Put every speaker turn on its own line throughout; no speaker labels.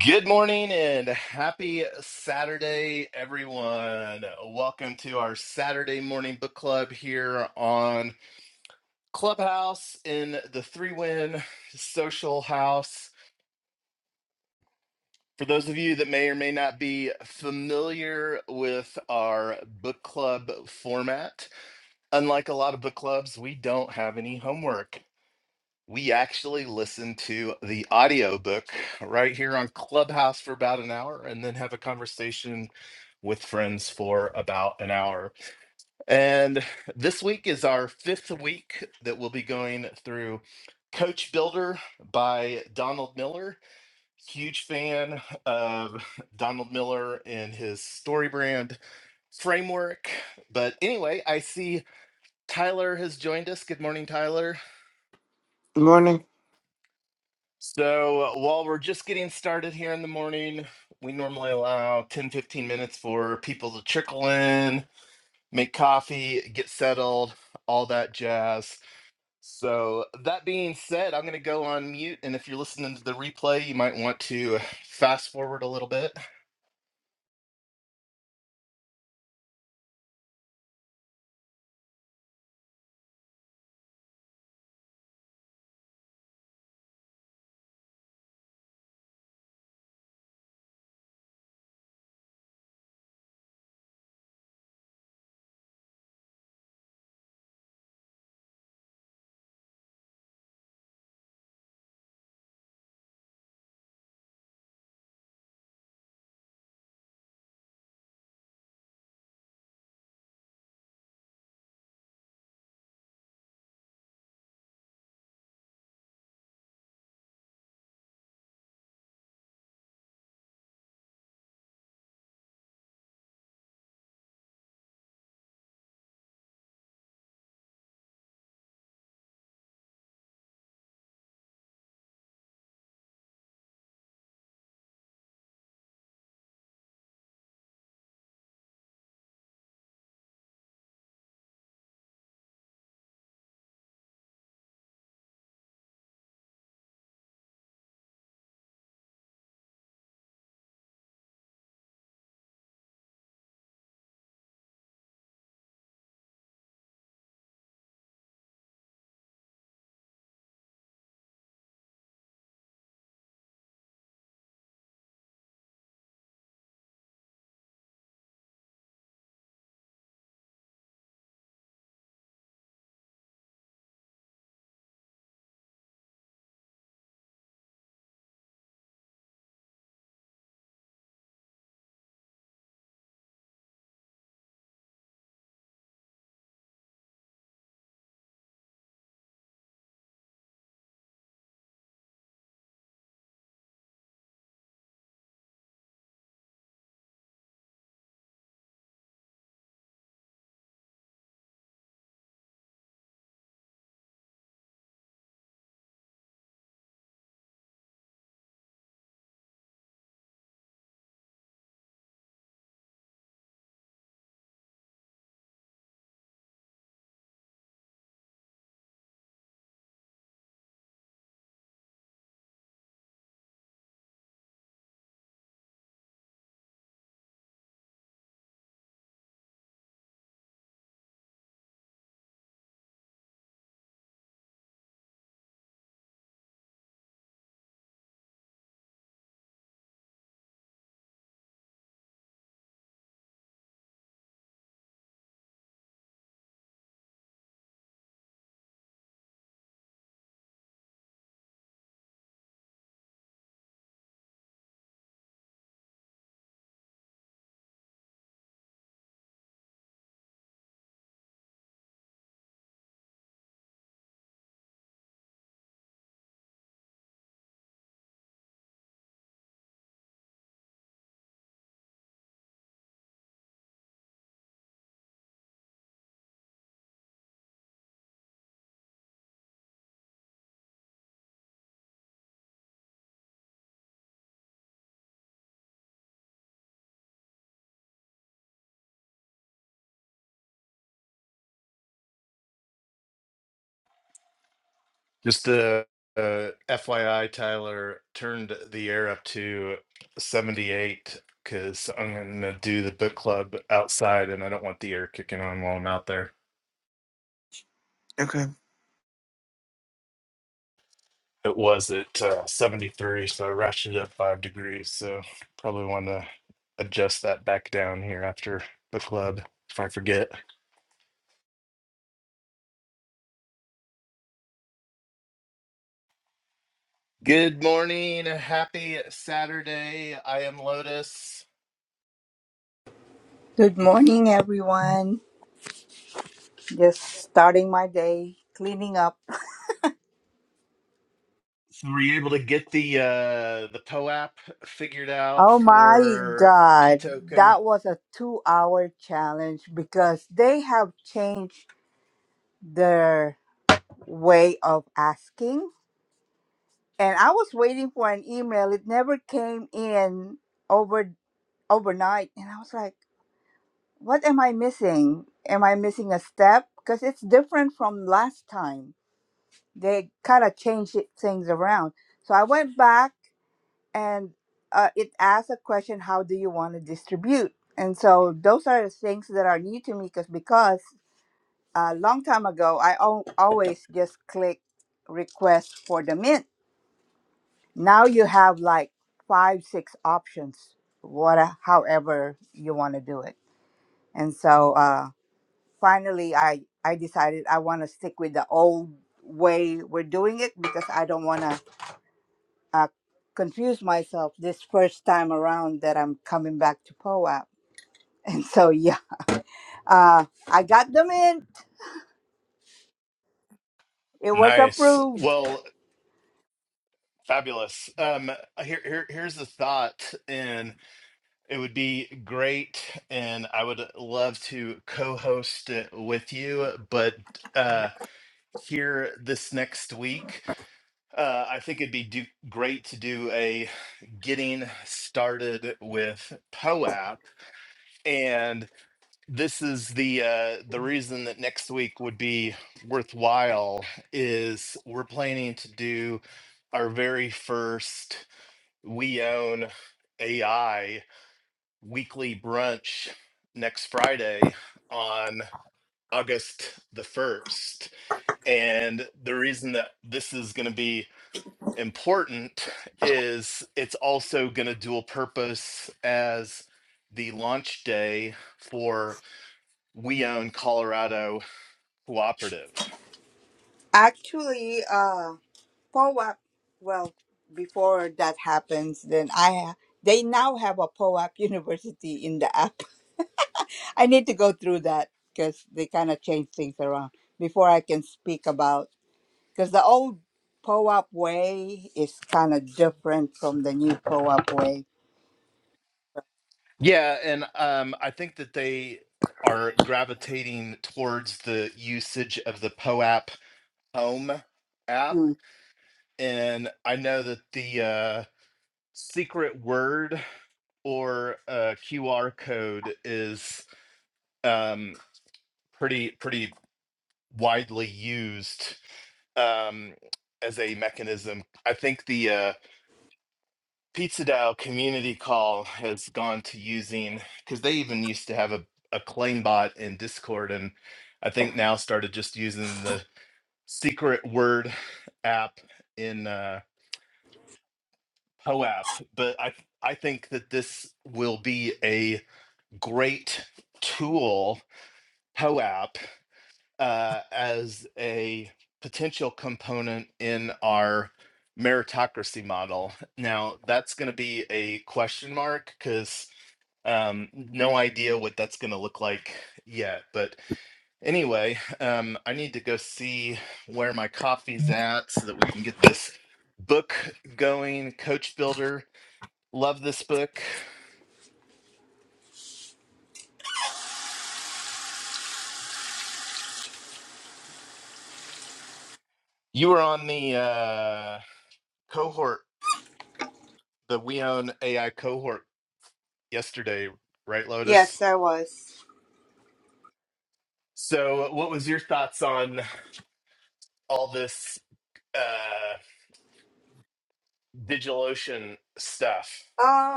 Good morning and happy Saturday, everyone. Welcome to our Saturday morning book club here on Clubhouse in the Three Win Social House. For those of you that may or may not be familiar with our book club format, unlike a lot of book clubs, we don't have any homework. We actually listen to the audiobook right here on Clubhouse for about an hour and then have a conversation with friends for about an hour. And this week is our fifth week that we'll be going through Coach Builder by Donald Miller. Huge fan of Donald Miller and his story brand framework. But anyway, I see Tyler has joined us. Good morning, Tyler. So, uh, while we're just getting started here in the morning, we normally allow 10 15 minutes for people to trickle in, make coffee, get settled, all that jazz. So, that being said, I'm going to go on mute. And if you're listening to the replay, you might want to fast forward a little bit. Just a uh, uh, FYI, Tyler turned the air up to 78 because I'm going to do the book club outside and I don't want the air kicking on while I'm out there. it was at uh, 73, so I ratcheted up five degrees. So probably want to adjust that back down here after the club if I forget. Good morning, happy Saturday. I am Lotus.
Good morning, everyone. Just starting my day, cleaning up.
So were you able to get the uh, the P O app figured out
Oh my
for P
God,
token?
that was a two hour challenge because they have changed their way of asking. And I was waiting for an email, it never came in over overnight. And I was like, what am I missing? Am I missing a step? Because it's different from last time. They kind of changed it, things around. So I went back and uh, it asks a question how do you want to distribute and so those are the things that are new to me because because a long time ago i al- always just click request for the mint now you have like five six options what uh, however you want to do it and so uh finally i i decided i want to stick with the old way we're doing it because i don't want to uh, confused myself this first time around that I'm coming back to POAP. And so, yeah, uh, I got them in. It was
Nice.
approved.
Well, fabulous. Um, here, here, here's the thought, It would be great, and I would love to co-host it with you. But uh, here this next week, uh, I think it'd be do- great to do a getting started with POAP. And this is the uh, the reason that next week would be worthwhile is we're planning to do our very first We Own AI weekly brunch next Friday on August the 1st. And the reason that this is going to be important is it's also going to dual purpose as the launch day for We Own Colorado Cooperative.
Actually, uh, POAP, well, before that happens, then I ha- they now have a POAP university in the app. I need to go through that because they kind of change things around before I can speak about because the old POAP way is kind of different from the new POAP way.
Yeah, and um, I think that they are gravitating towards the usage of the POAP Home app and I know that the uh, secret word or uh, QR code is um, pretty pretty widely used um, as a mechanism. I think the uh, Pizza Dow community call has gone to using because they even used to have a, a claim bot in Discord, and I think now started just using the secret word app in. Uh, POAP, but I I think that this will be a great tool POAP uh, as a potential component in our meritocracy model. Now that's going to be a question mark because um no idea what that's going to look like yet but anyway um i need to go see where my coffee's at so that we can get this book going coach builder Love this book. You were on the uh, cohort, the We Own AI cohort yesterday, right, Lotus?
Yes, I was.
So, what was your thoughts on all this uh, DigitalOcean stuff?
Um,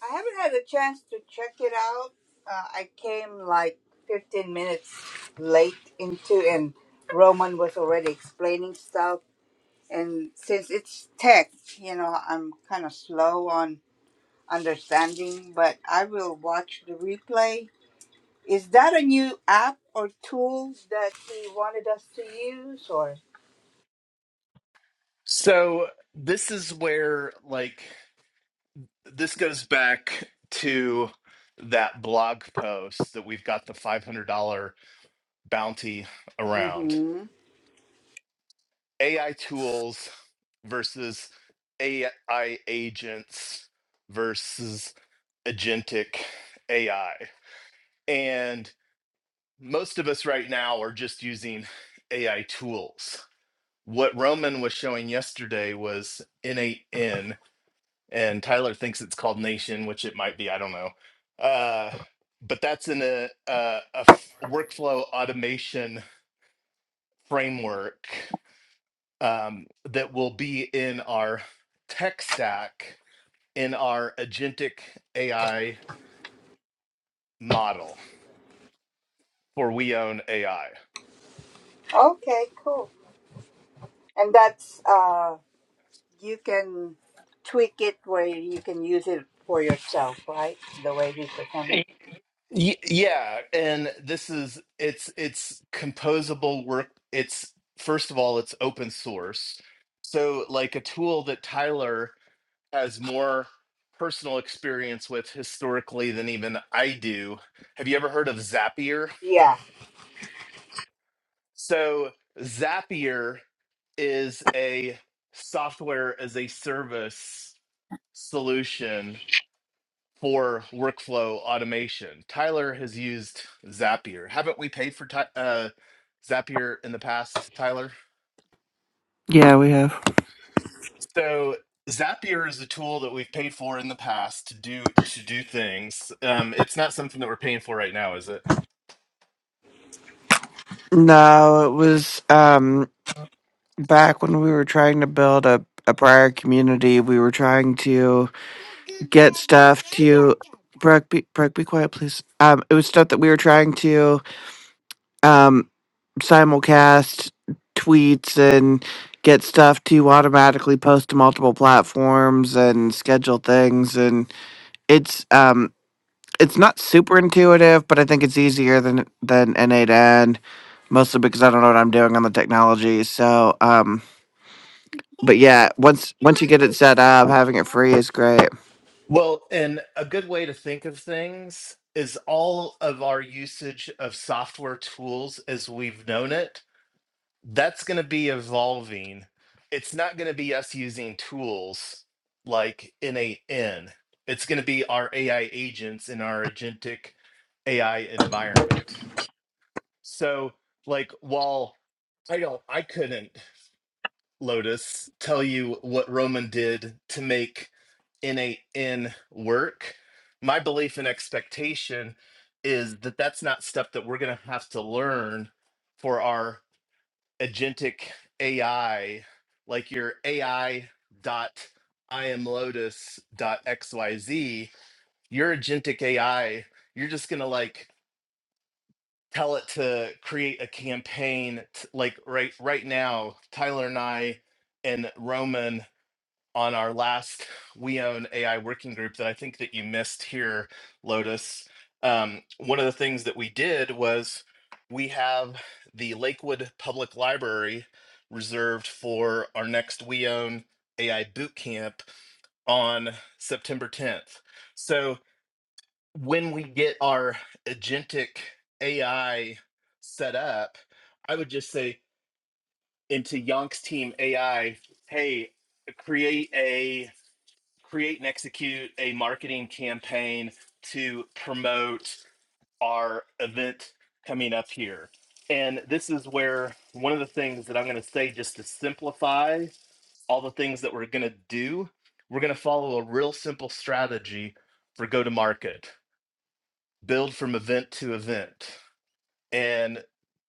I haven't had a chance to check it out. Uh, I came like 15 minutes late into, and Roman was already explaining stuff. And since it's tech, you know, I'm kind of slow on understanding, but I will watch the replay. Is that a new app or tool that he wanted us to use, or?
So, this is where, like, this goes back to that blog post that we've got the $500 bounty around.
Mm-hmm.
AI tools versus AI agents versus agentic AI. And most of us right now are just using AI tools. What Roman was showing yesterday was N8N, and Tyler thinks it's called Nation, which it might be, I don't know. Uh, but that's in a, a, a f- workflow automation framework um, that will be in our tech stack in our agentic AI model for We Own AI.
Okay, cool. And that's uh. You can tweak it where you can use it for yourself, right? The way you perform.
yeah, and this is it's it's composable work. It's first of all, it's open source, so like a tool that Tyler has more personal experience with historically than even I do. Have you ever heard of Zapier?
Yeah.
So Zapier is a software as a service solution for workflow automation. Tyler has used Zapier. Haven't we paid for Ty- uh, Zapier in the past, Tyler?
Yeah, we have.
So Zapier is a tool that we've paid for in the past to do to do things. Um, it's not something that we're paying for right now, is it?
No, it was um back when we were trying to build a, a prior community, we were trying to get stuff to Brooke be Brooke be quiet, please. Um it was stuff that we were trying to um simulcast tweets and get stuff to automatically post to multiple platforms and schedule things and it's um it's not super intuitive, but I think it's easier than than N8 N, mostly because I don't know what I'm doing on the technology. So, um, but yeah, once once you get it set up, having it free is great.
Well, and a good way to think of things is all of our usage of software tools as we've known it, that's going to be evolving. It's not going to be us using tools like NAN. It's going to be our AI agents in our agentic AI environment. So, like, while I don't, I couldn't. Lotus, tell you what Roman did to make NAN work. My belief and expectation is that that's not stuff that we're going to have to learn for our agentic AI, like your AI dot I am Lotus dot XYZ. Your agentic AI, you're just going to like tell it to create a campaign t- like right right now tyler and i and Roman on our last We Own AI working group that I think that you missed here, Lotus. Um, one of the things that we did was we have the Lakewood Public Library reserved for our next We Own AI boot camp on September 10th. So when we get our agentic AI set up, I would just say into Yonk's team AI, hey, create a create and execute a marketing campaign to promote our event coming up here. And this is where one of the things that I'm going to say, just to simplify all the things that we're going to do, we're going to follow a real simple strategy for go to market, build from event to event, and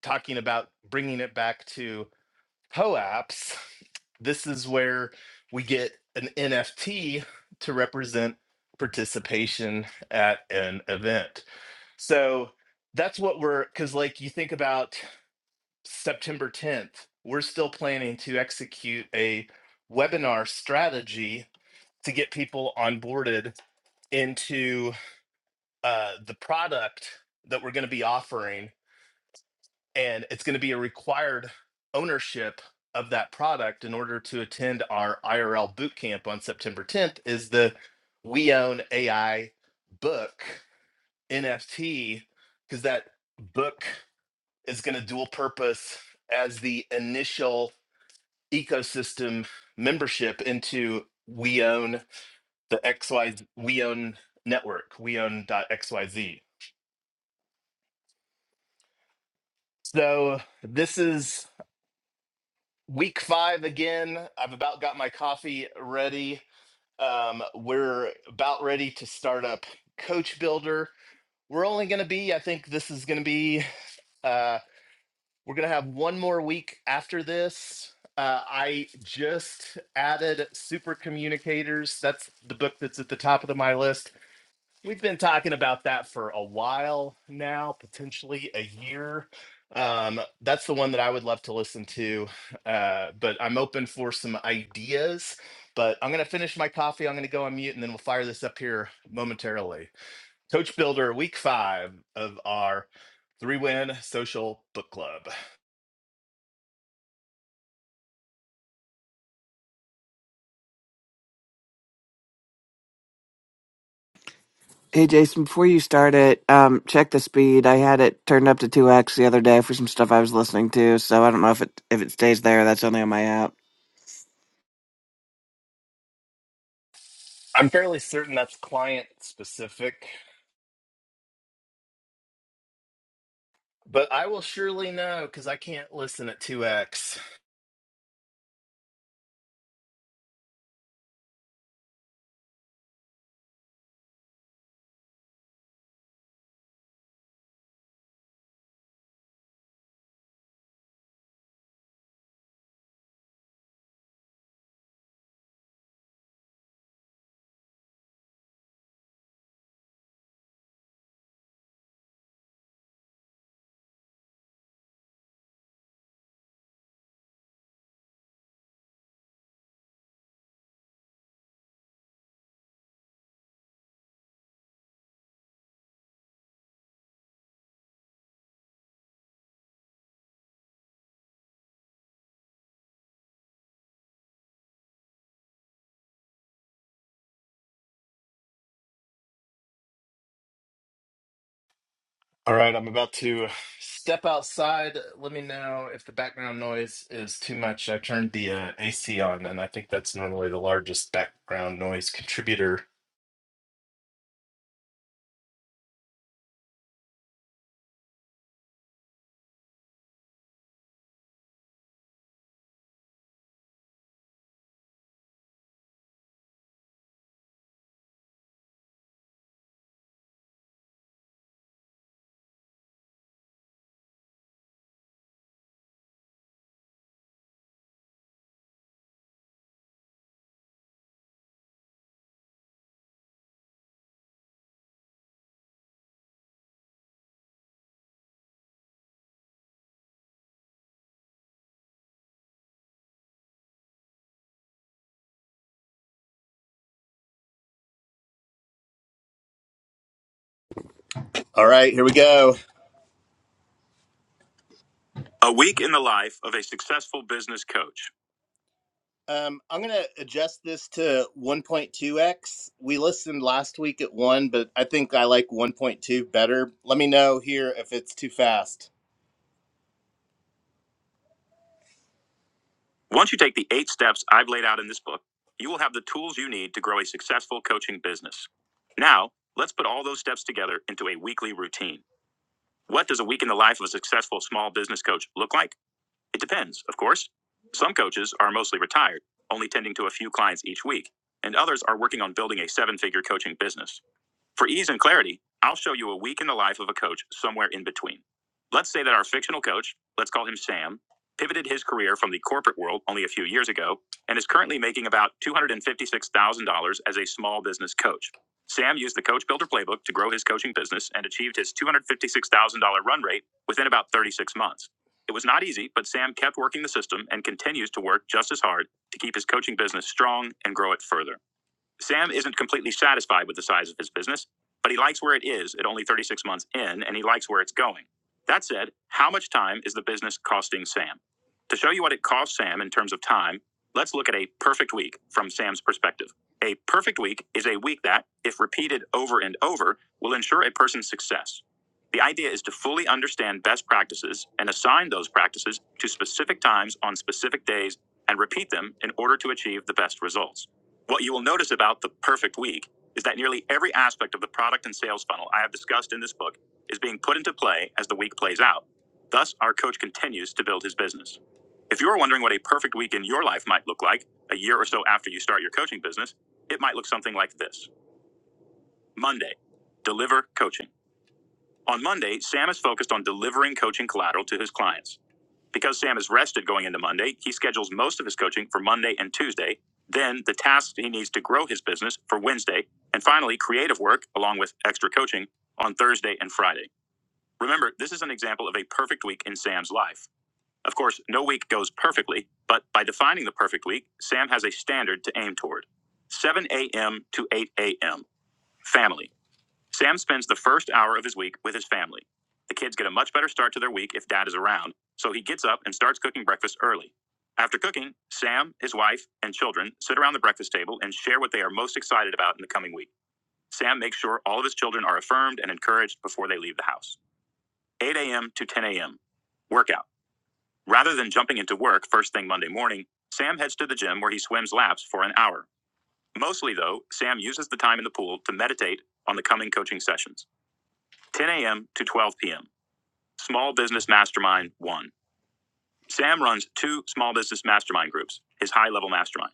talking about bringing it back to POAPs, this is where we get an NFT to represent participation at an event. So that's what we're, because like you think about September 10th, we're still planning to execute a webinar strategy to get people onboarded into uh, the product that we're going to be offering and it's going to be a required ownership of that product in order to attend our IRL boot camp on September 10th is the we own AI book NFT because that book is going to dual purpose as the initial ecosystem membership into we own the XY we own network we Own XYZ. so this is week five again. I've about got my coffee ready. Um, we're about ready to start up Coach Builder. We're only going to be, I think this is going to be, uh, we're going to have one more week after this. Uh, I just added Super Communicators. That's the book that's at the top of the, my list. We've been talking about that for a while now, potentially a year. Um, that's the one that I would love to listen to. Uh, but I'm open for some ideas. But I'm going to finish my coffee. I'm going to go on mute and then we'll fire this up here momentarily. Coach Builder, week five of our three win social book club.
Hey Jason, before you start it, um, check the speed. I had it turned up to two x the other day for some stuff I was listening to, so I don't know if it if it stays there. That's only on my app.
I'm fairly certain that's client specific, but I will surely know because I can't listen at 2x. All right, I'm about to step outside. Let me know if the background noise is too much. I turned the uh, AC on, and I think that's normally the largest background noise contributor. All right, here we go. A week in the life of a successful business coach. Um, I'm going to adjust this to 1.2x. We listened last week at 1, but I think I like 1.2 better. Let me know here if it's too fast. Once you take the eight steps I've laid out in this book, you will have the tools you need to grow a successful coaching business. Now, let's put all those steps together into a weekly routine. What does a week in the life of a successful small business coach look like? It depends, of course. Some coaches are mostly retired, only tending to a few clients each week, and others are working on building a seven figure coaching business. For ease and clarity, I'll show you a week in the life of a coach somewhere in between. Let's say that our fictional coach, let's call him Sam, pivoted his career from the corporate world only a few years ago and is currently making about $256,000 as a small business coach. Sam used the Coach Builder playbook to grow his coaching business and achieved his $256,000 run rate within about 36 months. It was not easy, but Sam kept working the system and continues to work just as hard to keep his coaching business strong and grow it further. Sam isn't completely satisfied with the size of his business, but he likes where it is at only 36 months in, and he likes where it's going. That said, how much time is the business costing Sam? To show you what it costs Sam in terms of time, let's look at a perfect week from Sam's perspective. A perfect week is a week that, if repeated over and over, will ensure a person's success. The idea is to fully understand best practices and assign those practices to specific times on specific days and repeat them in order to achieve the best results. What you will notice about the perfect week is that nearly every aspect of the product and sales funnel I have discussed in this book is being put into play as the week plays out. Thus, our coach continues to build his business. If you're wondering what a perfect week in your life might look like a year or so after you start your coaching business, it might look something like this Monday, deliver coaching. On Monday, Sam is focused on delivering coaching collateral to his clients. Because Sam is rested going into Monday, he schedules most of his coaching for Monday and Tuesday, then the tasks he needs to grow his business for Wednesday, and finally, creative work, along with extra coaching, on Thursday and Friday. Remember, this is an example of a perfect week in Sam's life. Of course, no week goes perfectly, but by defining the perfect week, Sam has a standard to aim toward 7 a.m. to 8 a.m. Family. Sam spends the first hour of his week with his family. The kids get a much better start to their week if dad is around, so he gets up and starts cooking breakfast early. After cooking, Sam, his wife, and children sit around the breakfast table and share what they are most excited about in the coming week. Sam makes sure all of his children are affirmed and encouraged before they leave the house. 8 a.m. to 10 a.m. Workout. Rather than jumping into work first thing Monday morning, Sam heads to the gym where he swims laps for an hour. Mostly, though, Sam uses the time in the pool to meditate on the coming coaching sessions. 10 a.m. to 12 p.m. Small Business Mastermind 1. Sam runs two small business mastermind groups, his high level mastermind,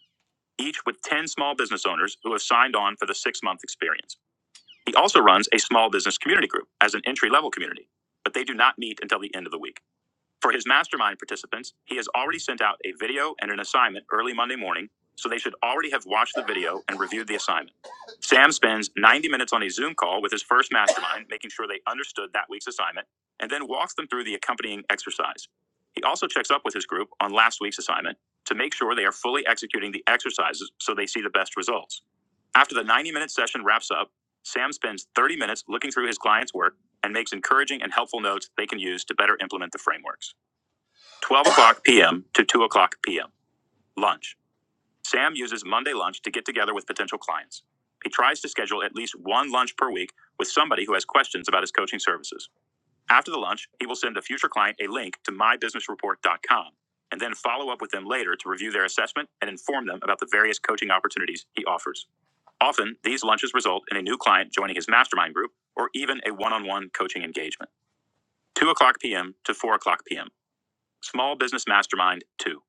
each with 10 small business owners who have signed on for the six month experience. He also runs a small business community group as an entry level community, but they do not meet until the end of the week. For his mastermind participants, he has already sent out a video and an assignment early Monday morning, so they should already have watched the video and reviewed the assignment. Sam spends 90 minutes on a Zoom call with his first mastermind, making sure they understood that week's assignment, and then walks them through the accompanying exercise. He also checks up with his group on last week's assignment to make sure they are fully executing the exercises so they see the best results. After the 90 minute session wraps up, Sam spends 30 minutes looking through his client's work and makes encouraging and helpful notes they can use to better implement the frameworks. 12 o'clock p.m. to 2 o'clock p.m. Lunch. Sam uses Monday lunch to get together with potential clients. He tries to schedule at least one lunch per week with somebody who has questions about his coaching services. After the lunch, he will send a future client a link to mybusinessreport.com and then follow up with them later to review their assessment and inform them about the various coaching opportunities he offers. Often, these lunches result in a new client joining his mastermind group or even a one on one coaching engagement. 2 o'clock p.m. to 4 o'clock p.m. Small Business Mastermind 2.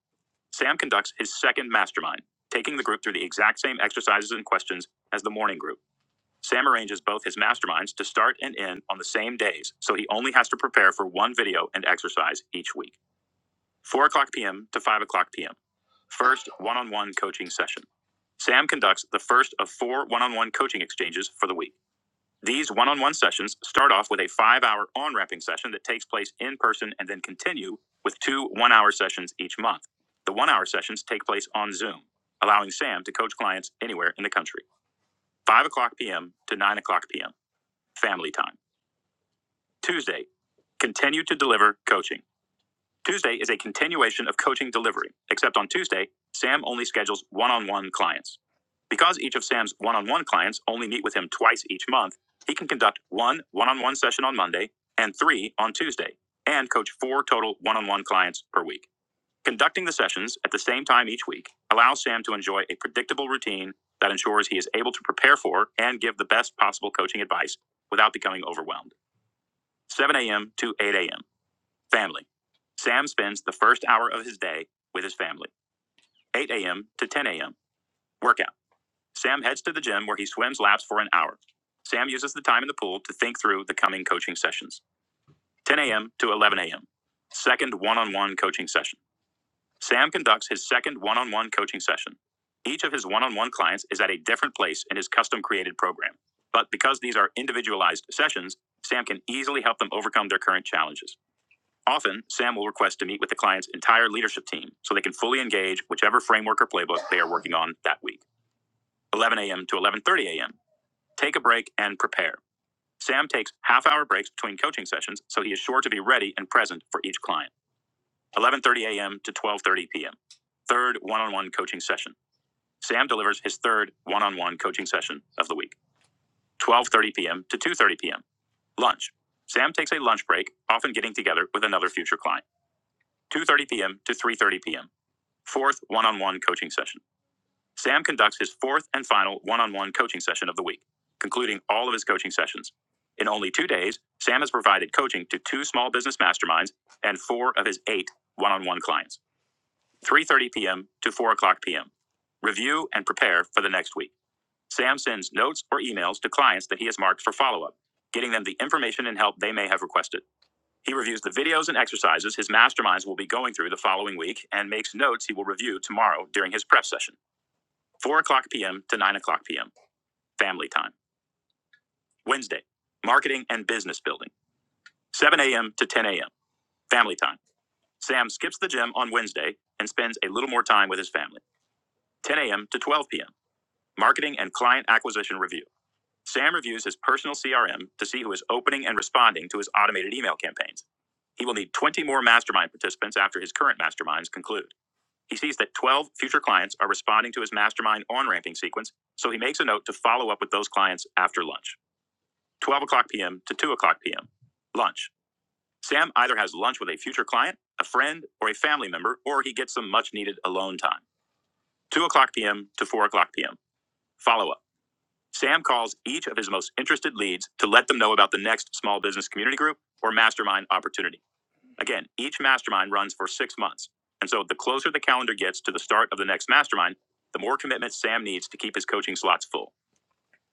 Sam conducts his second mastermind, taking the group through the exact same exercises and questions as the morning group. Sam arranges both his masterminds to start and end on the same days, so he only has to prepare for one video and exercise each week. 4 o'clock p.m. to 5 o'clock p.m. First one on one coaching session. Sam conducts the first of four one on one coaching exchanges for the week. These one on one sessions start off with a five hour on ramping session that takes place in person and then continue with two one hour sessions each month. The one hour sessions take place on Zoom, allowing Sam to coach clients anywhere in the country. 5 o'clock p.m. to 9 o'clock p.m., family time. Tuesday, continue to deliver coaching. Tuesday is a continuation of coaching delivery, except on Tuesday, Sam only schedules one on one clients. Because each of Sam's one on one clients only meet with him twice each month, he can conduct one one on one session on Monday and three on Tuesday, and coach four total one on one clients per week. Conducting the sessions at the same time each week allows Sam to enjoy a predictable routine that ensures he is able to prepare for and give the best possible coaching advice without becoming overwhelmed. 7 a.m. to 8 a.m. Family. Sam spends the first hour of his day with his family, 8 a.m. to 10 a.m. Workout. Sam heads to the gym where he swims laps for an hour. Sam uses the time in the pool to think through the coming coaching sessions, 10 a.m. to 11 a.m. Second one on one coaching session. Sam conducts his second one on one coaching session. Each of his one on one clients is at a different place in his custom created program. But because these are individualized sessions, Sam can easily help them overcome their current challenges. Often, Sam will request to meet with the client's entire leadership team so they can fully engage whichever framework or playbook they are working on that week. 11 a.m. to 11:30 a.m. Take a break and prepare. Sam takes half-hour breaks between coaching sessions, so he is sure to be ready and present for each client. 11:30 a.m. to 12:30 p.m. Third one-on-one coaching session. Sam delivers his third one-on-one coaching session of the week. 12:30 p.m. to 2:30 p.m. Lunch. Sam takes a lunch break, often getting together with another future client. 2:30 p.m. to 3:30 p.m. Fourth one on one coaching session. Sam conducts his fourth and final one on one coaching session of the week, concluding all of his coaching sessions. In only two days, Sam has provided coaching to two small business masterminds and four of his eight one on one clients, 3.30 p.m. to 4 o'clock p.m. Review and prepare for the next week. Sam sends notes or emails to clients that he has marked for follow up, getting them the information and help they may have requested. He reviews the videos and exercises his masterminds will be going through the following week and makes notes he will review tomorrow during his prep session, 4 o'clock p.m. to 9 o'clock p.m., family time. Wednesday, marketing and business building, 7 a.m. to 10 a.m., family time. Sam skips the gym on Wednesday and spends a little more time with his family, 10 a.m. to 12 p.m., marketing and client acquisition review. Sam reviews his personal CRM to see who is opening and responding to his automated email campaigns. He will need 20 more mastermind participants after his current masterminds conclude. He sees that 12 future clients are responding to his mastermind on ramping sequence, so he makes a note to follow up with those clients after lunch 12 o'clock p.m. to 2 o'clock p.m. Lunch. Sam either has lunch with a future client, a friend, or a family member, or he gets some much needed alone time. 2 o'clock p.m. to 4 o'clock p.m. Follow up. Sam calls each of his most interested leads to let them know about the next small business community group or mastermind opportunity. Again, each mastermind runs for six months. And so the closer the calendar gets to the start of the next mastermind, the more commitment Sam needs to keep his coaching slots full.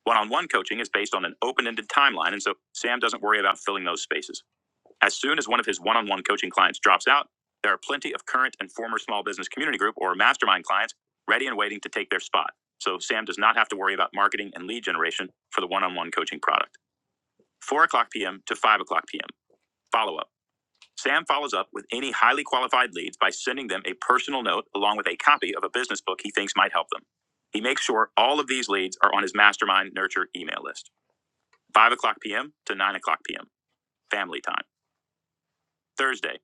One on one coaching is based on an open ended timeline, and so Sam doesn't worry about filling those spaces. As soon as one of his one on one coaching clients drops out, there are plenty of current and former small business community group or mastermind clients ready and waiting to take their spot. So Sam does not have to worry about marketing and lead generation for the one on one coaching product. 4 o'clock p.m. to 5 o'clock p.m. Follow up. Sam follows up with any highly qualified leads by sending them a personal note along with a copy of a business book he thinks might help them. He makes sure all of these leads are on his mastermind nurture email list. 5 o'clock p.m. to 9 o'clock p.m. Family time. Thursday,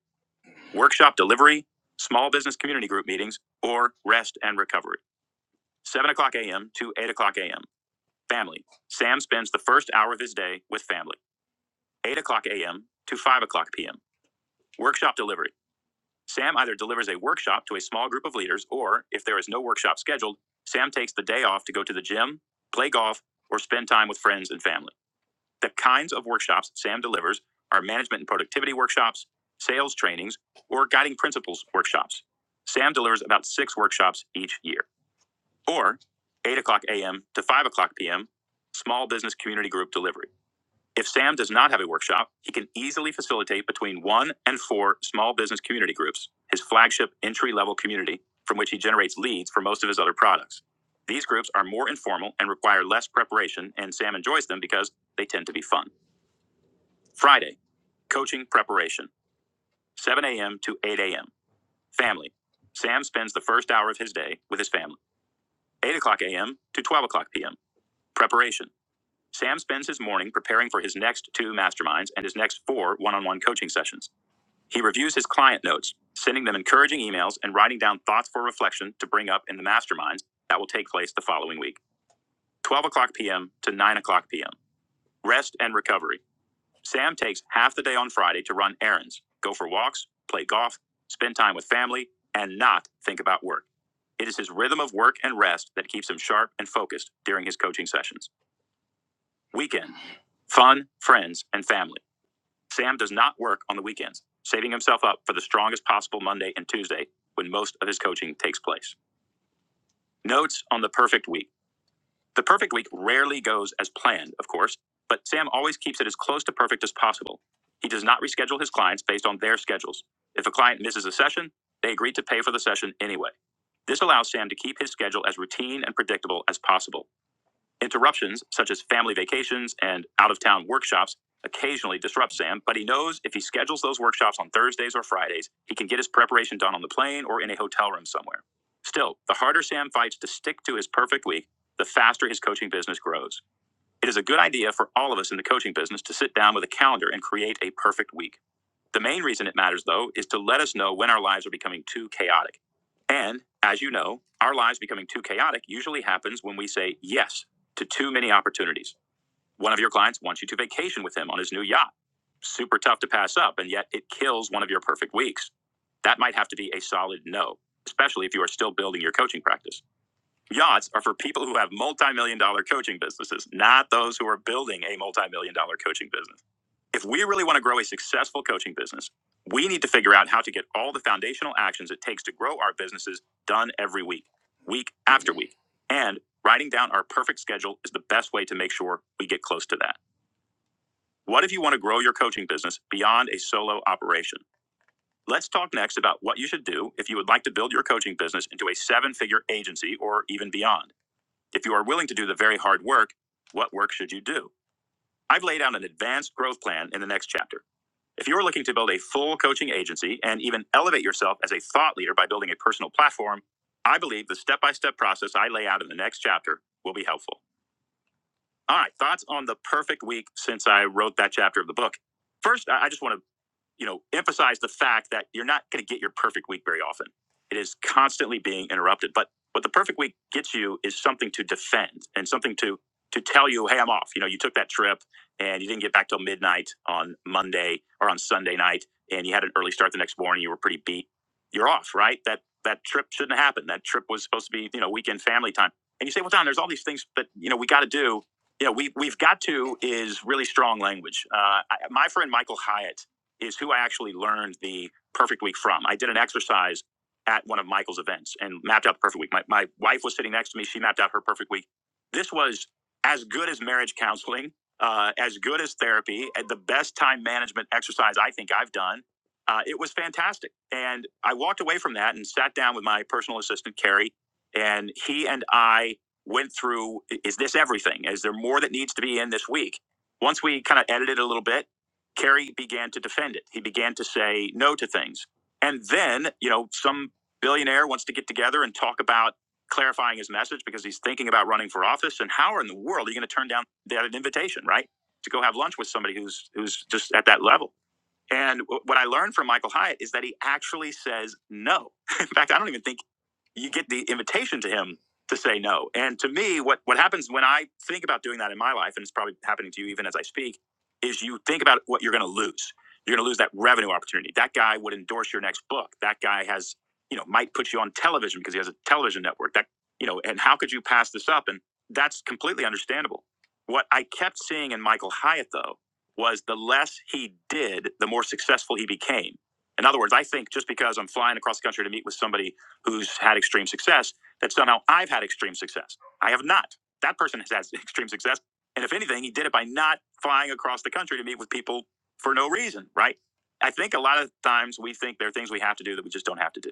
workshop delivery, small business community group meetings, or rest and recovery. 7 o'clock a.m. to 8 o'clock a.m. Family. Sam spends the first hour of his day with family. 8 o'clock a.m. to 5 o'clock p.m. Workshop delivery Sam either delivers a workshop to a small group of leaders, or if there is no workshop scheduled, Sam takes the day off to go to the gym, play golf, or spend time with friends and family. The kinds of workshops Sam delivers are management and productivity workshops, sales trainings, or guiding principles workshops. Sam delivers about six workshops each year, or 8 o'clock a.m. to 5 o'clock p.m. small business community group delivery. If Sam does not have a workshop, he can easily facilitate between one and four small business community groups, his flagship entry level community, from which he generates leads for most of his other products. These groups are more informal and require less preparation, and Sam enjoys them because they tend to be fun. Friday, coaching preparation, 7 a.m. to 8 a.m. Family. Sam spends the first hour of his day with his family, 8 o'clock a.m. to 12 o'clock p.m. Preparation. Sam spends his morning preparing for his next two masterminds and his next four one on one coaching sessions. He reviews his client notes, sending them encouraging emails and writing down thoughts for reflection to bring up in the masterminds that will take place the following week 12 o'clock p.m. to 9 o'clock p.m. Rest and recovery. Sam takes half the day on Friday to run errands, go for walks, play golf, spend time with family, and not think about work. It is his rhythm of work and rest that keeps him sharp and focused during his coaching sessions. Weekend. Fun, friends, and family. Sam does not work on the weekends, saving himself up for the strongest possible Monday and Tuesday when most of his coaching takes place. Notes on the perfect week. The perfect week rarely goes as planned, of course, but Sam always keeps it as close to perfect as possible. He does not reschedule his clients based on their schedules. If a client misses a session, they agree to pay for the session anyway. This allows Sam to keep his schedule as routine and predictable as possible. Interruptions, such as family vacations and out of town workshops, occasionally disrupt Sam, but he knows if he schedules those workshops on Thursdays or Fridays, he can get his preparation done on the plane or in a hotel room somewhere. Still, the harder Sam fights to stick to his perfect week, the faster his coaching business grows. It is a good idea for all of us in the coaching business to sit down with a calendar and create a perfect week. The main reason it matters, though, is to let us know when our lives are becoming too chaotic. And, as you know, our lives becoming too chaotic usually happens when we say yes to too many opportunities. One of your clients wants you to vacation with him on his new yacht. Super tough to pass up, and yet it kills one of your perfect weeks. That might have to be a solid no, especially if you are still building your coaching practice. Yachts are for people who have multi million dollar coaching businesses, not those who are building a multi million dollar coaching business. If we really want to grow a successful coaching business, we need to figure out how to get all the foundational actions it takes to grow our businesses done every week, week after week. And writing down our perfect schedule is the best way to make sure we get close to that. What if you want to grow your coaching business beyond a solo operation? Let's talk next about what you should do if you would like to build your coaching business into a seven figure agency or even beyond. If you are willing to do the very hard work, what work should you do? I've laid out an advanced growth plan in the next chapter. If you're looking to build a full coaching agency and even elevate yourself as a thought leader by building a personal platform, I believe the step by step process I lay out in the next chapter will be helpful. All right, thoughts on the perfect week since I wrote that chapter of the book. First, I just want to you know, emphasize the fact that you're not going to get your perfect week very often. It is constantly being interrupted. But what the perfect week gets you is something to defend and something to to tell you, hey, I'm off. You know, you took that trip and you didn't get back till midnight on Monday or on Sunday night, and you had an early start the next morning. You were pretty beat. You're off, right? That that trip shouldn't have happened. That trip was supposed to be, you know, weekend family time. And you say, well, Don, there's all these things that you know we got to do. You know, we we've got to is really strong language. Uh, I, my friend Michael Hyatt is who I actually learned the perfect week from. I did an exercise at one of Michael's events and mapped out the perfect week. My, my wife was sitting next to me. She mapped out her perfect week. This was as good as marriage counseling, uh, as good as therapy, and the best time management exercise I think I've done. Uh, it was fantastic. And I walked away from that and sat down with my personal assistant, Carrie, and he and I went through is this everything? Is there more that needs to be in this week? Once we kind of edited a little bit, Kerry began to defend it. He began to say no to things. And then, you know, some billionaire wants to get together and talk about clarifying his message because he's thinking about running for office. And how in the world are you going to turn down that invitation, right? To go have lunch with somebody who's who's just at that level. And what I learned from Michael Hyatt is that he actually says no. In fact, I don't even think you get the invitation to him to say no. And to me, what what happens when I think about doing that in my life, and it's probably happening to you even as I speak, is you think about what you're going to lose. You're going to lose that revenue opportunity. That guy would endorse your next book. That guy has, you know, might put you on television because he has a television network. That, you know, and how could you pass this up? And that's completely understandable. What I kept seeing in Michael Hyatt though was the less he did, the more successful he became. In other words, I think just because I'm flying across the country to meet with somebody who's had extreme success that somehow I've had extreme success. I have not. That person has had extreme success. And if anything, he did it by not flying across the country to meet with people for no reason, right? I think a lot of times we think there are things we have to do that we just don't have to do.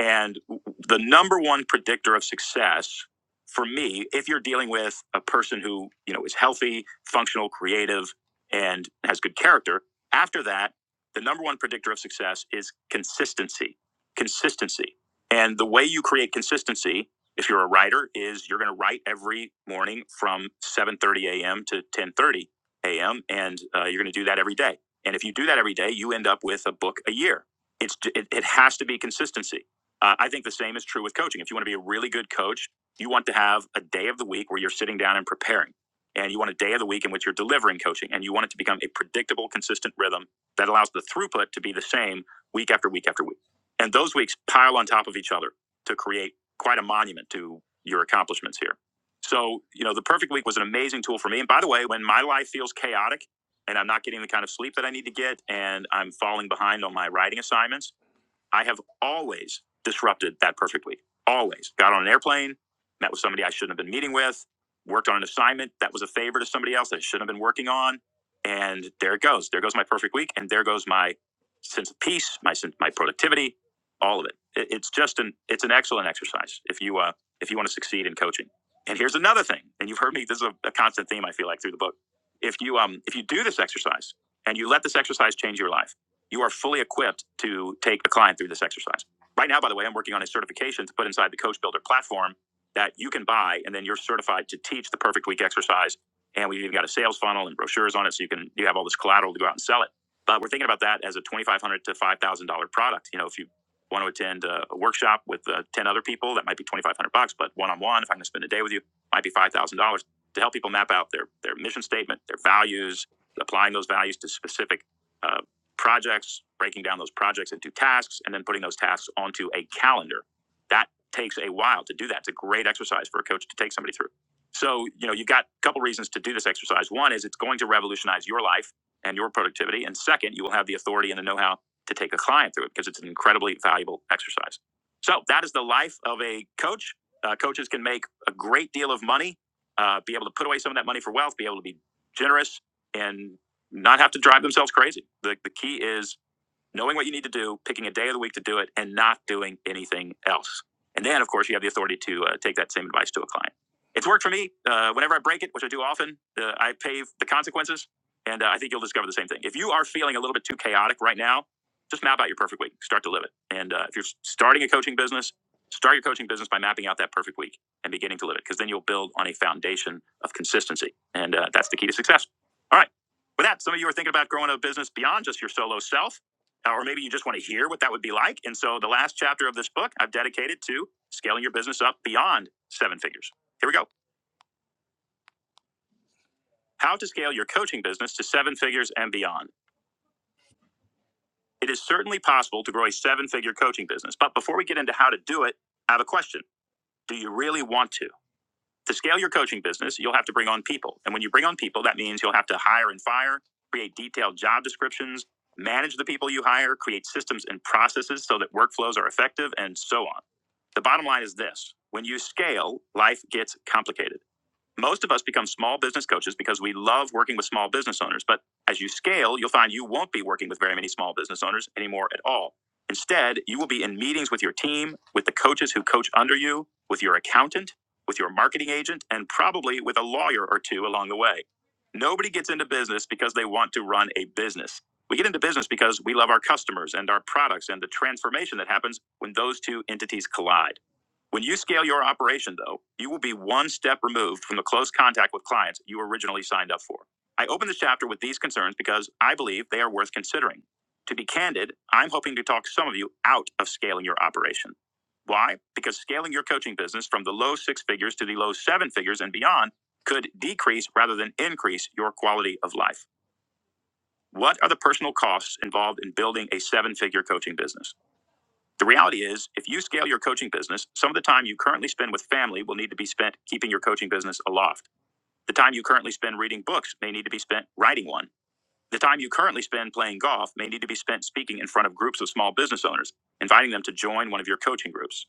And the number one predictor of success for me, if you're dealing with a person who, you know, is healthy, functional, creative, and has good character, after that, the number one predictor of success is consistency. Consistency and the way you create consistency, if you're a writer, is you're going to write every morning from 7:30 a.m. to 10:30 a.m. and uh, you're going to do that every day. And if you do that every day, you end up with a book a year. It's it, it has to be consistency. Uh, I think the same is true with coaching. If you want to be a really good coach, you want to have a day of the week where you're sitting down and preparing. And you want a day of the week in which you're delivering coaching, and you want it to become a predictable, consistent rhythm that allows the throughput to be the same week after week after week. And those weeks pile on top of each other to create quite a monument to your accomplishments here. So, you know, the perfect week was an amazing tool for me. And by the way, when my life feels chaotic and I'm not getting the kind of sleep that I need to get and I'm falling behind on my writing assignments, I have always disrupted that perfectly. Always got on an airplane, met with somebody I shouldn't have been meeting with, worked on an assignment that was a favor to somebody else that I shouldn't have been working on, and there it goes. There goes my perfect week, and there goes my sense of peace, my sense, my productivity, all of it. it. It's just an it's an excellent exercise if you uh, if you want to succeed in coaching. And here's another thing, and you've heard me. This is a, a constant theme I feel like through the book. If you um if you do this exercise and you let this exercise change your life you are fully equipped to take a client through this exercise. Right now, by the way, I'm working on a certification to put inside the Coach Builder platform that you can buy, and then you're certified to teach the perfect week exercise. And we've even got a sales funnel and brochures on it, so you can you have all this collateral to go out and sell it. But we're thinking about that as a twenty five hundred dollars to five thousand dollar product. You know, if you want to attend a, a workshop with uh, ten other people, that might be twenty five hundred bucks. But one on one, if I'm going to spend a day with you, might be five thousand dollars to help people map out their their mission statement, their values, applying those values to specific uh, projects, breaking down those projects into tasks, and then putting those tasks onto a calendar. That takes a while to do that. It's a great exercise for a coach to take somebody through. So, you know, you've got a couple reasons to do this exercise. One is it's going to revolutionize your life and your productivity. And second, you will have the authority and the know how to take a client through it because it's an incredibly valuable exercise. So, that is the life of a coach. Uh, coaches can make a great deal of money, uh, be able to put away some of that money for wealth, be able to be generous, and not have to drive themselves crazy. The, the key is knowing what you need to do, picking a day of the week to do it, and not doing anything else. And then, of course, you have the authority to uh, take that same advice to a client. It's worked for me. Uh, whenever I break it, which I do often, uh, I pay the consequences. And uh, I think you'll discover the same thing. If you are feeling a little bit too chaotic right now, just map out your perfect week. Start to live it. And uh, if you're starting a coaching business, start your coaching business by mapping out that perfect week and beginning to live it, because then you'll build on a foundation of consistency. And uh, that's the key to success. All right. With that, some of you are thinking about growing a business beyond just your solo self. Uh, or maybe you just want to hear what that would be like. And so the last chapter of this book I've dedicated to scaling your business up beyond seven figures. Here we go. How to scale your coaching business to seven figures and beyond. It is certainly possible to grow a seven figure coaching business. But before we get into how to do it, I have a question. Do you really want to? To scale your coaching business, you'll have to bring on people. And when you bring on people, that means you'll have to hire and fire, create detailed job descriptions, manage the people you hire, create systems and processes so that workflows are effective, and so on. The bottom line is this when you scale, life gets complicated. Most of us become small business coaches because we love working with small business owners. But as you scale, you'll find you won't be working with very many small business owners anymore at all. Instead, you will be in meetings with your team, with the coaches who coach under you, with your accountant, with your marketing agent, and probably with a lawyer or two along the way. Nobody gets into business because they want to run a business. We get into business because we love our customers and our products and the transformation that happens when those two entities collide. When you scale your operation, though, you will be one step removed from the close contact with clients you originally signed up for. I open this chapter with these concerns because I believe they are worth considering. To be candid, I'm hoping to talk some of you out of scaling your operation. Why? Because scaling your coaching business from the low six figures to the low seven figures and beyond could decrease rather than increase your quality of life. What are the personal costs involved in building a seven figure coaching business? The reality is, if you scale your coaching business, some of the time you currently spend with family will need to be spent keeping your coaching business aloft. The time you currently spend reading books may need to be spent writing one. The time you currently spend playing golf may need to be spent speaking in front of groups of small business owners, inviting them to join one of your coaching groups.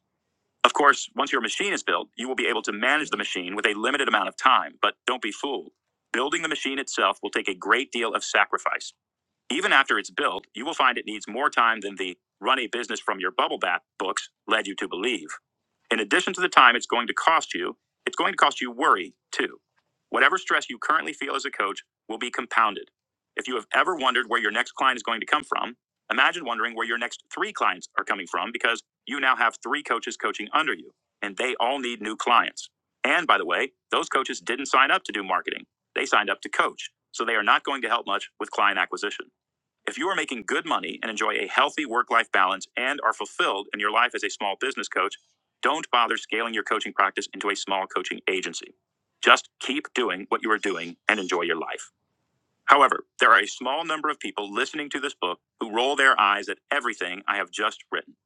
Of course, once your machine is built, you will be able to manage the machine with a limited amount of time, but don't be fooled. Building the machine itself will take a great deal of sacrifice. Even after it's built, you will find it needs more time than the run a business from your bubble bath books led you to believe. In addition to the time it's going to cost you, it's going to cost you worry too. Whatever stress you currently feel as a coach will be compounded. If you have ever wondered where your next client is going to come from, imagine wondering where your next three clients are coming from because you now have three coaches coaching under you and they all need new clients. And by the way, those coaches didn't sign up to do marketing. They signed up to coach. So they are not going to help much with client acquisition. If you are making good money and enjoy a healthy work life balance and are fulfilled in your life as a small business coach, don't bother scaling your coaching practice into a small coaching agency. Just keep doing what you are doing and enjoy your life. However, there are a small number of people listening to this book who roll their eyes at everything I have just written.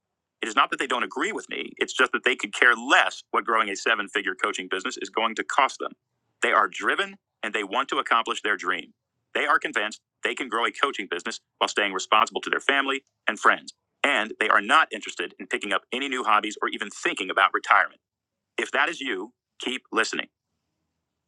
It is not that they don't agree with me, it's just that they could care less what growing a seven figure coaching business is going to cost them. They are driven and they want to accomplish their dream. They are convinced they can grow a coaching business while staying responsible to their family and friends. And they are not interested in picking up any new hobbies or even thinking about retirement. If that is you, keep listening.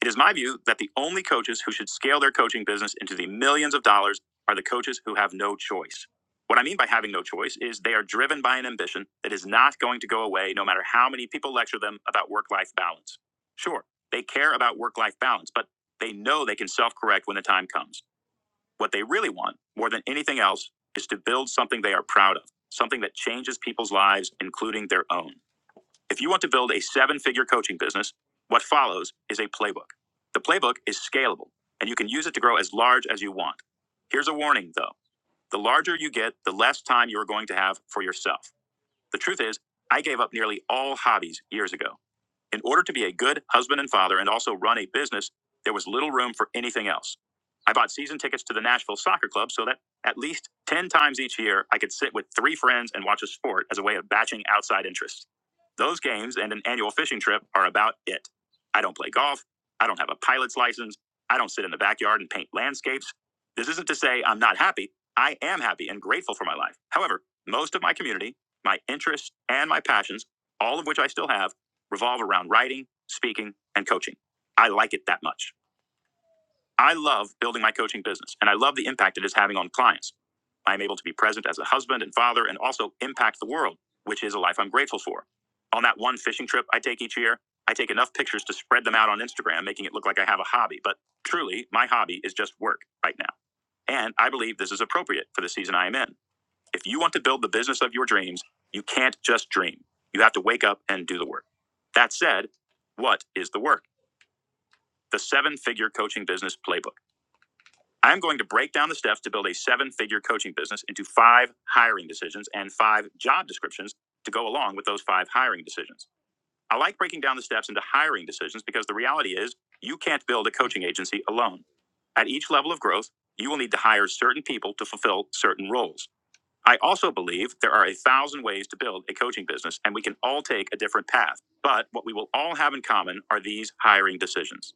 It is my view that the only coaches who should scale their coaching business into the millions of dollars are the coaches who have no choice. What I mean by having no choice is they are driven by an ambition that is not going to go away no matter how many people lecture them about work life balance. Sure, they care about work life balance, but they know they can self correct when the time comes. What they really want, more than anything else, is to build something they are proud of, something that changes people's lives, including their own. If you want to build a seven figure coaching business, what follows is a playbook. The playbook is scalable, and you can use it to grow as large as you want. Here's a warning, though the larger you get, the less time you are going to have for yourself. The truth is, I gave up nearly all hobbies years ago. In order to be a good husband and father and also run a business, there was little room for anything else. I bought season tickets to the Nashville Soccer Club so that at least 10 times each year I could sit with three friends and watch a sport as a way of batching outside interests. Those games and an annual fishing trip are about it. I don't play golf. I don't have a pilot's license. I don't sit in the backyard and paint landscapes. This isn't to say I'm not happy. I am happy and grateful for my life. However, most of my community, my interests, and my passions, all of which I still have, revolve around writing, speaking, and coaching. I like it that much. I love building my coaching business and I love the impact it is having on clients. I am able to be present as a husband and father and also impact the world, which is a life I'm grateful for. On that one fishing trip I take each year, I take enough pictures to spread them out on Instagram, making it look like I have a hobby. But truly, my hobby is just work right now. And I believe this is appropriate for the season I am in. If you want to build the business of your dreams, you can't just dream. You have to wake up and do the work. That said, what is the work? The seven figure coaching business playbook. I'm going to break down the steps to build a seven figure coaching business into five hiring decisions and five job descriptions to go along with those five hiring decisions. I like breaking down the steps into hiring decisions because the reality is you can't build a coaching agency alone. At each level of growth, you will need to hire certain people to fulfill certain roles. I also believe there are a thousand ways to build a coaching business, and we can all take a different path. But what we will all have in common are these hiring decisions.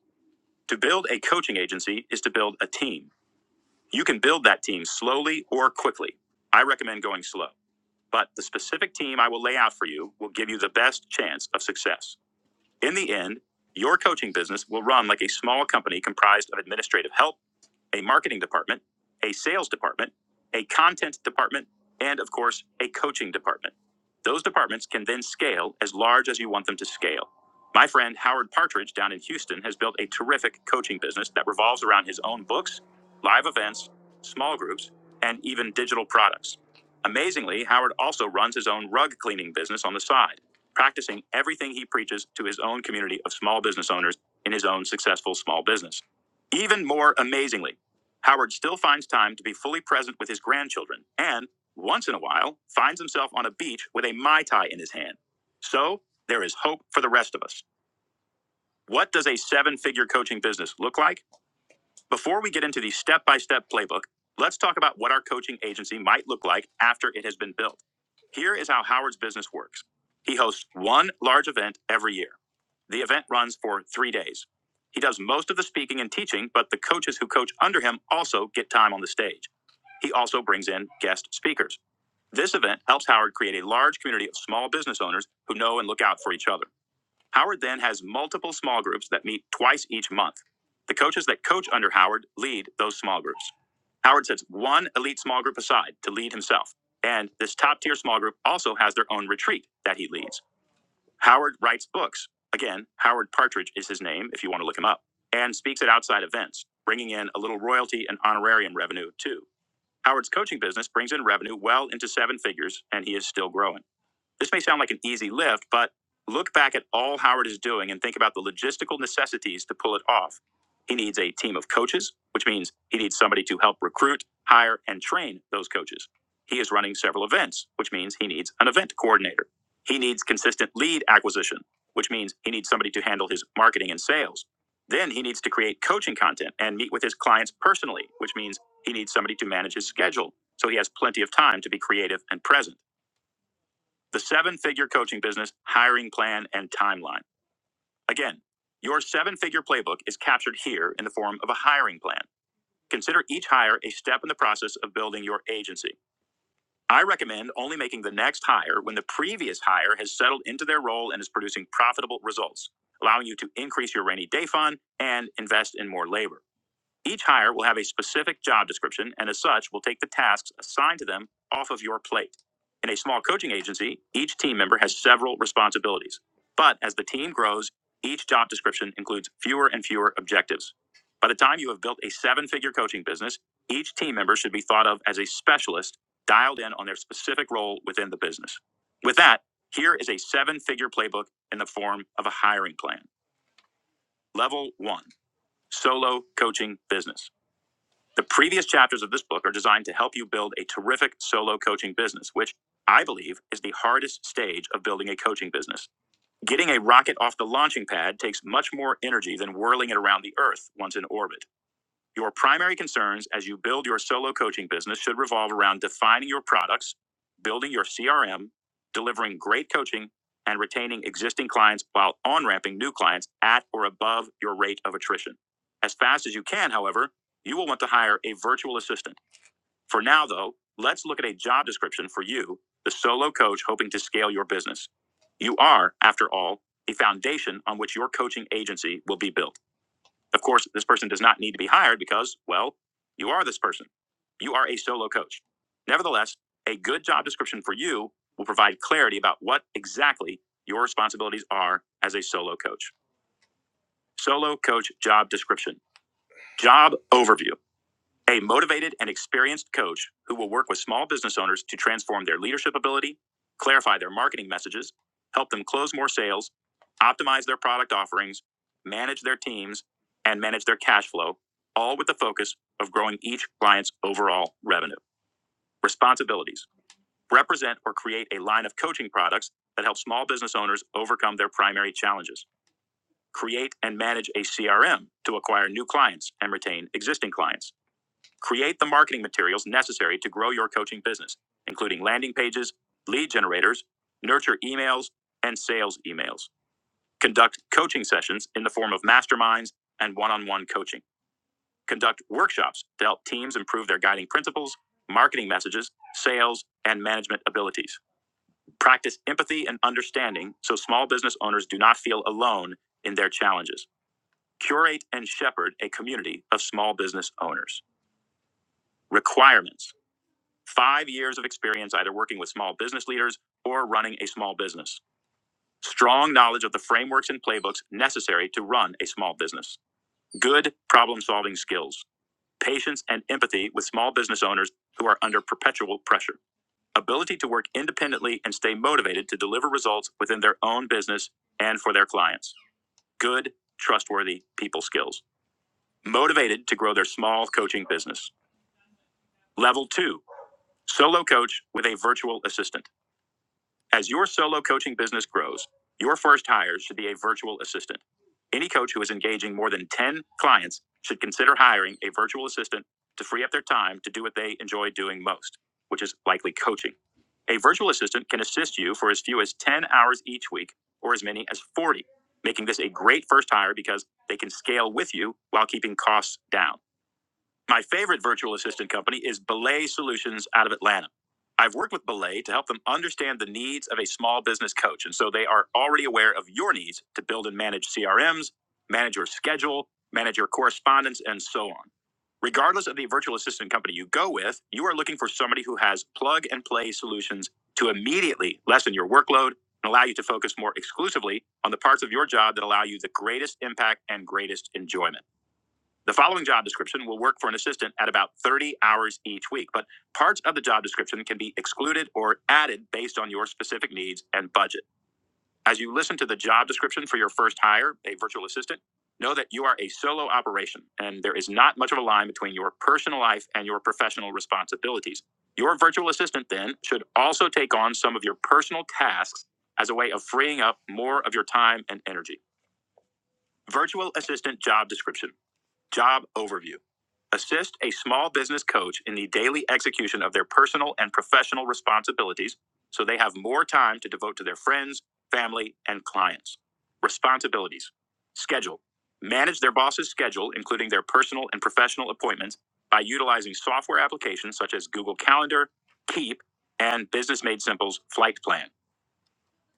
To build a coaching agency is to build a team. You can build that team slowly or quickly. I recommend going slow, but the specific team I will lay out for you will give you the best chance of success. In the end, your coaching business will run like a small company comprised of administrative help a marketing department, a sales department, a content department, and of course, a coaching department. Those departments can then scale as large as you want them to scale. My friend Howard Partridge down in Houston has built a terrific coaching business that revolves around his own books, live events, small groups, and even digital products. Amazingly, Howard also runs his own rug cleaning business on the side, practicing everything he preaches to his own community of small business owners in his own successful small business. Even more amazingly, Howard still finds time to be fully present with his grandchildren and, once in a while, finds himself on a beach with a Mai Tai in his hand. So, there is hope for the rest of us. What does a seven figure coaching business look like? Before we get into the step by step playbook, let's talk about what our coaching agency might look like after it has been built. Here is how Howard's business works he hosts one large event every year. The event runs for three days. He does most of the speaking and teaching, but the coaches who coach under him also get time on the stage. He also brings in guest speakers. This event helps Howard create a large community of small business owners who know and look out for each other. Howard then has multiple small groups that meet twice each month. The coaches that coach under Howard lead those small groups. Howard sets one elite small group aside to lead himself. And this top tier small group also has their own retreat that he leads. Howard writes books. Again, Howard Partridge is his name if you want to look him up, and speaks at outside events, bringing in a little royalty and honorarium revenue too. Howard's coaching business brings in revenue well into seven figures, and he is still growing. This may sound like an easy lift, but look back at all Howard is doing and think about the logistical necessities to pull it off. He needs a team of coaches, which means he needs somebody to help recruit, hire, and train those coaches. He is running several events, which means he needs an event coordinator. He needs consistent lead acquisition, which means he needs somebody to handle his marketing and sales. Then he needs to create coaching content and meet with his clients personally, which means he needs somebody to manage his schedule so he has plenty of time to be creative and present. The seven figure coaching business, hiring plan, and timeline. Again, your seven figure playbook is captured here in the form of a hiring plan. Consider each hire a step in the process of building your agency. I recommend only making the next hire when the previous hire has settled into their role and is producing profitable results, allowing you to increase your rainy day fund and invest in more labor. Each hire will have a specific job description and, as such, will take the tasks assigned to them off of your plate. In a small coaching agency, each team member has several responsibilities. But as the team grows, each job description includes fewer and fewer objectives. By the time you have built a seven figure coaching business, each team member should be thought of as a specialist dialed in on their specific role within the business. With that, here is a seven figure playbook in the form of a hiring plan. Level one solo coaching business. The previous chapters of this book are designed to help you build a terrific solo coaching business, which I believe is the hardest stage of building a coaching business. Getting a rocket off the launching pad takes much more energy than whirling it around the earth once in orbit. Your primary concerns as you build your solo coaching business should revolve around defining your products, building your CRM, delivering great coaching, and retaining existing clients while on ramping new clients at or above your rate of attrition. As fast as you can, however, you will want to hire a virtual assistant. For now, though, let's look at a job description for you, the solo coach hoping to scale your business. You are, after all, a foundation on which your coaching agency will be built. Of course, this person does not need to be hired because, well, you are this person. You are a solo coach. Nevertheless, a good job description for you will provide clarity about what exactly your responsibilities are as a solo coach. Solo coach job description, job overview. A motivated and experienced coach who will work with small business owners to transform their leadership ability, clarify their marketing messages, help them close more sales, optimize their product offerings, manage their teams, and manage their cash flow, all with the focus of growing each client's overall revenue. Responsibilities represent or create a line of coaching products that help small business owners overcome their primary challenges. Create and manage a CRM to acquire new clients and retain existing clients Create the marketing materials necessary to grow your coaching business, including landing pages, lead generators, nurture emails, and sales emails. Conduct coaching sessions in the form of masterminds and one on one coaching. Conduct workshops to help teams improve their guiding principles, marketing messages, sales, and management abilities. Practice empathy and understanding so small business owners do not feel alone in their challenges. Curate and shepherd a community of small business owners. Requirements. five years of experience either working with small business leaders or running a small business. Strong knowledge of the frameworks and playbooks necessary to run a small business. Good problem solving skills. Patience and empathy with small business owners who are under perpetual pressure. Ability to work independently and stay motivated to deliver results within their own business and for their clients. Good, trustworthy people skills. Motivated to grow their small coaching business. Level two, solo coach with a virtual assistant As your solo coaching business grows, your first hire should be a virtual assistant. Any coach who is engaging more than 10 clients should consider hiring a virtual assistant to free up their time to do what they enjoy doing most, which is likely coaching. A virtual assistant can assist you for as few as 10 hours each week or as many as 40, making this a great first hire because they can scale with you while keeping costs down. My favorite virtual assistant company is Belay Solutions out of Atlanta. I've worked with Belay to help them understand the needs of a small business coach. And so they are already aware of your needs to build and manage CRMs, manage your schedule, manage your correspondence, and so on. Regardless of the virtual assistant company you go with, you are looking for somebody who has plug and play solutions to immediately lessen your workload and allow you to focus more exclusively on the parts of your job that allow you the greatest impact and greatest enjoyment. The following job description will work for an assistant at about 30 hours each week, but parts of the job description can be excluded or added based on your specific needs and budget. As you listen to the job description for your first hire, a virtual assistant, know that you are a solo operation and there is not much of a line between your personal life and your professional responsibilities. Your virtual assistant then should also take on some of your personal tasks as a way of freeing up more of your time and energy. Virtual assistant job description, job overview. Assist a small business coach in the daily execution of their personal and professional responsibilities so they have more time to devote to their friends, family, and clients. Responsibilities Schedule. Manage their boss's schedule, including their personal and professional appointments, by utilizing software applications such as Google Calendar, Keep, and Business Made Simple's Flight Plan.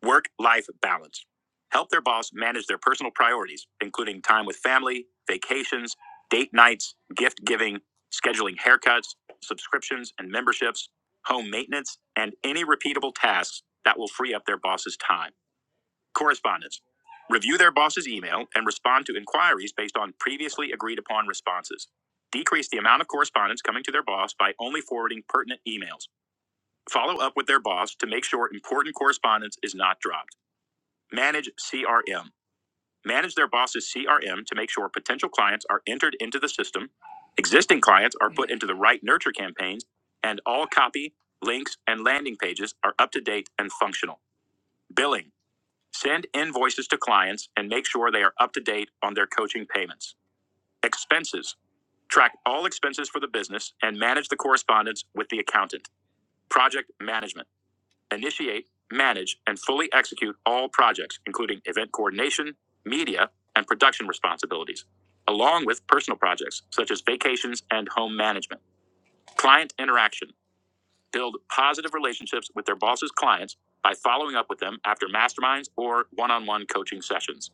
Work life balance. Help their boss manage their personal priorities, including time with family, vacations, date nights, gift giving, scheduling haircuts, subscriptions and memberships, home maintenance, and any repeatable tasks that will free up their boss's time. Correspondence. Review their boss's email and respond to inquiries based on previously agreed upon responses. Decrease the amount of correspondence coming to their boss by only forwarding pertinent emails. Follow up with their boss to make sure important correspondence is not dropped. Manage CRM. Manage their boss's CRM to make sure potential clients are entered into the system, existing clients are put into the right nurture campaigns, and all copy, links, and landing pages are up to date and functional. Billing. Send invoices to clients and make sure they are up to date on their coaching payments. Expenses. Track all expenses for the business and manage the correspondence with the accountant. Project management initiate, manage, and fully execute all projects, including event coordination, media, and production responsibilities, along with personal projects such as vacations and home management. Client interaction build positive relationships with their boss's clients by following up with them after masterminds or one on one coaching sessions.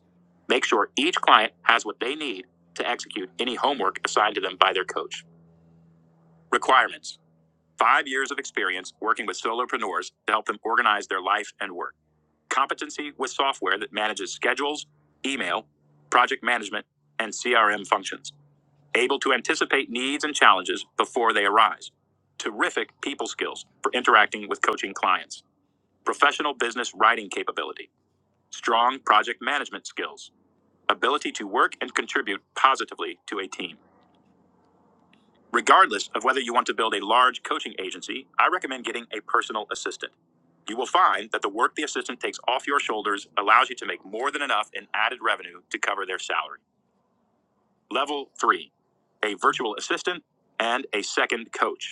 Make sure each client has what they need to execute any homework assigned to them by their coach. Requirements five years of experience working with solopreneurs to help them organize their life and work competency with software that manages schedules, email, project management, and CRM functions, able to anticipate needs and challenges before they arise. Terrific people skills for interacting with coaching clients, professional business writing capability, strong project management skills, ability to work and contribute positively to a team. Regardless of whether you want to build a large coaching agency, I recommend getting a personal assistant. You will find that the work the assistant takes off your shoulders allows you to make more than enough in added revenue to cover their salary. Level three, a virtual assistant and a second coach.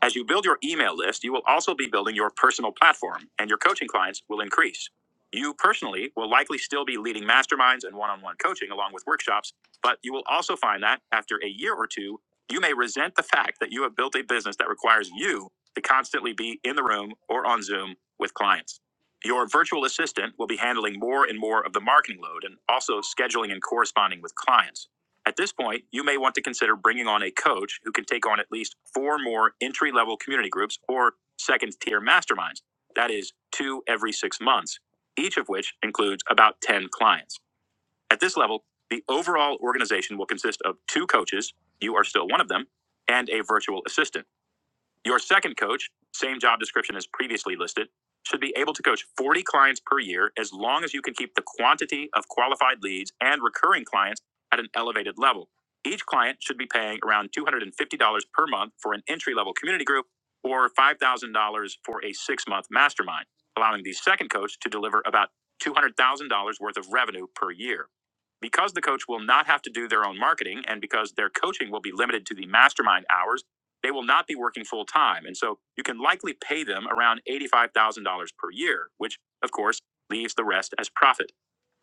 As you build your email list, you will also be building your personal platform, and your coaching clients will increase. You personally will likely still be leading masterminds and one on one coaching along with workshops, but you will also find that after a year or two, you may resent the fact that you have built a business that requires you to constantly be in the room or on Zoom with clients. Your virtual assistant will be handling more and more of the marketing load and also scheduling and corresponding with clients. At this point, you may want to consider bringing on a coach who can take on at least four more entry level community groups or second tier masterminds. That is, two every six months, each of which includes about 10 clients. At this level, the overall organization will consist of two coaches, you are still one of them, and a virtual assistant. Your second coach, same job description as previously listed, should be able to coach 40 clients per year as long as you can keep the quantity of qualified leads and recurring clients at an elevated level. Each client should be paying around $250 per month for an entry level community group or $5,000 for a six month mastermind, allowing the second coach to deliver about $200,000 worth of revenue per year. Because the coach will not have to do their own marketing and because their coaching will be limited to the mastermind hours they will not be working full time. And so you can likely pay them around $85,000 per year, which of course leaves the rest as profit.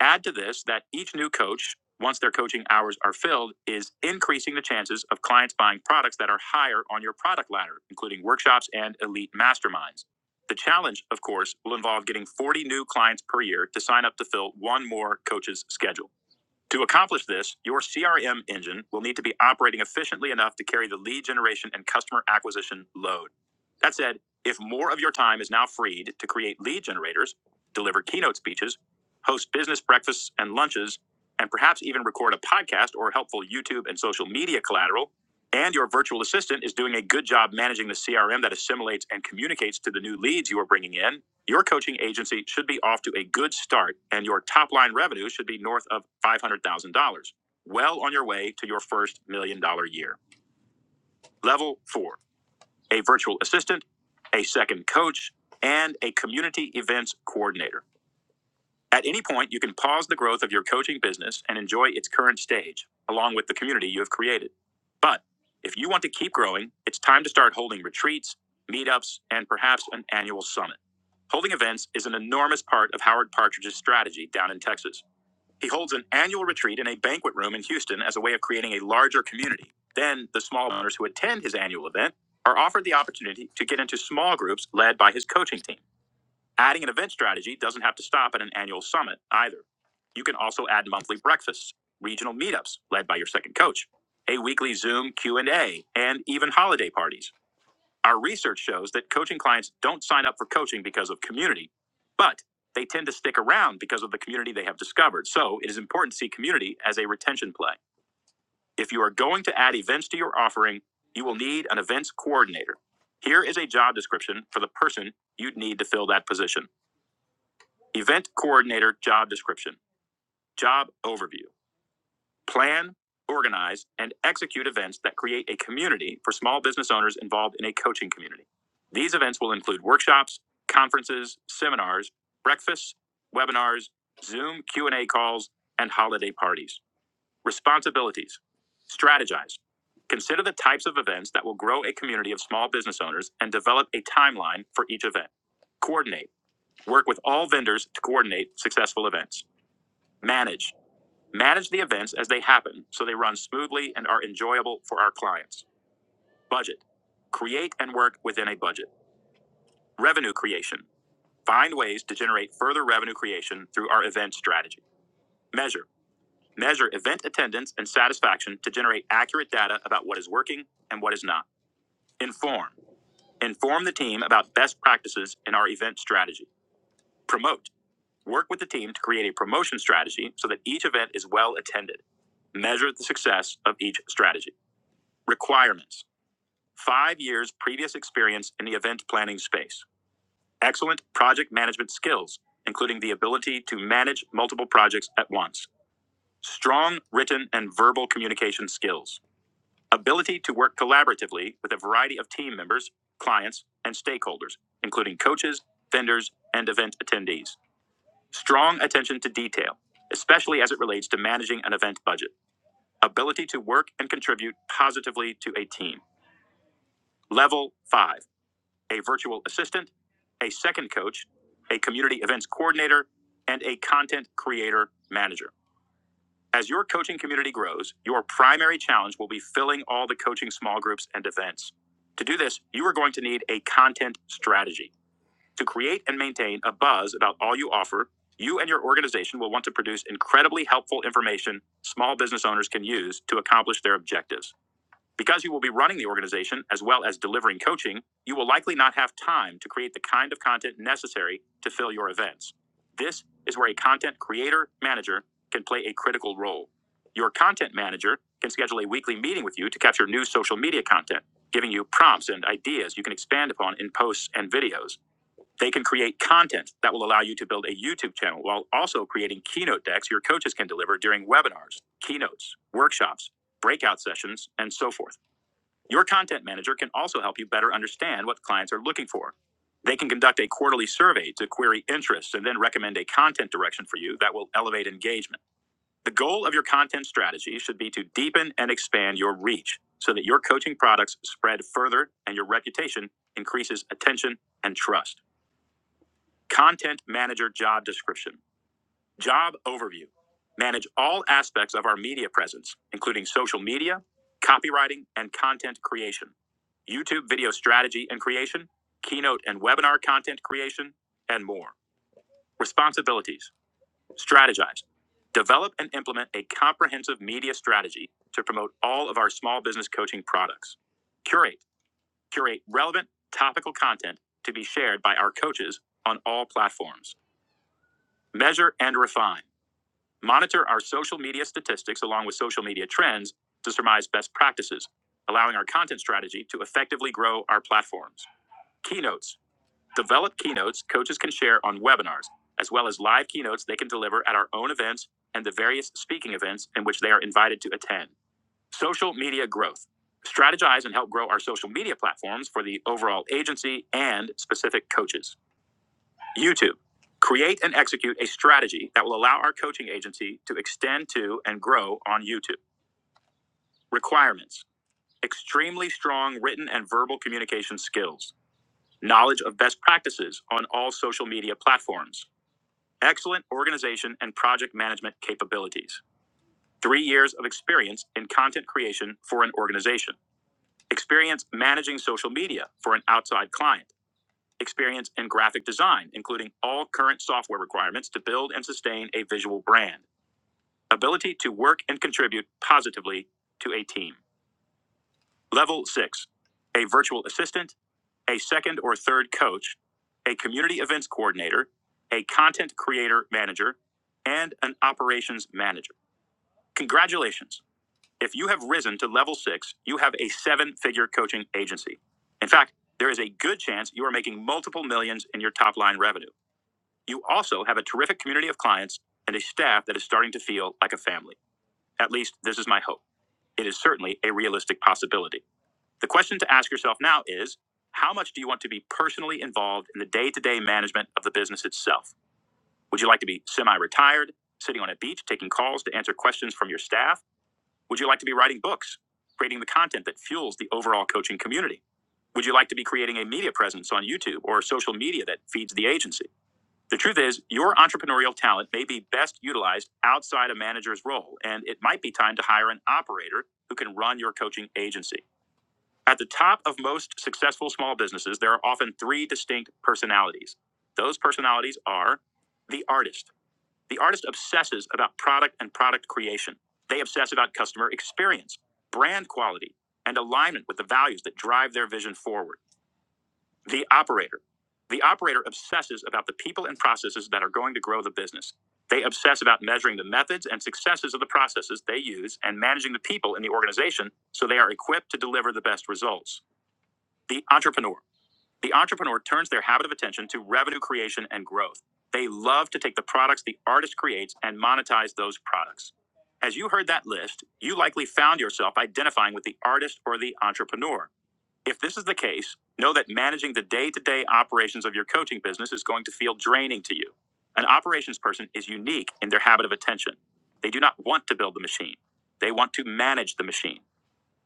Add to this that each new coach, once their coaching hours are filled, is increasing the chances of clients buying products that are higher on your product ladder, including workshops and elite masterminds. The challenge, of course, will involve getting 40 new clients per year to sign up to fill one more coach's schedule. To accomplish this, your CRM engine will need to be operating efficiently enough to carry the lead generation and customer acquisition load. That said, if more of your time is now freed to create lead generators, deliver keynote speeches, host business breakfasts and lunches, and perhaps even record a podcast or helpful YouTube and social media collateral, and your virtual assistant is doing a good job managing the CRM that assimilates and communicates to the new leads you are bringing in, your coaching agency should be off to a good start, and your top line revenue should be north of $500,000, well on your way to your first million dollar year. Level four a virtual assistant, a second coach, and a community events coordinator. At any point, you can pause the growth of your coaching business and enjoy its current stage, along with the community you have created. But if you want to keep growing, it's time to start holding retreats, meetups, and perhaps an annual summit. Holding events is an enormous part of Howard Partridge's strategy down in Texas. He holds an annual retreat in a banquet room in Houston as a way of creating a larger community. Then, the small owners who attend his annual event are offered the opportunity to get into small groups led by his coaching team. Adding an event strategy doesn't have to stop at an annual summit either. You can also add monthly breakfasts, regional meetups led by your second coach, a weekly Zoom Q&A, and A, and even holiday parties. Our research shows that coaching clients don't sign up for coaching because of community, but they tend to stick around because of the community they have discovered. So, it is important to see community as a retention play. If you are going to add events to your offering, you will need an events coordinator. Here is a job description for the person you'd need to fill that position. Event coordinator job description, job overview, plan, organize, and execute events that create a community for small business owners involved in a coaching community. These events will include workshops, conferences, seminars, breakfasts, webinars, Zoom Q&A calls, and holiday parties. Responsibilities. Strategize. Consider the types of events that will grow a community of small business owners and develop a timeline for each event. Coordinate. Work with all vendors to coordinate successful events. Manage. Manage the events as they happen so they run smoothly and are enjoyable for our clients. Budget. Create and work within a budget. Revenue creation. Find ways to generate further revenue creation through our event strategy. Measure. Measure event attendance and satisfaction to generate accurate data about what is working and what is not. Inform. Inform the team about best practices in our event strategy. Promote. Work with the team to create a promotion strategy so that each event is well attended. Measure the success of each strategy. Requirements five years previous experience in the event planning space, excellent project management skills, including the ability to manage multiple projects at once, strong written and verbal communication skills, ability to work collaboratively with a variety of team members, clients, and stakeholders, including coaches, vendors, and event attendees Strong attention to detail, especially as it relates to managing an event budget. Ability to work and contribute positively to a team. Level five, a virtual assistant, a second coach, a community events coordinator, and a content creator manager. As your coaching community grows, your primary challenge will be filling all the coaching small groups and events. To do this, you are going to need a content strategy. To create and maintain a buzz about all you offer, you and your organization will want to produce incredibly helpful information small business owners can use to accomplish their objectives. Because you will be running the organization as well as delivering coaching, you will likely not have time to create the kind of content necessary to fill your events. This is where a content creator manager can play a critical role. Your content manager can schedule a weekly meeting with you to capture new social media content, giving you prompts and ideas you can expand upon in posts and videos. They can create content that will allow you to build a YouTube channel while also creating keynote decks your coaches can deliver during webinars, keynotes, workshops, breakout sessions, and so forth. Your content manager can also help you better understand what clients are looking for. They can conduct a quarterly survey to query interests and then recommend a content direction for you that will elevate engagement. The goal of your content strategy should be to deepen and expand your reach so that your coaching products spread further and your reputation increases attention and trust. Content manager job description. Job overview. Manage all aspects of our media presence, including social media, copywriting, and content creation. YouTube video strategy and creation, keynote and webinar content creation, and more. Responsibilities. Strategize. Develop and implement a comprehensive media strategy to promote all of our small business coaching products. Curate. Curate relevant, topical content to be shared by our coaches on all platforms. Measure and refine. Monitor our social media statistics along with social media trends to surmise best practices, allowing our content strategy to effectively grow our platforms. Keynotes. Develop keynotes coaches can share on webinars, as well as live keynotes they can deliver at our own events and the various speaking events in which they are invited to attend. Social media growth. Strategize and help grow our social media platforms for the overall agency and specific coaches. YouTube. Create and execute a strategy that will allow our coaching agency to extend to and grow on YouTube. Requirements extremely strong written and verbal communication skills, knowledge of best practices on all social media platforms, excellent organization and project management capabilities, three years of experience in content creation for an organization, experience managing social media for an outside client experience in graphic design, including all current software requirements to build and sustain a visual brand, ability to work and contribute positively to a team. Level six, a virtual assistant, a second or third coach, a community events coordinator, a content creator manager, and an operations manager. Congratulations. If you have risen to level six, you have a seven figure coaching agency. In fact, there is a good chance you are making multiple millions in your top line revenue. You also have a terrific community of clients and a staff that is starting to feel like a family. At least, this is my hope. It is certainly a realistic possibility. The question to ask yourself now is how much do you want to be personally involved in the day to day management of the business itself? Would you like to be semi retired, sitting on a beach taking calls to answer questions from your staff? Would you like to be writing books, creating the content that fuels the overall coaching community? Would you like to be creating a media presence on YouTube or social media that feeds the agency? The truth is, your entrepreneurial talent may be best utilized outside a manager's role, and it might be time to hire an operator who can run your coaching agency. At the top of most successful small businesses, there are often three distinct personalities. Those personalities are the artist. The artist obsesses about product and product creation. They obsess about customer experience, brand quality, and alignment with the values that drive their vision forward. The operator. The operator obsesses about the people and processes that are going to grow the business. They obsess about measuring the methods and successes of the processes they use and managing the people in the organization so they are equipped to deliver the best results. The entrepreneur. The entrepreneur turns their habit of attention to revenue creation and growth. They love to take the products the artist creates and monetize those products. As you heard that list, you likely found yourself identifying with the artist or the entrepreneur. If this is the case, know that managing the day to day operations of your coaching business is going to feel draining to you. An operations person is unique in their habit of attention. They do not want to build the machine, they want to manage the machine.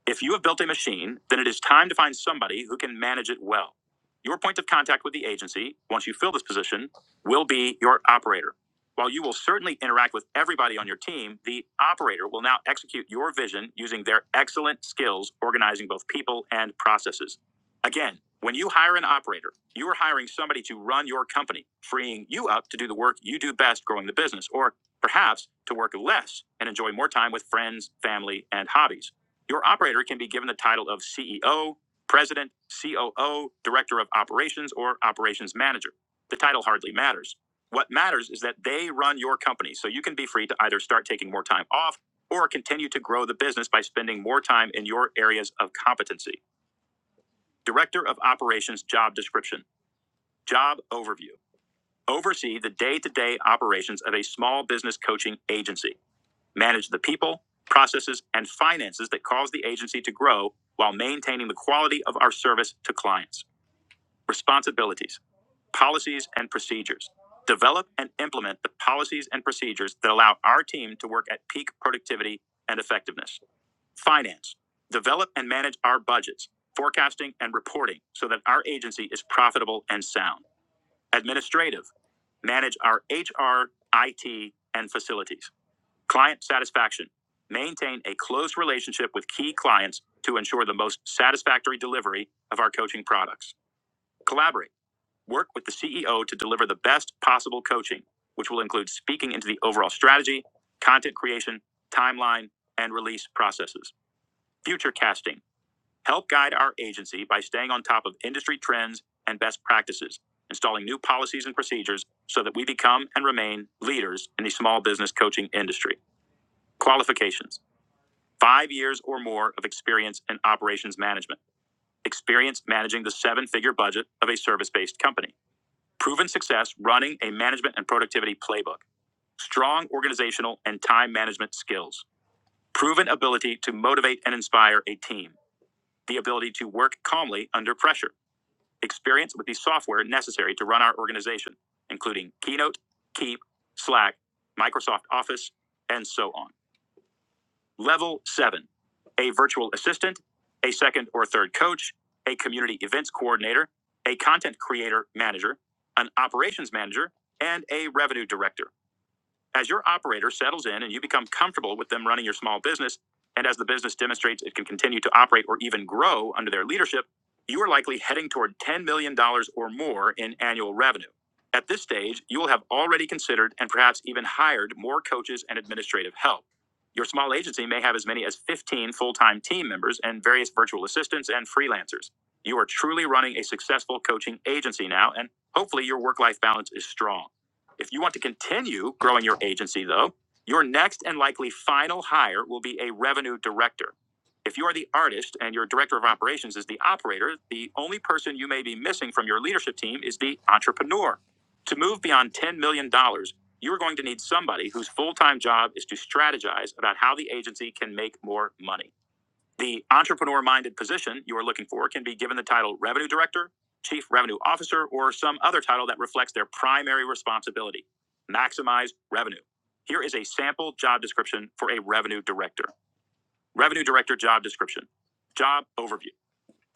If you have built a machine, then it is time to find somebody who can manage it well. Your point of contact with the agency, once you fill this position, will be your operator. While you will certainly interact with everybody on your team, the operator will now execute your vision using their excellent skills organizing both people and processes. Again, when you hire an operator, you are hiring somebody to run your company, freeing you up to do the work you do best growing the business, or perhaps to work less and enjoy more time with friends, family, and hobbies. Your operator can be given the title of CEO, President, COO, Director of Operations, or Operations Manager. The title hardly matters. What matters is that they run your company, so you can be free to either start taking more time off or continue to grow the business by spending more time in your areas of competency. Director of Operations Job Description Job Overview Oversee the day to day operations of a small business coaching agency manage the people, processes, and finances that cause the agency to grow while maintaining the quality of our service to clients. Responsibilities, policies, and procedures. Develop and implement the policies and procedures that allow our team to work at peak productivity and effectiveness. Finance, develop and manage our budgets, forecasting, and reporting so that our agency is profitable and sound. Administrative, manage our HR, IT, and facilities. Client satisfaction. Maintain a close relationship with key clients to ensure the most satisfactory delivery of our coaching products. Collaborate. Work with the CEO to deliver the best possible coaching, which will include speaking into the overall strategy, content creation, timeline, and release processes. Future casting. Help guide our agency by staying on top of industry trends and best practices, installing new policies and procedures so that we become and remain leaders in the small business coaching industry. Qualifications. Five years or more of experience in operations management. Experience managing the seven figure budget of a service based company. Proven success running a management and productivity playbook. Strong organizational and time management skills. Proven ability to motivate and inspire a team. The ability to work calmly under pressure. Experience with the software necessary to run our organization, including Keynote, Keep, Slack, Microsoft Office, and so on. Level 7. A virtual assistant, a second or third coach, a community events coordinator, a content creator manager, an operations manager, and a revenue director. As your operator settles in and you become comfortable with them running your small business, and as the business demonstrates it can continue to operate or even grow under their leadership, you are likely heading toward $10 million dollars or more in annual revenue. At this stage, you will have already considered and perhaps even hired more coaches and administrative help. Your small agency may have as many as 15 full time team members and various virtual assistants and freelancers. You are truly running a successful coaching agency now, and hopefully your work life balance is strong. If you want to continue growing your agency, though, your next and likely final hire will be a revenue director. If you are the artist and your director of operations is the operator, the only person you may be missing from your leadership team is the entrepreneur. To move beyond $10 million, dollars, you are going to need somebody whose full time job is to strategize about how the agency can make more money. The entrepreneur minded position you are looking for can be given the title Revenue Director, Chief Revenue Officer, or some other title that reflects their primary responsibility maximize revenue. Here is a sample job description for a Revenue Director. Revenue Director job description. Job overview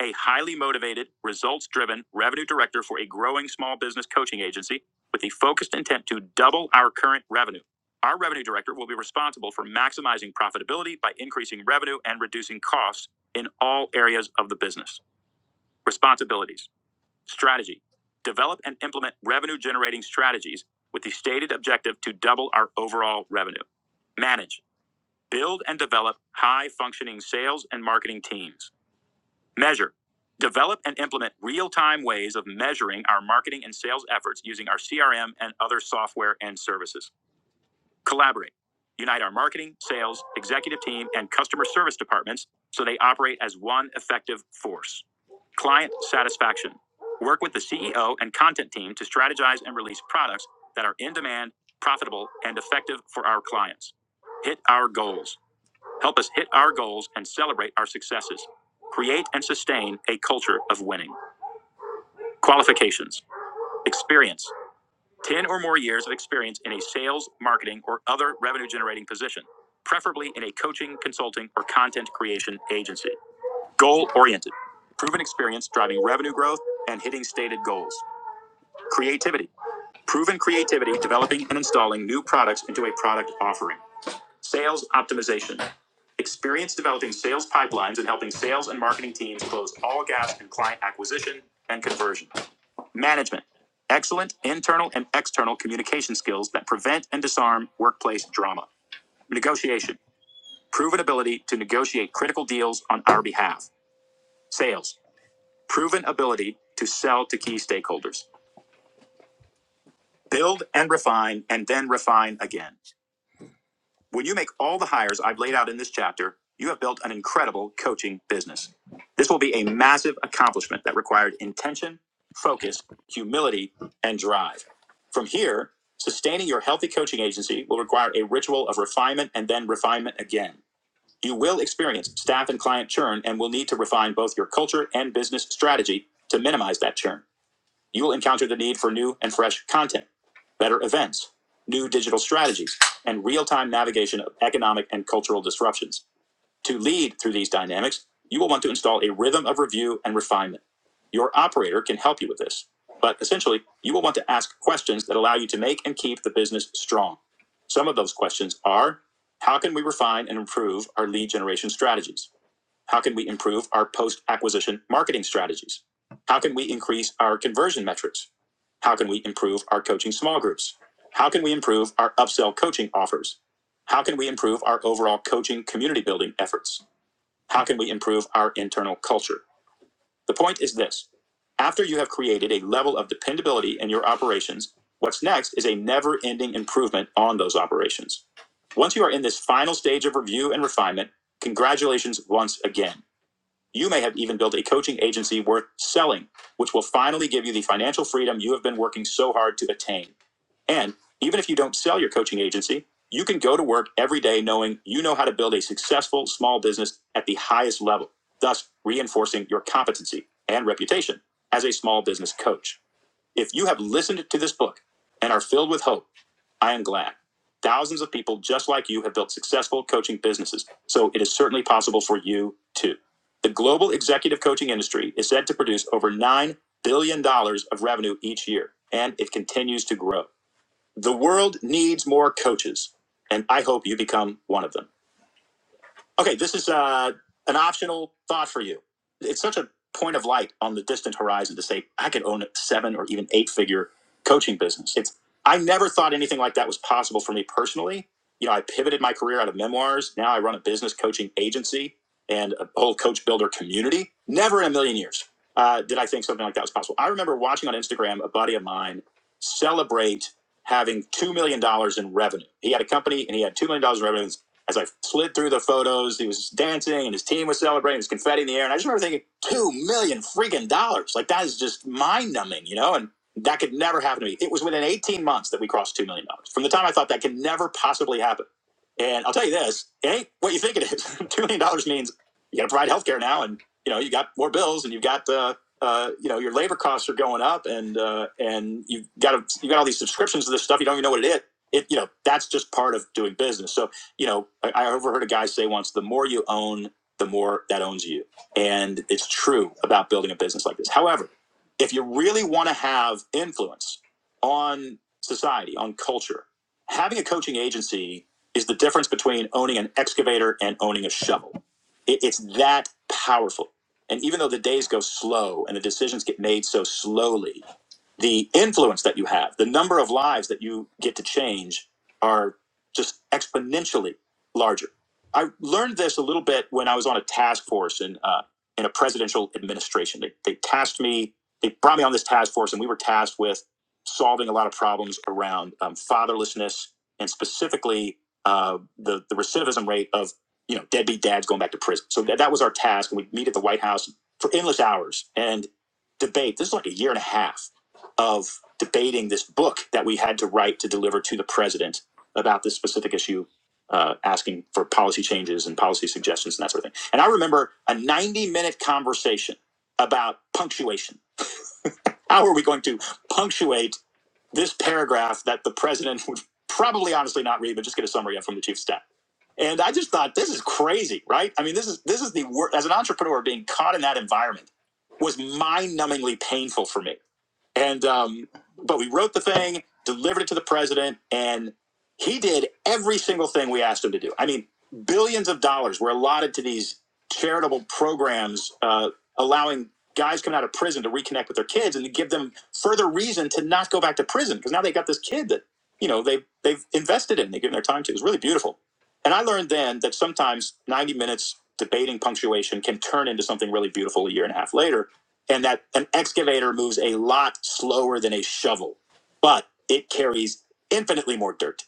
a highly motivated, results driven revenue director for a growing small business coaching agency with the focused intent to double our current revenue. Our revenue director will be responsible for maximizing profitability by increasing revenue and reducing costs in all areas of the business. Responsibilities Strategy Develop and implement revenue generating strategies with the stated objective to double our overall revenue. Manage Build and develop high functioning sales and marketing teams Measure. Develop and implement real time ways of measuring our marketing and sales efforts using our CRM and other software and services. Collaborate. Unite our marketing, sales, executive team, and customer service departments so they operate as one effective force. Client satisfaction. Work with the CEO and content team to strategize and release products that are in demand, profitable, and effective for our clients. Hit our goals. Help us hit our goals and celebrate our successes. Create and sustain a culture of winning. Qualifications Experience 10 or more years of experience in a sales, marketing, or other revenue generating position, preferably in a coaching, consulting, or content creation agency. Goal oriented Proven experience driving revenue growth and hitting stated goals. Creativity Proven creativity developing and installing new products into a product offering. Sales optimization Experience developing sales pipelines and helping sales and marketing teams close all gaps in client acquisition and conversion. Management. Excellent internal and external communication skills that prevent and disarm workplace drama. Negotiation. Proven ability to negotiate critical deals on our behalf. Sales. Proven ability to sell to key stakeholders. Build and refine and then refine again. When you make all the hires I've laid out in this chapter, you have built an incredible coaching business. This will be a massive accomplishment that required intention, focus, humility, and drive. From here, sustaining your healthy coaching agency will require a ritual of refinement and then refinement again. You will experience staff and client churn and will need to refine both your culture and business strategy to minimize that churn you will encounter the need for new and fresh content, better events, new digital strategies, and real time navigation of economic and cultural disruptions. To lead through these dynamics, you will want to install a rhythm of review and refinement. Your operator can help you with this, but essentially, you will want to ask questions that allow you to make and keep the business strong. Some of those questions are How can we refine and improve our lead generation strategies? How can we improve our post acquisition marketing strategies? How can we increase our conversion metrics? How can we improve our coaching small groups? How can we improve our upsell coaching offers? How can we improve our overall coaching community building efforts? How can we improve our internal culture? The point is this after you have created a level of dependability in your operations, what's next is a never ending improvement on those operations. Once you are in this final stage of review and refinement, congratulations once again. You may have even built a coaching agency worth selling, which will finally give you the financial freedom you have been working so hard to attain. And even if you don't sell your coaching agency, you can go to work every day knowing you know how to build a successful small business at the highest level, thus reinforcing your competency and reputation as a small business coach. If you have listened to this book and are filled with hope, I am glad. Thousands of people just like you have built successful coaching businesses, so it is certainly possible for you too. The global executive coaching industry is said to produce over $9 billion dollars of revenue each year, and it continues to grow. The world needs more coaches, and I hope you become one of them. Okay, this is uh, an optional thought for you. It's such a point of light on the distant horizon to say I could own a seven or even eight figure coaching business. It's I never thought anything like that was possible for me personally. You know, I pivoted my career out of memoirs. Now I run a business coaching agency and a whole coach builder community. Never in a million years uh, did I think something like that was possible. I remember watching on Instagram a buddy of mine celebrate having $2 million dollars in revenue. He had a company and he had $2 million dollars in revenue. As I slid through the photos, he was dancing and his team was celebrating. There was confetti in the air, and I just remember thinking, two million freaking dollars! Like that is just mind numbing, you know. And that could never happen to me. It was within 18 months that we crossed two million dollars. From the time I thought that could never possibly happen. And I'll tell you this, it ain't what you think it is. Two million dollars means you got to provide healthcare now, and you know you got more bills, and you've got uh, uh, you know your labor costs are going up, and uh, and you've got a, you got all these subscriptions to this stuff. You don't even know what it is. It you know that's just part of doing business. So you know, I, I overheard a guy say once, the more you own, the more that owns you. And it's true about building a business like this. However, if you really want to have influence on society, on culture, having a coaching agency is the difference between owning an excavator and owning a shovel. It, it's that powerful. And even though the days go slow and the decisions get made so slowly, the influence that you have, the number of lives that you get to change are just exponentially larger. I learned this a little bit when I was on a task force in uh, in a presidential administration. They, they tasked me, they brought me on this task force, and we were tasked with solving a lot of problems around um, fatherlessness and specifically uh, the the recidivism rate of you know deadbeat dads going back to prison. So that, that was our task, and we'd meet at the White House for endless hours and debate. This is like a year and a half of debating this book that we had to write to deliver to the president about this specific issue, uh, asking for policy changes and policy suggestions and that sort of thing. And I remember a 90 minute conversation about punctuation. How are we going to punctuate this paragraph that the president would probably honestly not read, but just get a summary of from the chief of staff? And I just thought this is crazy, right? I mean, this is this is the worst. As an entrepreneur, being caught in that environment was mind-numbingly painful for me and um, but we wrote the thing, delivered it to the president, and he did every single thing we asked him to do. I mean, billions of dollars were allotted to these charitable programs, uh, allowing guys coming out of prison to reconnect with their kids and to give them further reason to not go back to prison because now they got this kid that you know they they've invested in, they've given their time to. It was really beautiful. And I learned then that sometimes 90 minutes debating punctuation can turn into something really beautiful a year and a half later and that an excavator moves a lot slower than a shovel, but it carries infinitely more dirt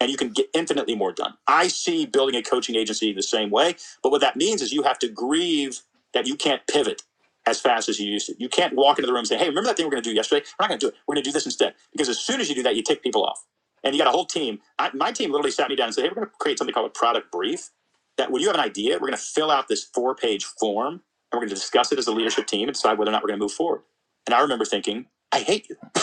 and you can get infinitely more done. I see building a coaching agency the same way, but what that means is you have to grieve that you can't pivot as fast as you used to. You can't walk into the room and say, "Hey, remember that thing we are going to do yesterday? We're not going to do it. We're going to do this instead." Because as soon as you do that, you take people off. And you got a whole team. I, my team literally sat me down and said, "Hey, we're going to create something called a product brief. That when you have an idea, we're going to fill out this four-page form and we're going to discuss it as a leadership team and decide whether or not we're going to move forward. And I remember thinking, I hate you.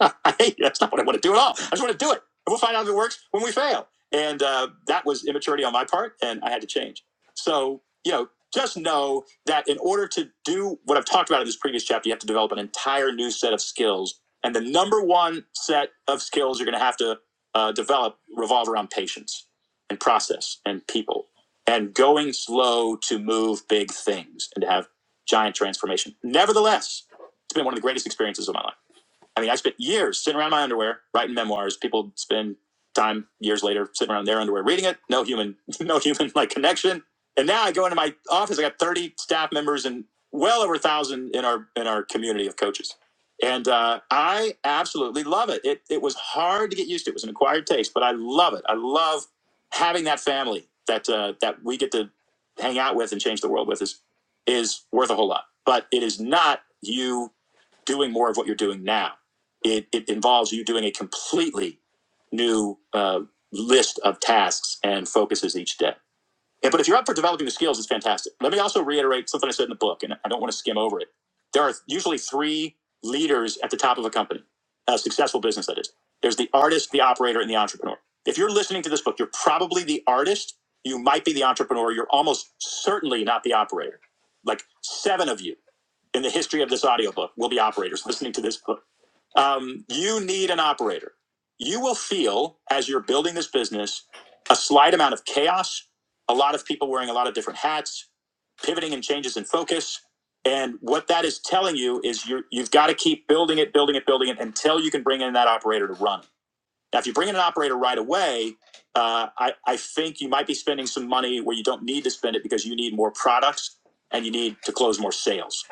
I hate you. That's not what I want to do at all. I just want to do it. And we'll find out if it works when we fail. And uh, that was immaturity on my part, and I had to change. So, you know, just know that in order to do what I've talked about in this previous chapter, you have to develop an entire new set of skills. And the number one set of skills you're going to have to uh, develop revolve around patience and process and people and going slow to move big things and to have giant transformation. Nevertheless, it's been one of the greatest experiences of my life. I mean, I spent years sitting around my underwear writing memoirs. People spend time years later sitting around their underwear reading it. No human, no human like connection. And now I go into my office. I got thirty staff members and well over a thousand in our in our community of coaches. And uh, I absolutely love it. it. It was hard to get used to. It was an acquired taste, but I love it. I love having that family that uh, that we get to hang out with and change the world with is is worth a whole lot. But it is not you doing more of what you're doing now. It, it involves you doing a completely new uh, list of tasks and focuses each day. Yeah, but if you're up for developing the skills, it's fantastic. Let me also reiterate something I said in the book, and I don't want to skim over it. There are usually three leaders at the top of a company, a successful business that is. There's the artist, the operator, and the entrepreneur. If you're listening to this book, you're probably the artist. You might be the entrepreneur. You're almost certainly not the operator. Like seven of you in the history of this audiobook will be operators listening to this book. Um, you need an operator. You will feel, as you're building this business, a slight amount of chaos, a lot of people wearing a lot of different hats, pivoting and changes in focus. And what that is telling you is you're, you've got to keep building it, building it, building it until you can bring in that operator to run. it. Now, if you bring in an operator right away, uh, I, I think you might be spending some money where you don't need to spend it because you need more products and you need to close more sales.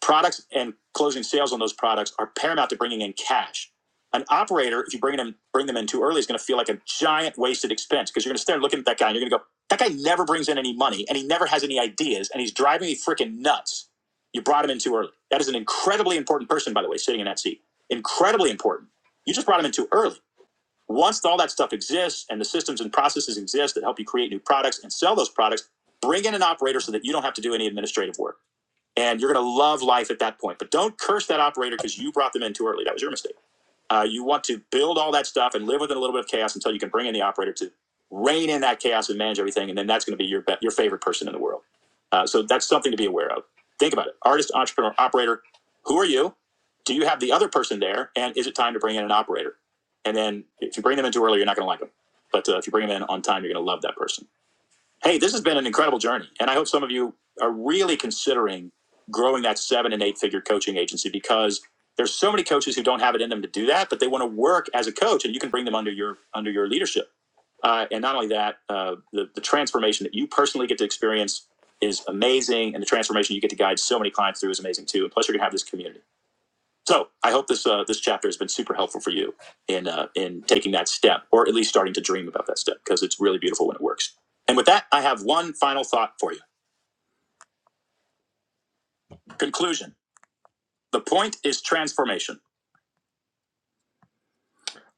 Products and closing sales on those products are paramount to bringing in cash. An operator, if you bring them bring them in too early, is going to feel like a giant wasted expense because you're going to start looking at that guy and you're going to go, that guy never brings in any money and he never has any ideas and he's driving me freaking nuts. You brought him in too early. That is an incredibly important person, by the way, sitting in that seat. Incredibly important. You just brought him in too early. Once all that stuff exists and the systems and processes exist that help you create new products and sell those products, bring in an operator so that you don't have to do any administrative work and you're going to love life at that point. But don't curse that operator because you brought them in too early. That was your mistake. Uh, you want to build all that stuff and live within a little bit of chaos until you can bring in the operator to rein in that chaos and manage everything, and then that's going to be your be- your favorite person in the world. Uh, so that's something to be aware of. Think about it: artist, entrepreneur, operator. Who are you? Do you have the other person there? And is it time to bring in an operator? And then if you bring them in too early, you're not going to like them. But uh, if you bring them in on time, you're going to love that person. Hey, this has been an incredible journey. And I hope some of you are really considering growing that seven and eight figure coaching agency because there's so many coaches who don't have it in them to do that, but they want to work as a coach and you can bring them under your under your leadership. Uh, and not only that, uh, the, the transformation that you personally get to experience is amazing. And the transformation you get to guide so many clients through is amazing too. And plus you're gonna have this community. So I hope this uh, this chapter has been super helpful for you in uh, in taking that step, or at least starting to dream about that step, because it's really beautiful when it works. And with that, I have one final thought for you. Conclusion: The point is transformation.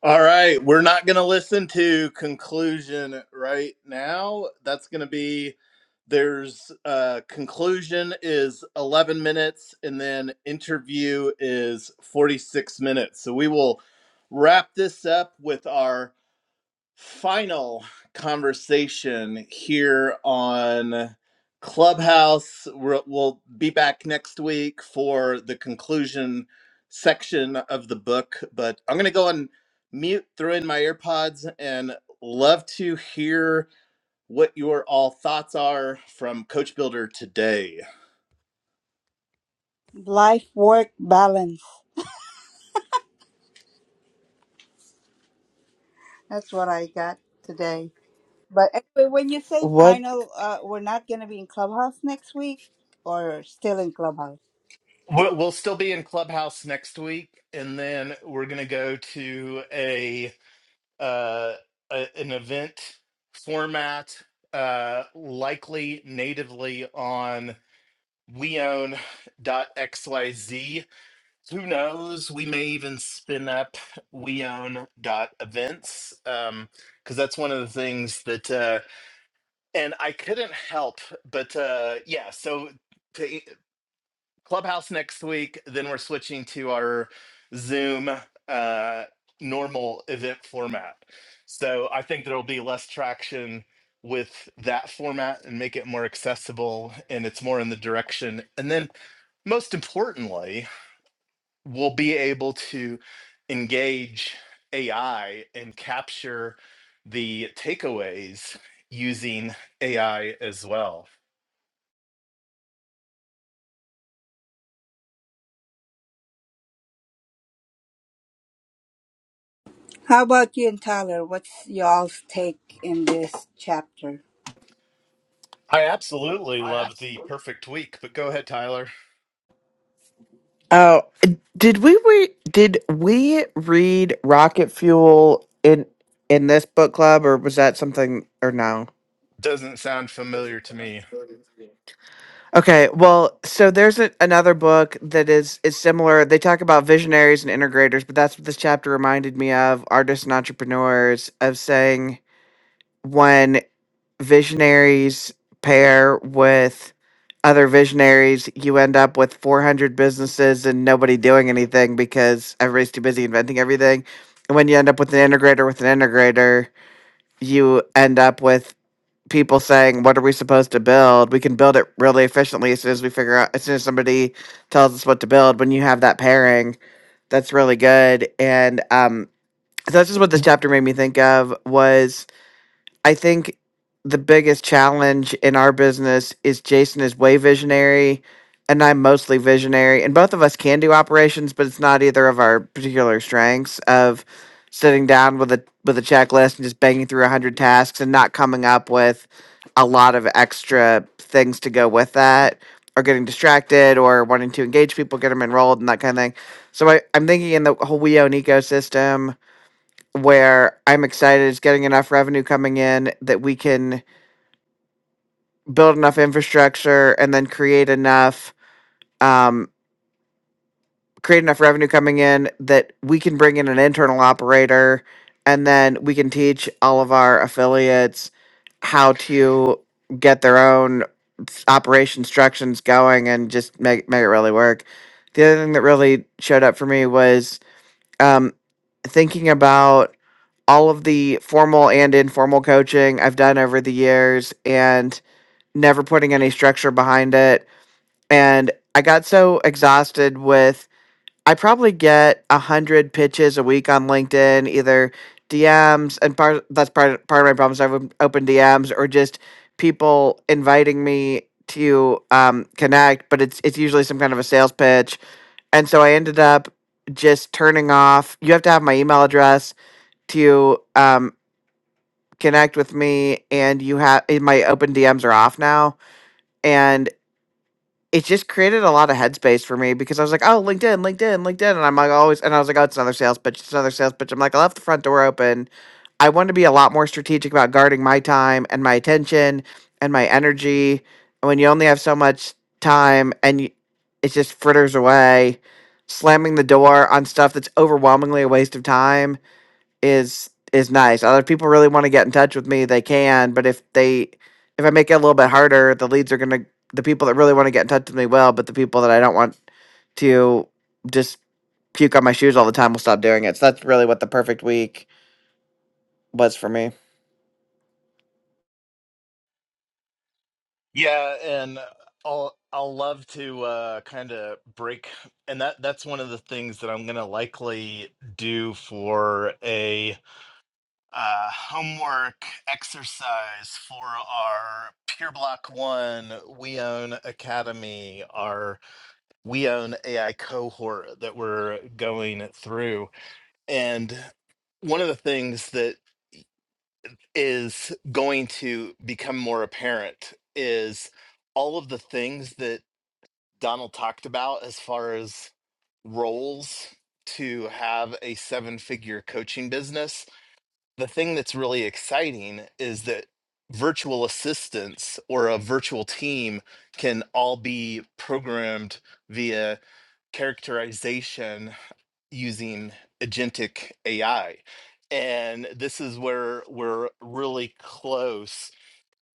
All right, we're not going to listen to conclusion right now. That's going to be there's uh, conclusion is 11 minutes, and then interview is 46 minutes. So we will wrap this up with our final conversation here on Clubhouse. We're, we'll be back next week for the conclusion section of the book, but I'm going to go on mute, throw in my earpods, and love to hear what your all thoughts are from Coach Builder today.
Life work balance. That's what I got today. But anyway, when you say
What?
final, uh, we're not going to be in Clubhouse next week or still in Clubhouse.
We'll we'll still be in Clubhouse next week, and then we're going to go to a uh, a, an event format, uh, likely natively on weown.xyz. Who knows? We may even spin up weown.events um, because that's one of the things that, uh, and I couldn't help but, uh, yeah, so. Clubhouse next week. Then we're switching to our Zoom uh, normal event format. So I think there'll be less traction with that format and make it more accessible and it's more in the direction. And then most importantly, we'll be able to engage AI and capture the takeaways using AI as well.
How about you and Tyler? What's y'all's take in this chapter?
I absolutely love the perfect week, but go ahead, Tyler.
Oh, did we re- did we read Rocket Fuel in in this book club, or was that something or no?
Doesn't sound familiar to me.
Okay, well, so there's a, another book that is is similar. They talk about visionaries and integrators, but that's what this chapter reminded me of, artists and entrepreneurs, of saying when visionaries pair with other visionaries, you end up with 400 businesses and nobody doing anything because everybody's too busy inventing everything. And when you end up with an integrator with an integrator, you end up with people saying, "What are we supposed to build?" We can build it really efficiently as soon as we figure out, as soon as somebody tells us what to build. When you have that pairing, that's really good. And um, so that's just what this chapter made me think of was I think the biggest challenge in our business is Jason is way visionary and I'm mostly visionary. And both of us can do operations, but it's not either of our particular strengths of sitting down with a with a checklist and just banging through a hundred tasks and not coming up with a lot of extra things to go with that or getting distracted or wanting to engage people, get them enrolled and that kind of thing. So I, I'm thinking in the whole WeOwn ecosystem, where I'm excited it's getting enough revenue coming in that we can build enough infrastructure and then create enough um, create enough revenue coming in that we can bring in an internal operator and then we can teach all of our affiliates how to get their own s- operation instructions going and just make make it really work. The other thing that really showed up for me was um, thinking about all of the formal and informal coaching I've done over the years and never putting any structure behind it. And I got so exhausted with, I probably get a hundred pitches a week on LinkedIn, either DMs, and part that's part part of my problems. I've open DMs or just people inviting me to um, connect, but it's it's usually some kind of a sales pitch and so I ended up just turning off. You have to have my email address to um, connect with me, and you have my open DMs are off now. And it just created a lot of headspace for me because I was like, oh, LinkedIn, LinkedIn, LinkedIn. And I'm like, always, and I was like, oh, it's another sales pitch, it's another sales pitch. I'm like, I left the front door open. I want to be a lot more strategic about guarding my time and my attention and my energy. And when you only have so much time and you, it just fritters away, slamming the door on stuff that's overwhelmingly a waste of time is is nice. Other people really want to get in touch with me, they can, but if they if I make it a little bit harder, the leads are going to the people that really want to get in touch with me will, but the people that I don't want to just puke on my shoes all the time will stop doing it. So that's really what the perfect week was for me.
Yeah, and I'll I'll love to uh, kind of break, and that that's one of the things that I'm gonna likely do for a uh, homework exercise for our Pure Block One We Own Academy, our We Own AI cohort that we're going through, and one of the things that is going to become more apparent is all of the things that Donald talked about as far as roles to have a seven figure coaching business. The thing that's really exciting is that virtual assistants or a virtual team can all be programmed via characterization using agentic AI. And this is where we're really close.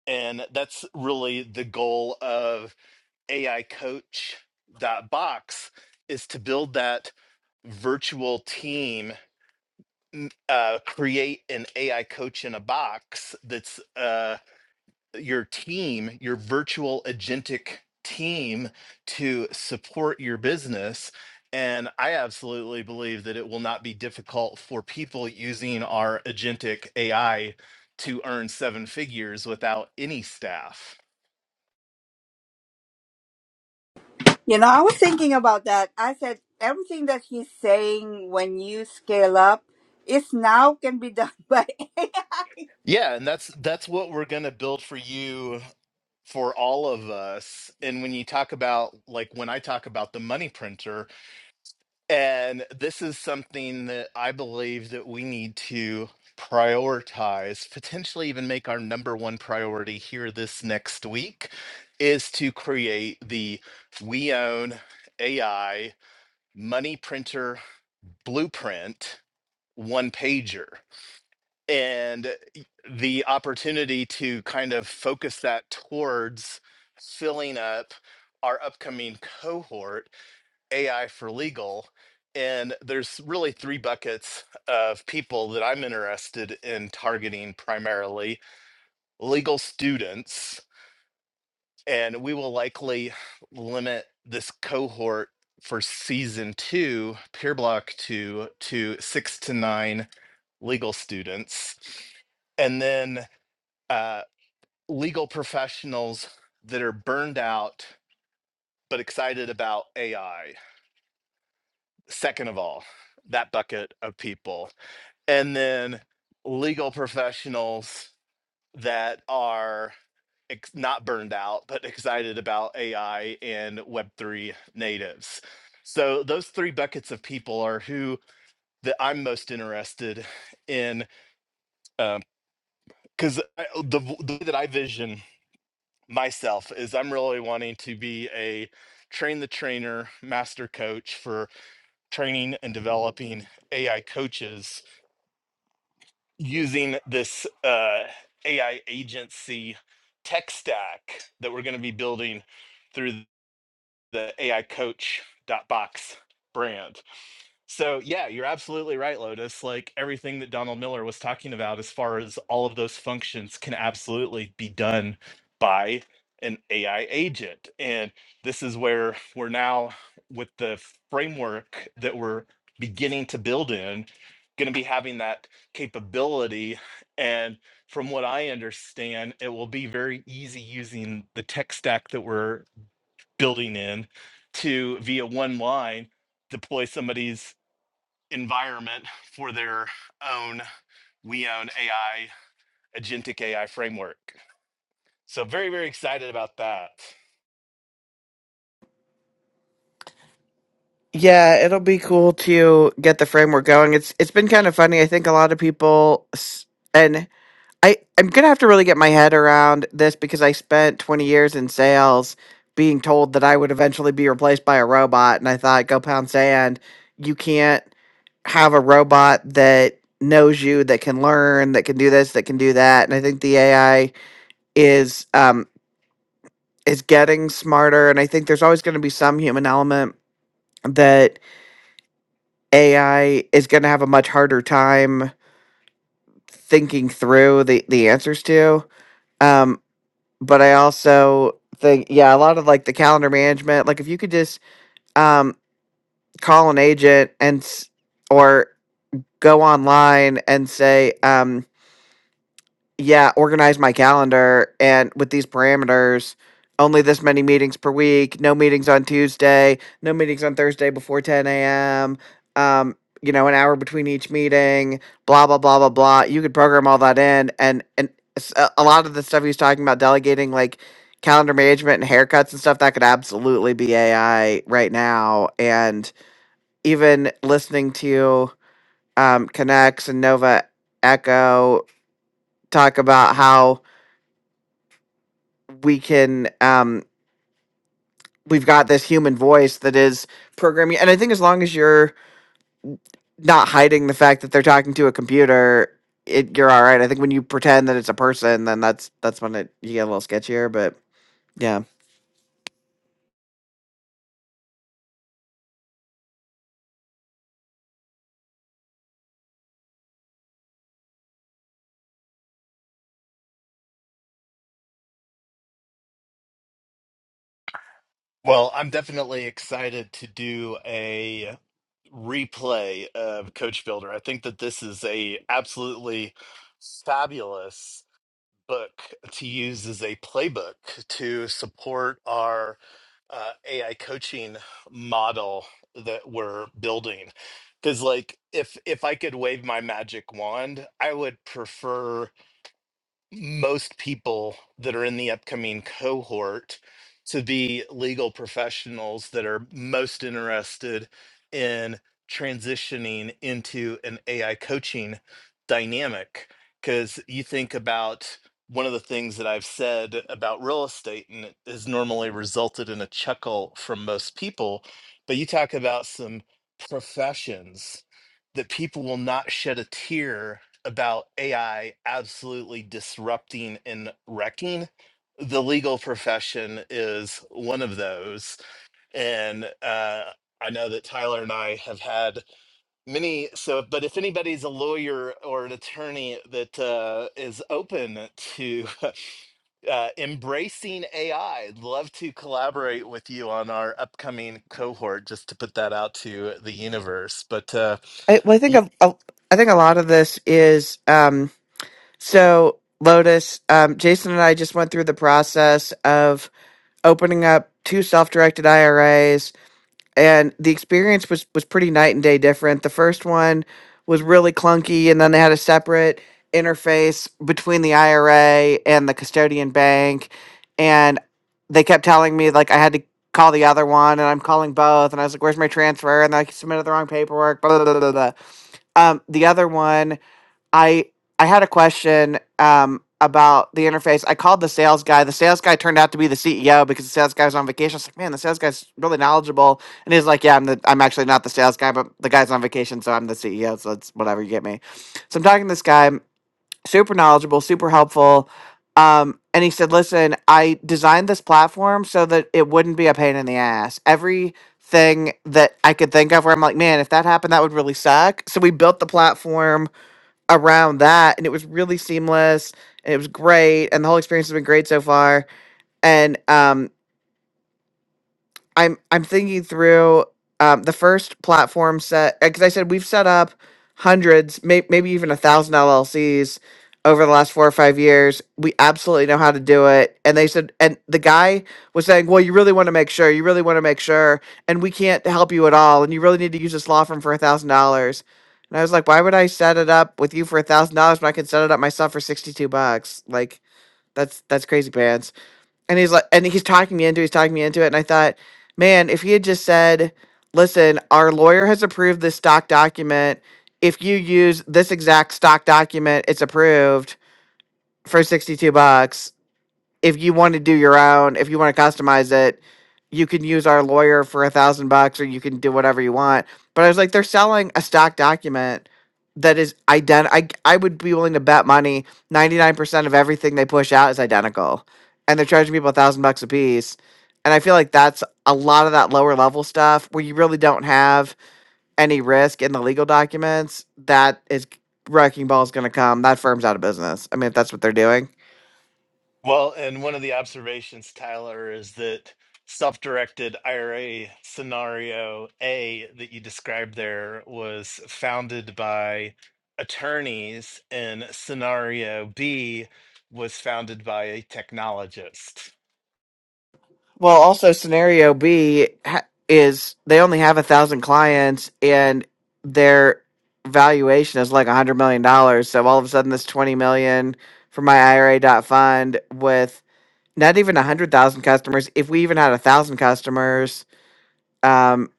And that's really the goal of AI Coach dot box is to build that virtual team, n- uh, create an AI coach in a box that's uh, your team, your virtual agentic team to support your business. And I absolutely believe that it will not be difficult for people using our agentic AI to earn seven figures without any staff.
You know, I was thinking about that. I said, everything that he's saying when you scale up, it's now can be done by
Yeah, and that's that's what we're going to build for you for all of us. And when you talk about like when I talk about the money printer, And this is something that I believe that we need to prioritize, potentially even make our number one priority here this next week is to create the We Own AI money printer blueprint one pager. And the opportunity to kind of focus that towards filling up our upcoming cohort AI for legal. And there's really three buckets of people that I'm interested in targeting primarily legal students. And we will likely limit this cohort for season two, peer block two, to six to nine legal students. And then uh, legal professionals that are burned out but excited about AI second of all, that bucket of people. And then legal professionals that are ex- not burned out, but excited about AI and Web3 natives. So those three buckets of people are who that I'm most interested in, because the, v- the way that I vision myself is I'm really wanting to be a train the trainer, master coach for training and developing AI coaches using this uh, AI agency tech stack that we're going to be building through the AI Coach dot Box brand. So yeah, you're absolutely right, Lotus. Like everything that Donald Miller was talking about, as far as all of those functions can absolutely be done by an AI agent. And this is where we're now with the framework that we're beginning to build in, going to be having that capability. And from what I understand, it will be very easy using the tech stack that we're building in to via one line deploy somebody's environment for their own we own AI, agentic AI framework. So very, very excited about that.
Yeah, it'll be cool to get the framework going. It's it's been kind of funny. I think a lot of people s- and I I'm going to have to really get my head around this because I spent 20 years in sales being told that I would eventually be replaced by a robot and I thought go pound sand. You can't have a robot that knows you, that can learn, that can do this, that can do that. And I think the AI is um, is getting smarter. And I think there's always going to be some human element that AI is going to have a much harder time thinking through the the answers to. Um, but I also think, yeah, a lot of like the calendar management, like if you could just um, call an agent and s- or go online and say, um, yeah, organize my calendar and with these parameters, only this many meetings per week, no meetings on Tuesday, no meetings on Thursday before 10 a.m., um, you know, an hour between each meeting, blah, blah, blah, blah, blah. You could program all that in. And, and s- a a lot of the stuff he was talking about delegating, like calendar management and haircuts and stuff, that could absolutely be AI right now. And even listening to um, Connects and Nova Echo talk about how we can um we've got this human voice that is programming and i think as long as you're not hiding the fact that they're talking to a computer it you're all right i think when you pretend that it's a person then that's that's when it you get a little sketchier but yeah
Well, I'm definitely excited to do a replay of Coach Builder. I think that this is a absolutely fabulous book to use as a playbook to support our uh, AI coaching model that we're building. Because like if if I could wave my magic wand, I would prefer most people that are in the upcoming cohort to be legal professionals that are most interested in transitioning into an AI coaching dynamic. Because you think about one of the things that I've said about real estate, and it has normally resulted in a chuckle from most people, but you talk about some professions that people will not shed a tear about AI absolutely disrupting and wrecking. The legal profession is one of those. And uh, I know that Tyler and I have had many. So, but if anybody's a lawyer or an attorney that uh, is open to uh, embracing AI, would love to collaborate with you on our upcoming cohort just to put that out to the universe. But uh,
I, well, I think a, a, I think a lot of this is um, so Lotus. Um, Jason and I just went through the process of opening up two self-directed IRAs and the experience was was pretty night and day different. The first one was really clunky and then they had a separate interface between the IRA and the custodian bank and they kept telling me like I had to call the other one and I'm calling both and I was like where's my transfer and I submitted the wrong paperwork blah blah blah blah. blah. Um the other one I I had a question um, about the interface. I called the sales guy. The sales guy turned out to be the CEO because the sales guy was on vacation. I was like, man, the sales guy's really knowledgeable. And he's like, yeah, I'm the I'm actually not the sales guy, but the guy's on vacation, so I'm the CEO. So it's whatever you get me. So I'm talking to this guy, super knowledgeable, super helpful. Um, and he said, listen, I designed this platform so that it wouldn't be a pain in the ass. Every thing that I could think of where I'm like, man, if that happened, that would really suck. So we built the platform around that and it was really seamless and it was great and the whole experience has been great so far and um I'm I'm thinking through um, the first platform set because I said we've set up hundreds, may, maybe even a thousand LLCs over the last four or five years. We absolutely know how to do it. And they said, and the guy was saying, well, you really want to make sure, you really want to make sure, and we can't help you at all, and you really need to use this law firm for a thousand dollars. And I was like, why would I set it up with you for a thousand dollars when I can set it up myself for sixty two bucks? Like that's that's crazy pants. And he's like, and he's talking me into, he's talking me into it. And I thought, man, if he had just said, listen, our lawyer has approved this stock document. If you use this exact stock document, it's approved for 62 bucks if you want to do your own, if you want to customize it, you can use our lawyer for a thousand bucks or you can do whatever you want. But I was like, they're selling a stock document that is identical. I, I would be willing to bet money 99% of everything they push out is identical. And they're charging people a thousand bucks a piece. And I feel like that's a lot of that lower level stuff where you really don't have any risk in the legal documents. That is wrecking ball is going to come. That firm's out of business. I mean, if that's what they're doing.
Well, and one of the observations, Tyler, is that self-directed IRA scenario A that you described there was founded by attorneys, and scenario B was founded by a technologist.
Well, also scenario B ha- is they only have a thousand clients and their valuation is like a hundred million dollars. So all of a sudden, this twenty million for my IRA dot fund with not even a hundred thousand customers. If we even had a thousand customers, um,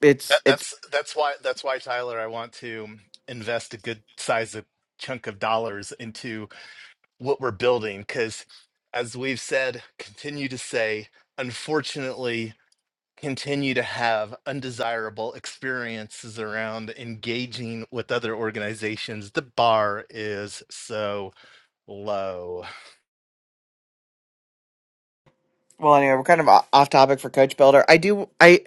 it's
That,
it's
that's that's why that's why Tyler, I want to invest a good size of chunk of dollars into what we're building because, as we've said, continue to say, unfortunately continue to have undesirable experiences around engaging with other organizations. The bar is so low.
well anyway we're kind of o- off topic for coach builder i do i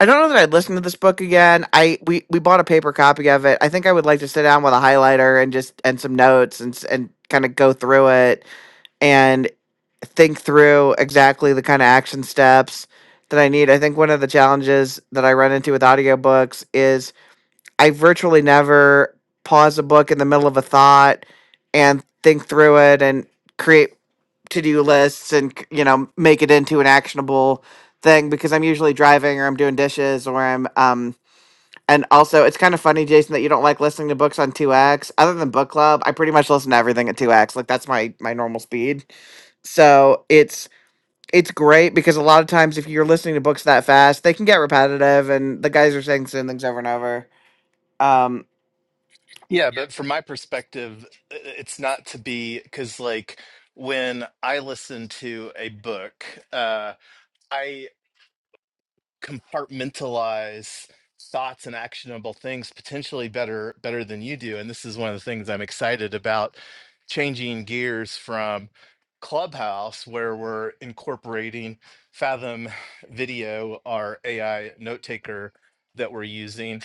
i don't know that i'd listen to this book again i we we bought a paper copy of it i think i would like to sit down with a highlighter and just and some notes and s- and kind of go through it and think through exactly the kind of action steps that i need i think one of the challenges that i run into with audiobooks is i virtually never pause a book in the middle of a thought and think through it and create to-do lists and c- you know make it into an actionable thing because I'm usually driving or I'm doing dishes or I'm um and also it's kind of funny Jason that you don't like listening to books on 2x other than book club I pretty much listen to everything at 2x like that's my my normal speed so it's it's great because a lot of times if you're listening to books that fast they can get repetitive and the guys are saying same things over and over um
Yeah, but from my perspective, i- it's not to be because, like, when I listen to a book, uh, I compartmentalize thoughts and actionable things potentially better better than you do and this is one of the things i'm excited about changing gears from clubhouse where we're incorporating fathom video our ai note taker that we're using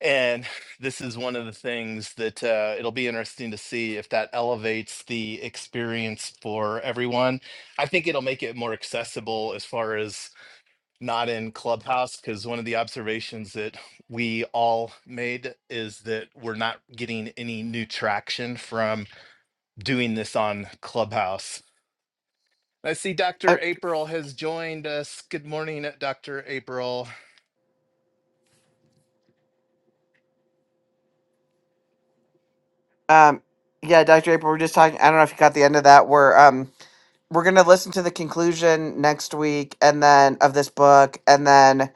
and this is one of the things that uh, it'll be interesting to see if that elevates the experience for everyone i think it'll make it more accessible as far as not in Clubhouse because one of the observations that we all made is that we're not getting any new traction from doing this on Clubhouse. I see
I,
Dr. April has joined us. Good morning, Dr. April.
um yeah Dr. April we're just talking I don't know if you caught the end of that where um we're gonna listen to the conclusion next week and then of this book and then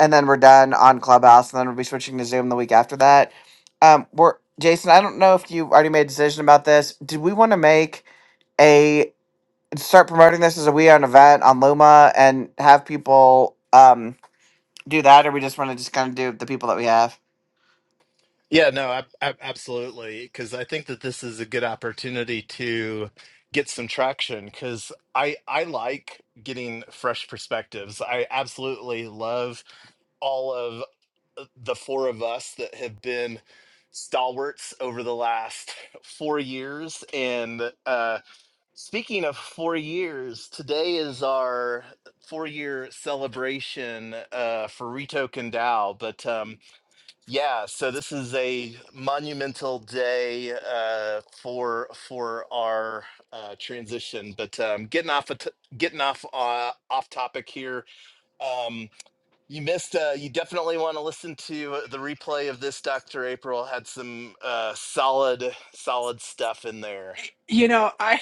and then we're done on clubhouse and then we'll be switching to zoom the week after that um we're jason i don't know if you already made a decision about this did we want to make a start promoting this as a we own event on luma and have people um do that or we just want to just kind of do the people that we have
Yeah, no, ab- ab- absolutely. Because I think that this is a good opportunity to get some traction. Because I I like getting fresh perspectives. I absolutely love all of uh, the four of us that have been stalwarts over the last four years. And uh, speaking of four years, today is our four year celebration uh, for Rito Kandau. But um, yeah, so this is a monumental day uh, for for our uh, transition. But um, getting off a t- getting off uh, off topic here, um, you missed. Uh, you definitely want to listen to the replay of this. Dr. April had some uh, solid solid stuff in there.
You know, I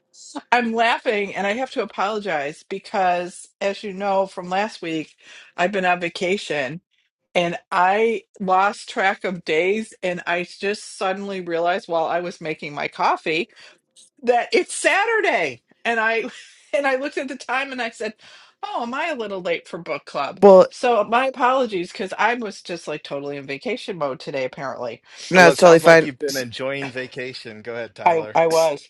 I'm laughing and I have to apologize because as you know from last week, I've been on vacation and I lost track of days and I just suddenly realized while I was making my coffee that it's Saturday. And I and I looked at the time and I said, "Oh, am I a little late for book club?"
well
So my apologies because I was just like totally in vacation mode today apparently.
no
Well,
it's
it
totally
sounds like
fine
you've been
S-
enjoying vacation. Go ahead,
I
Tyler.
I
s-
was.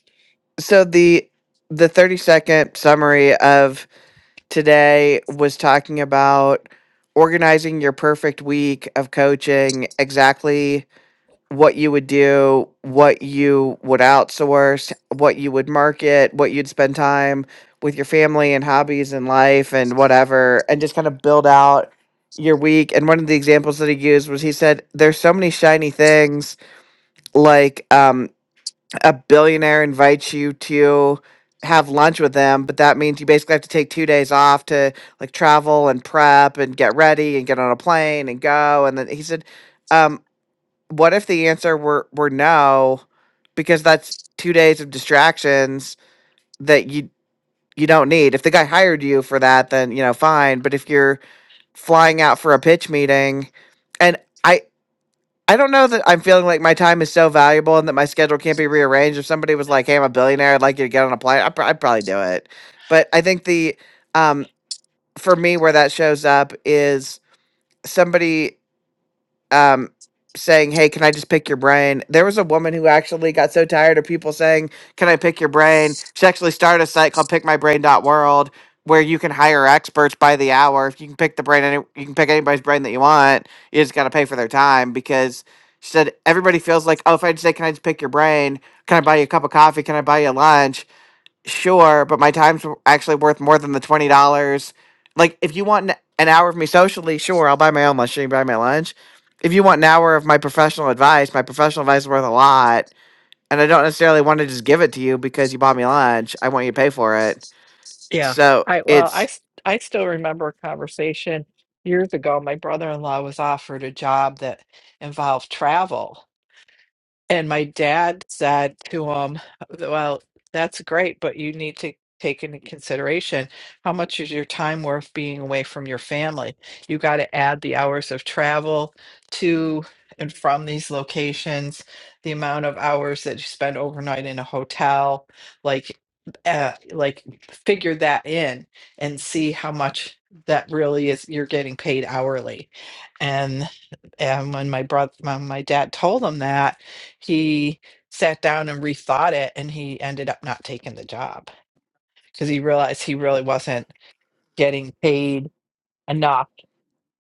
so the the 30 second summary of. today was talking about organizing your perfect week of coaching, exactly what you would do, what you would outsource, what you would market, what you'd spend time with your family and hobbies and life and whatever, and just kind of build out your week. And one of the examples that he used was he said, There's so many shiny things like um a billionaire invites you to have lunch with them, but that means you basically have to take two days off to like travel and prep and get ready and get on a plane and go. And then he said, um, what if the answer were, were no, because that's two days of distractions that you, you don't need. If the guy hired you for that, then, you know, fine. But if you're flying out for a pitch meeting and I, I don't know that I'm feeling like my time is so valuable and that my schedule can't be rearranged. If somebody was like, "Hey, I'm a billionaire. I'd like you to get on a plane," I'd, pr- I'd probably do it. But I think the um, for me, where that shows up is somebody um saying, "Hey, can I just pick your brain?" There was a woman who actually got so tired of people saying, "Can I pick your brain?" She actually started a site called Pick My Brain dot World, where you can hire experts by the hour. If you can pick the brain any you can pick anybody's brain that you want. You just got to pay for their time because she said everybody feels like, "Oh, if I just say, 'Can I just pick your brain?" "Can I buy you a cup of coffee? Can I buy you lunch?" sure, but my time's actually worth more than the twenty dollars. Like, if you want an, an hour of me socially, sure, I'll buy my own lunch. You can buy my lunch. If you want an hour of my professional advice, my professional advice is worth a lot, and I don't necessarily want to just give it to you because you bought me lunch. I want you to pay for it.
Yeah.
So
I well, I
it's
s- I still remember a conversation years ago. My brother-in-law was offered a job that involved travel, and my dad said to him, Well, that's great, but you need to take into consideration how much is your time worth being away from your family? You got to add the hours of travel to and from these locations, the amount of hours that you spend overnight in a hotel, like, uh, like figure that in and see how much that really is you're getting paid hourly. And and when my brother, when my dad told him that, he sat down and rethought it and he ended up not taking the job because he realized he really wasn't getting paid enough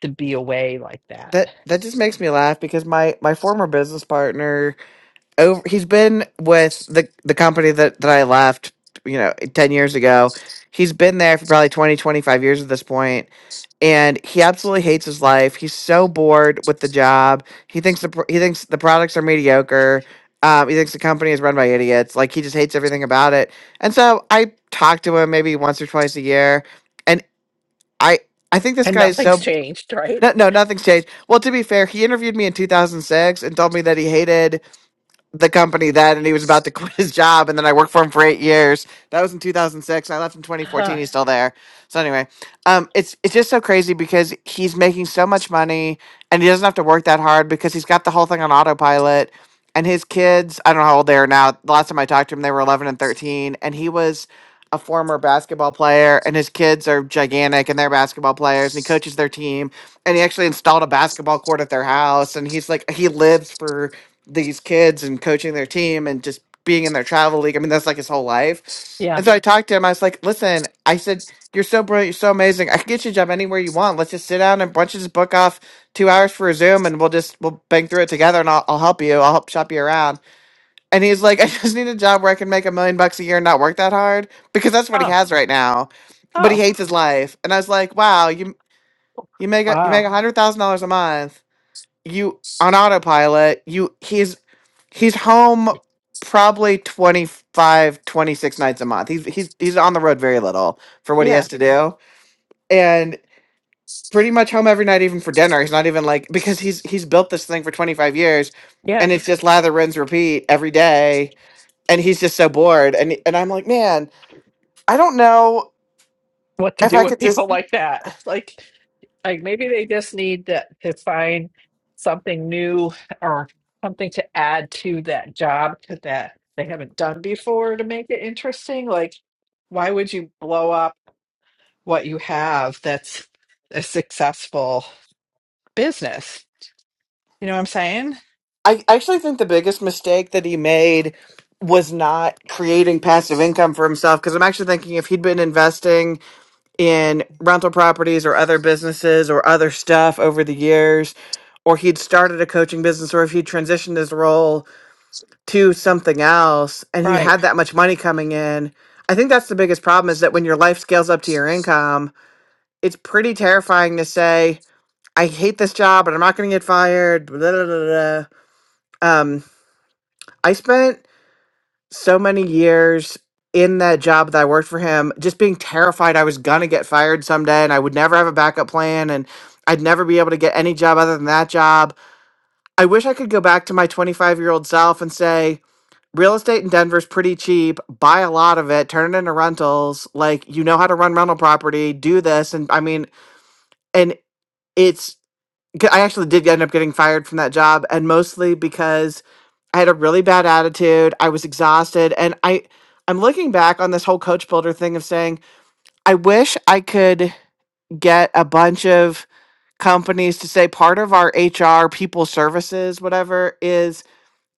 to be away like that.
that that just makes me laugh because my my former business partner over he's been with the the company that that I left you know 10 years ago he's been there for probably 20 25 years at this point and he absolutely hates his life. He's so bored with the job. He thinks the pro- he thinks the products are mediocre. Um, he thinks the company is run by idiots. Like he just hates everything about it. And so I talk to him maybe once or twice a year, and I I think this
And
guy is
nothing's
so
changed, right?
no no nothing's changed. Well, to be fair, he interviewed me in 2006 and told me that he hated the company then, and he was about to quit his job, and then I worked for him for eight years. That was in 2006. and I left in
huh
2014. He's still there. So anyway, um, it's it's just so crazy because he's making so much money, and he doesn't have to work that hard because he's got the whole thing on autopilot. And his kids, I don't know how old they are now. The last time I talked to him, they were 11 and 13, and he was a former basketball player, and his kids are gigantic, and they're basketball players, and he coaches their team, and he actually installed a basketball court at their house, and he's like, he lives for these kids and coaching their team and just being in their travel league. I mean, that's like his whole life.
Yeah.
And so I talked to him. I was like, listen, I said, you're so brilliant. You're so amazing. I can get you a job anywhere you want. Let's just sit down and bunch this book off two hours for a Zoom and we'll just, we'll bang through it together and I'll, I'll help you. I'll help shop you around. And he's like, I just need a job where I can make a million bucks a year and not work that hard because that's what he
Oh,
has right now. But he
oh,
hates his life. And I was like, wow, you, you make a, you
wow.
make a hundred thousand dollars a month. You on autopilot. You, he's he's home probably 25, 26 nights a month he's he's he's on the road very little for what he
Yeah.
has to do and pretty much home every night even for dinner he's not even like because he's he's built this thing for 25 years
Yeah.
and it's just lather rinse repeat every day and he's just so bored and and i'm like man i don't know
What to
if
do
i
with
could
people
just
like that? Like, like maybe they just need to, to find something new or something to add to that job to that they haven't done before to make it interesting. Like, why would you blow up? what you have that's a successful business. You know what I'm saying?
I actually think the biggest mistake that he made was not creating passive income for himself because i'm actually thinking if he'd been investing in rental properties or other businesses or other stuff over the years, or he'd started a coaching business, or if he transitioned his role to something else and he had
Right.
that much money coming in. I think that's the biggest problem is that when your life scales up to your income, it's pretty terrifying to say, I hate this job, but I'm not going to get fired. Blah, blah, blah, blah. Um, I spent so many years in that job that I worked for him, just being terrified I was gonna get fired someday and I would never have a backup plan and I'd never be able to get any job other than that job. I wish I could go back to my 25 year old self and say, real estate in Denver's pretty cheap, buy a lot of it, turn it into rentals. Like, you know how to run rental property, do this. And I mean, and it's g- I actually did end up getting fired from that job, and mostly because I had a really bad attitude. I was exhausted, and I I'm looking back on this whole coach builder thing of saying I wish I could get a bunch of companies to say part of our HR people services whatever is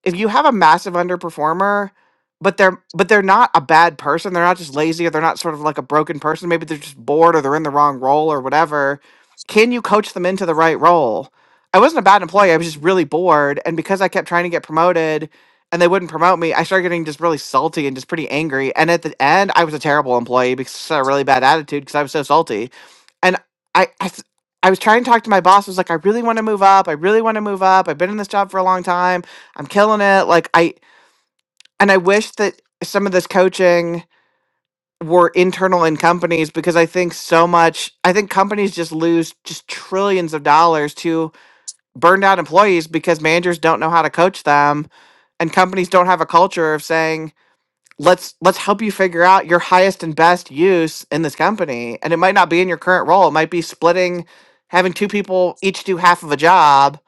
if you have a massive underperformer but they're but they're not a bad person they're not just lazy or they're not sort of like a broken person maybe they're just bored or they're in the wrong role or whatever can you coach them into the right role i wasn't a bad employee i was just really bored and because i kept trying to get promoted and they wouldn't promote me i started getting just really salty and just pretty angry and at the end i was a terrible employee because i had a really bad attitude because i was so salty and I, I, th- I was trying to talk to my boss. I was like, I really want to move up. I really want to move up. I've been in this job for a long time. I'm killing it. Like I, and I wish that some of this coaching were internal in companies because I think so much. I think companies just lose just trillions of dollars to burned out employees because managers don't know how to coach them, and companies don't have a culture of saying let's let's help you figure out your highest and best use in this company and it might not be in your current role it might be splitting having two people each do half of a job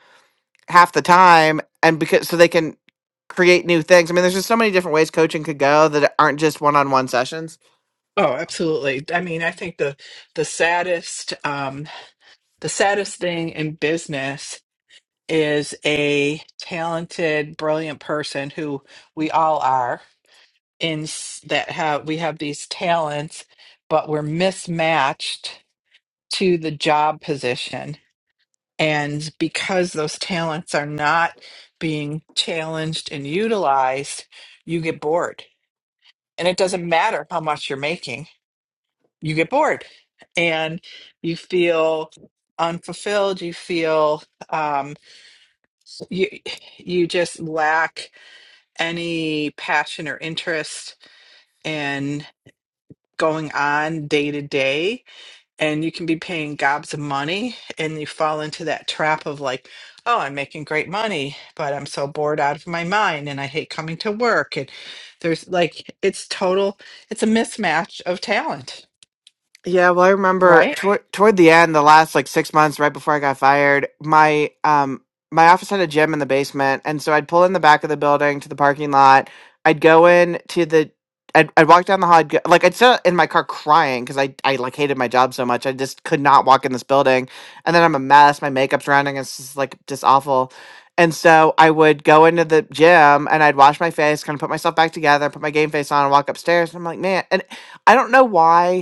half the time and because so they can create new things i mean there's just so many different ways coaching could go that aren't just one-on-one sessions
Oh, absolutely. I mean, I think the the saddest um the saddest thing in business is a talented, brilliant person who we all are in s- that have we have these talents but we're mismatched to the job position And because those talents are not being challenged and utilized, you get bored. And it doesn't matter how much you're making, you get bored and you feel unfulfilled. You feel um, you, you just lack any passion or interest in going on day to day and you can be paying gobs of money and you fall into that trap of like oh i'm making great money but i'm so bored out of my mind and i hate coming to work and there's like it's total it's a mismatch of talent
Yeah, well, I remember
right
toward toward the end, the last like six months, right before I got fired, my um my office had a gym in the basement, and so I'd pull in the back of the building to the parking lot. I'd go in to the, I'd, I'd walk down the hall, I'd go, like I'd sit in my car crying because I I like hated my job so much, I just could not walk in this building, and then I'm a mess, my makeup's running, it's just like just awful. And so I would go into the gym and I'd wash my face, kind of put myself back together, put my game face on, and walk upstairs. And I'm like, man, and I don't know why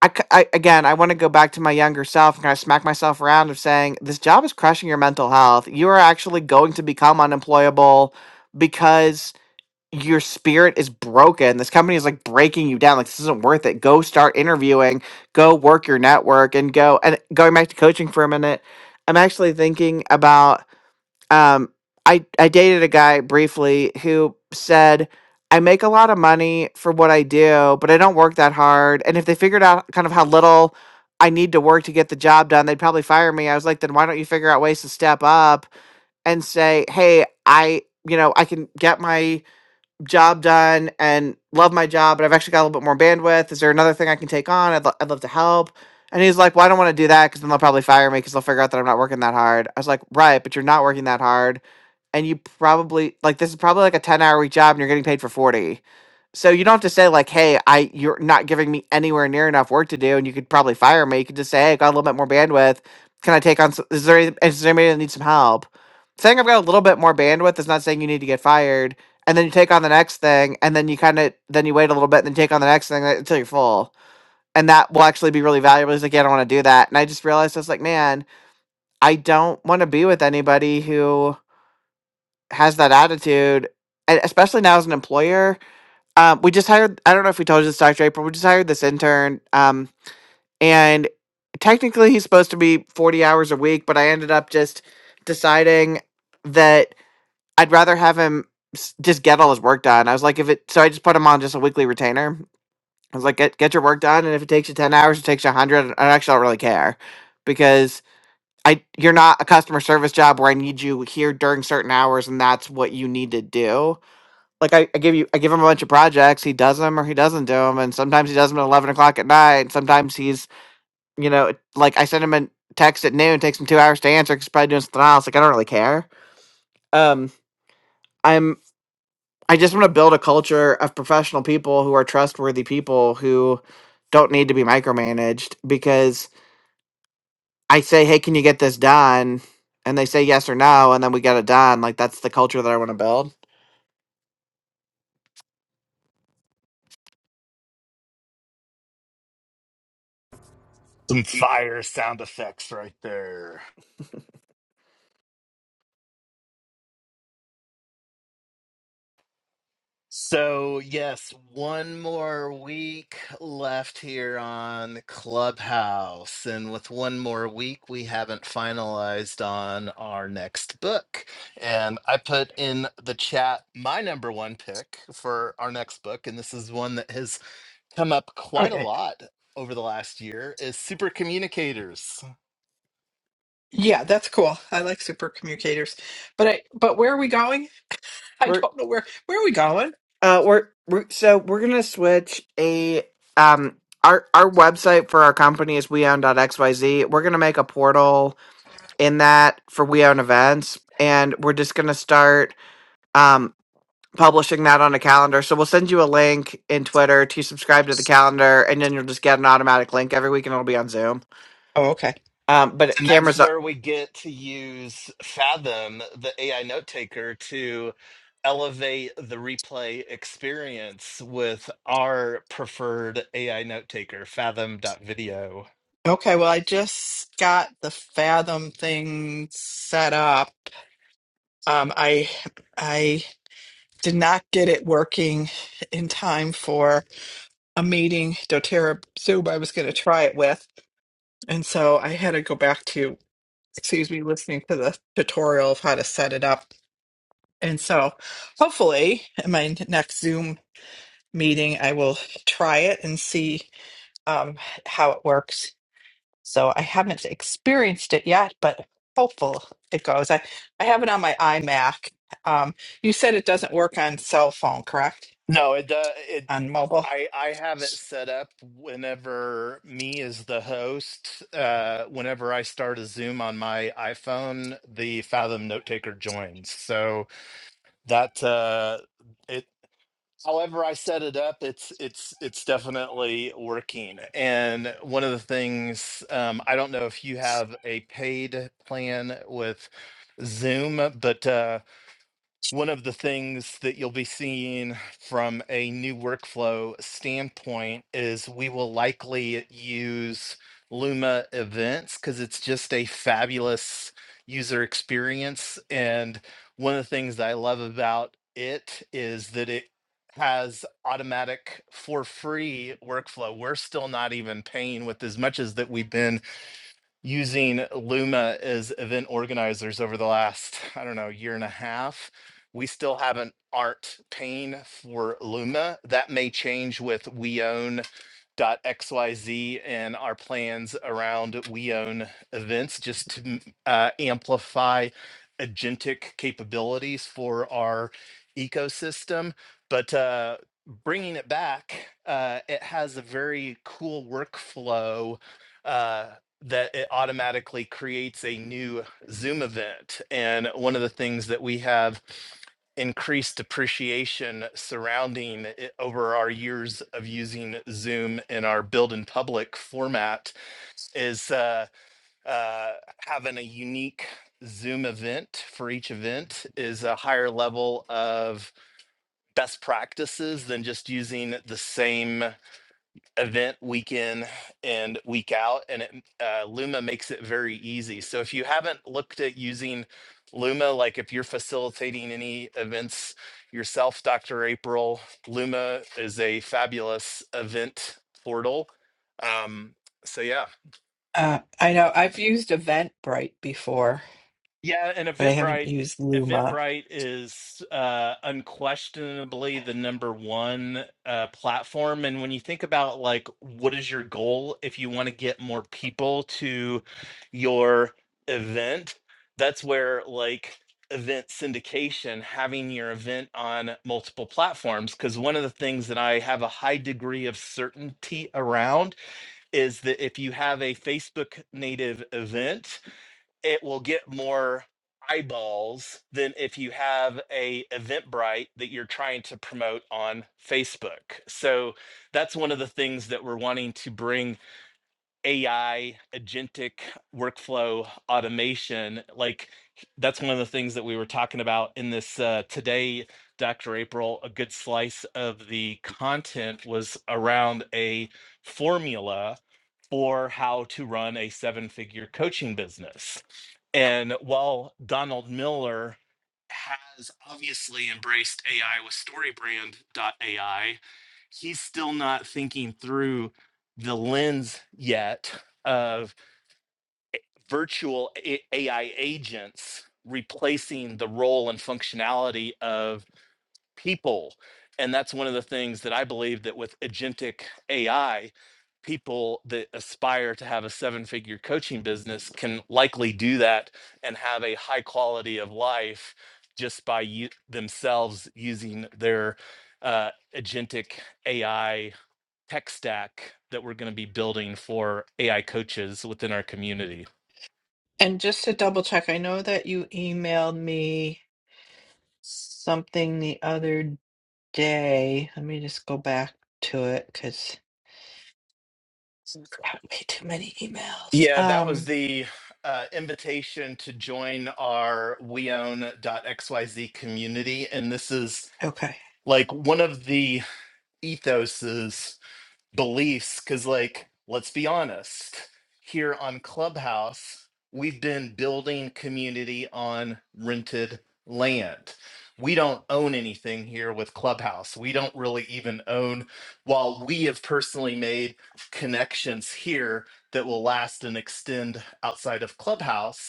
I, c- I- again, I want to go back to my younger self and kind of smack myself around of saying this job is crushing your mental health. You are actually going to become unemployable because your spirit is broken. This company is like breaking you down. Like this isn't worth it. Go start interviewing. Go work your network and go and going back to coaching for a minute. I'm actually thinking about um i i dated a guy briefly who said i make a lot of money for what i do but i don't work that hard and if they figured out kind of how little i need to work to get the job done they'd probably fire me i was like then why don't you figure out ways to step up and say hey i you know i can get my job done and love my job but i've actually got a little bit more bandwidth is there another thing i can take on i'd, lo- I'd love to help and he's like well i don't want to do that because then they'll probably fire me because they'll figure out that i'm not working that hard i was like right but you're not working that hard and you probably like this is probably like a 10 hour week job and you're getting paid for 40 so you don't have to say like hey i you're not giving me anywhere near enough work to do and you could probably fire me you could just say hey i got a little bit more bandwidth can i take on s- is there any- is there anybody that needs some help saying i've got a little bit more bandwidth is not saying you need to get fired and then you take on the next thing and then you kind of then you wait a little bit and then take on the next thing uh, until you're full and that will actually be really valuable he's like yeah i don't want to do that and i just realized i was like man i don't want to be with anybody who has that attitude, and especially now as an employer. Um, we just hired, I don't know if we told you this, Dr. April, we just hired this intern. Um, and technically he's supposed to be 40 hours a week, but I ended up just deciding that I'd rather have him s- just get all his work done. I was like, if it, so I just put him on just a weekly retainer. I was like, get, get your work done. And if it takes you 10 hours, it takes you 100. I actually don't really care because I, you're not a customer service job where I need you here during certain hours and that's what you need to do like I, I give you I give him a bunch of projects. He does them or he doesn't do them, and sometimes he does them at eleven o'clock at night. And sometimes he's you know like I send him a text at noon. Takes him two hours to answer. 'cause he's probably doing something else. Like I don't really care. Um, I'm I just want to build a culture of professional people who are trustworthy people who don't need to be micromanaged because I say, hey, can you get this done? And they say yes or no, and then we get it done. Like that's the culture that I want to build.
Some fire sound effects right there. So, yes, one more week left here on Clubhouse. And with one more week, we haven't finalized on our next book. And I put in the chat my number one pick for our next book. And this is one that has come up
oh
quite a
yeah
lot over the last year is super communicators
Yeah, that's cool i like super communicators but i but where are we going i
We're.
don't know where where are we going
Uh, we're, we're so we're gonna switch a um our our website for our company is weown.xyz. We're gonna make a portal in that for weown events, and we're just gonna start um publishing that on a calendar. So we'll send you a link in Twitter to subscribe to the calendar, and then you'll just get an automatic link every week, and it'll be on Zoom.
oh okay
Um, but
And that's
cameras.
where we get to use Fathom, the AI note taker, to elevate the replay experience with our preferred AI note taker, Fathom.video.
okay well i just got the fathom thing set up um i i did not get it working in time for a meeting doTERRA Zoom I was going to try it with. And so I had to go back to, excuse me, listening to the tutorial of how to set it up. And so hopefully in my next Zoom meeting, I will try it and see um, how it works. So I haven't experienced it yet, but hopeful it goes. I, I have it on my iMac. Um, you said it doesn't work on cell phone, correct?
No, it does. It,
On mobile?
I, I have it set up whenever me as the host, uh, whenever I start a Zoom on my iPhone, the Fathom note taker joins. So that uh, however I set it up, it's it's it's definitely working. And one of the things um, I don't know if you have a paid plan with Zoom, but uh, one of the things that you'll be seeing from a new workflow standpoint is we will likely use Luma events because it's just a fabulous user experience. And one of the things that I love about it is that it has automatic for free workflow. We're still not even paying with as much as that we've been using Luma as event organizers over the last, I don't know, year and a half. We still haven't aren't paying for Luma. That may change with We xyz and our plans around WeOwn events just to m- uh, amplify agentic capabilities for our ecosystem but uh, bringing it back uh, it has a very cool workflow uh, that it automatically creates a new Zoom event. And one of the things that we have increased depreciation surrounding it over our years of using Zoom in our build in public format is uh, uh, having a unique Zoom event for each event is a higher level of best practices than just using the same event week in and week out and it, uh, luma makes it very easy so if you haven't looked at using luma like if you're facilitating any events yourself dr april luma is a fabulous event portal um, so yeah
Uh, I know I've used Eventbrite before,
Yeah, and
but I haven't
Eventbrite,
used Luma.
Eventbrite is uh, unquestionably the number one uh, platform. And when you think about like what is your goal if you want to get more people to your event, that's where like event syndication, having your event on multiple platforms. Because one of the things that I have a high degree of certainty around is that if you have a Facebook native event it will get more eyeballs than if you have a Eventbrite that you're trying to promote on Facebook. So that's one of the things that we're wanting to bring AI agentic workflow automation like that's one of the things that we were talking about in this uh, today Dr. April a good slice of the content was around a formula for how to run a seven figure coaching business. And while Donald Miller has obviously embraced AI with Storybrand AI, he's still not thinking through the lens yet of virtual AI agents replacing the role and functionality of people. And that's one of the things that I believe that with agentic AI, people that aspire to have a seven figure coaching business can likely do that and have a high quality of life just by u- themselves using their uh, agentic AI tech stack that we're going to be building for AI coaches within our community.
And just to double check, I know that you emailed me something the other day. Let me just go back to it because I've got way too many emails.
Yeah, that was
Um,
the uh, invitation to join our weown.xyz community. And this is
okay,
like one of the ethoses beliefs because like let's be honest here on clubhouse we've been building community on rented land we don't own anything here with clubhouse we don't really even own while we have personally made connections here that will last and extend outside of clubhouse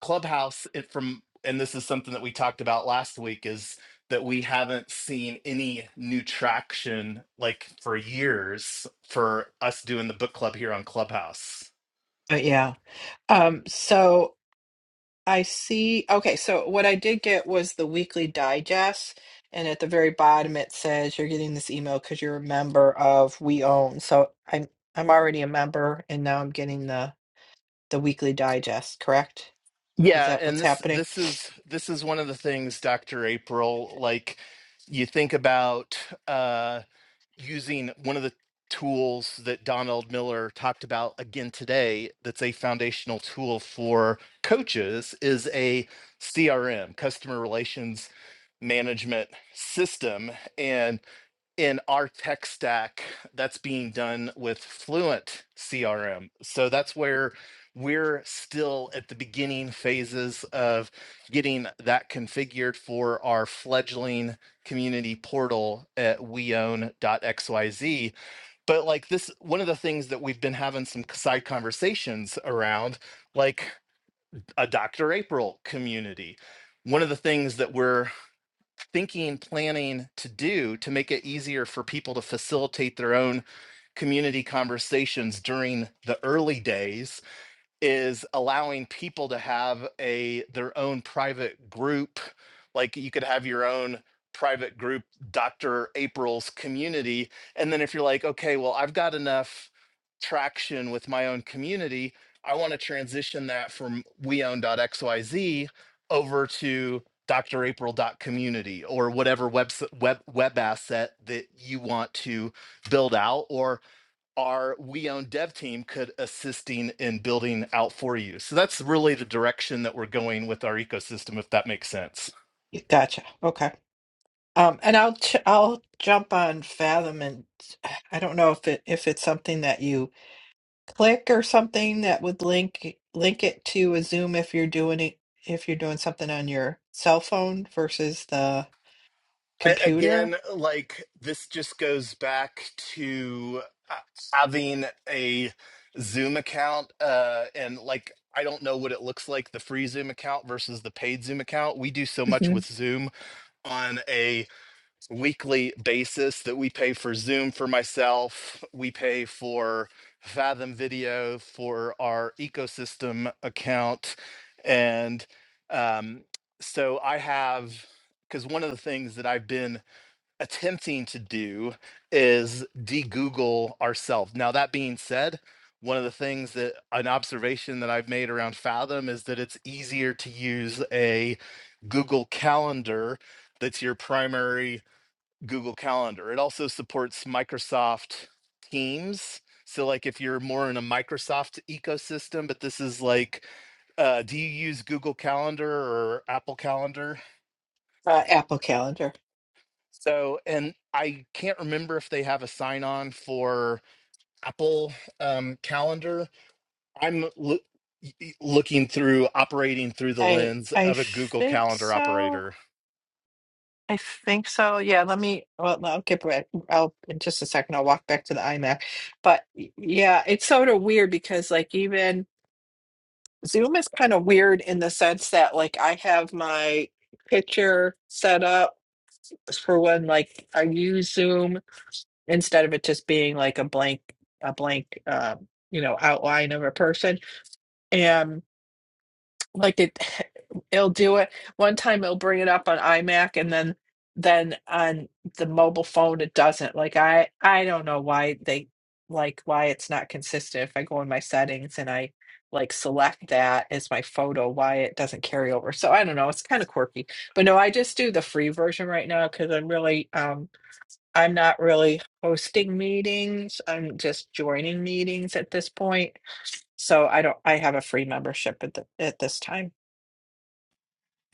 Clubhouse it from and this is something that we talked about last week is that we haven't seen any new traction like for years for us doing the book club here on Clubhouse.
but yeah. Um, so I see. Okay, so what I did get was the weekly digest, and at the very bottom it says you're getting this email because you're a member of We Own. So I'm I'm already a member, and now I'm getting the the weekly digest. Correct? Is
Yeah,
that what's
and this
happening?
this is this is one of the things Dr. April like you think about using one of the tools that Donald Miller talked about again today that's a foundational tool for coaches is a CRM, customer relations management system. And in our tech stack that's being done with Fluent CRM. So that's where we're still at the beginning phases of getting that configured for our fledgling community portal at weown.xyz. But like this, one of the things that we've been having some side conversations around, like a Dr. April community. One of the things that we're thinking, planning to do to make it easier for people to facilitate their own community conversations during the early days is allowing people to have a their own private group like you could have your own private group dr april's community and then if you're like okay well i've got enough traction with my own community i want to transition that from weown.xyz over to drapril.community or whatever web, web web asset that you want to build out or our we own dev team could assisting in building out for you. So that's really the direction that we're going with our ecosystem, if that makes sense.
Y- Gotcha. Okay. Um, and I'll ch I'll jump on Fathom, and I don't know if it if it's something that you click or something that would link link it to a Zoom if you're doing it if you're doing something on your cell phone versus the
I,
computer
again, like this just goes back to uh, having a Zoom account, uh, and like I don't know what it looks like the free Zoom account versus the paid Zoom account. We do so much
Mhm.
with Zoom on a weekly basis that we pay for Zoom for myself. We pay for Fathom Video for our ecosystem account. And um, so I have, because one of the things that I've been attempting to do is de Google ourselves. Now, that being said, one of the things that an observation that I've made around Fathom is that it's easier to use a Google Calendar that's your primary Google Calendar. It also supports Microsoft Teams. So, like, if you're more in a Microsoft ecosystem, but this is like, uh, do you use Google Calendar or Apple Calendar?
uh, Apple Calendar.
So, and I can't remember if they have a sign on for Apple um, Calendar. I'm loo- y- y- looking through operating through the
I
lens
I
of a Google
think
Calendar
so.
operator.
I think so. Yeah, let me. Well, I'll get back. I'll in just a second. I'll walk back to the iMac. But y- yeah, it's sort of weird because like even Zoom is kind of weird in the sense that like I have my picture set up for when like I use Zoom instead of it just being like a blank a blank um, you know outline of a person and like it it'll do it one time it'll bring it up on iMac and then then on the mobile phone it doesn't like I I don't know why they like why it's not consistent if I go in my settings and I like select that as my photo why it doesn't carry over so I don't know it's kind of quirky but no I just do the free version right now because I'm really um I'm not really hosting meetings. I'm just joining meetings at this point. So I don't, I have a free membership at the, at this time.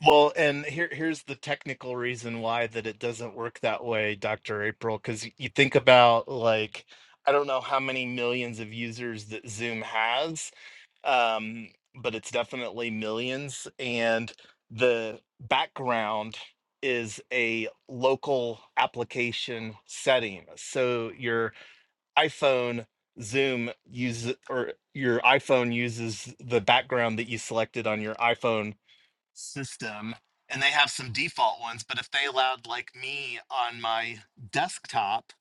Well, and here here's the technical reason why that it doesn't work that way, Dr. April, because you think about like I don't know how many millions of users that Zoom has, um, but it's definitely millions, and the background is a local application setting. So your iPhone Zoom uses or your iPhone uses the background that you selected on your iPhone system and they have some default ones but if they allowed like me on my desktop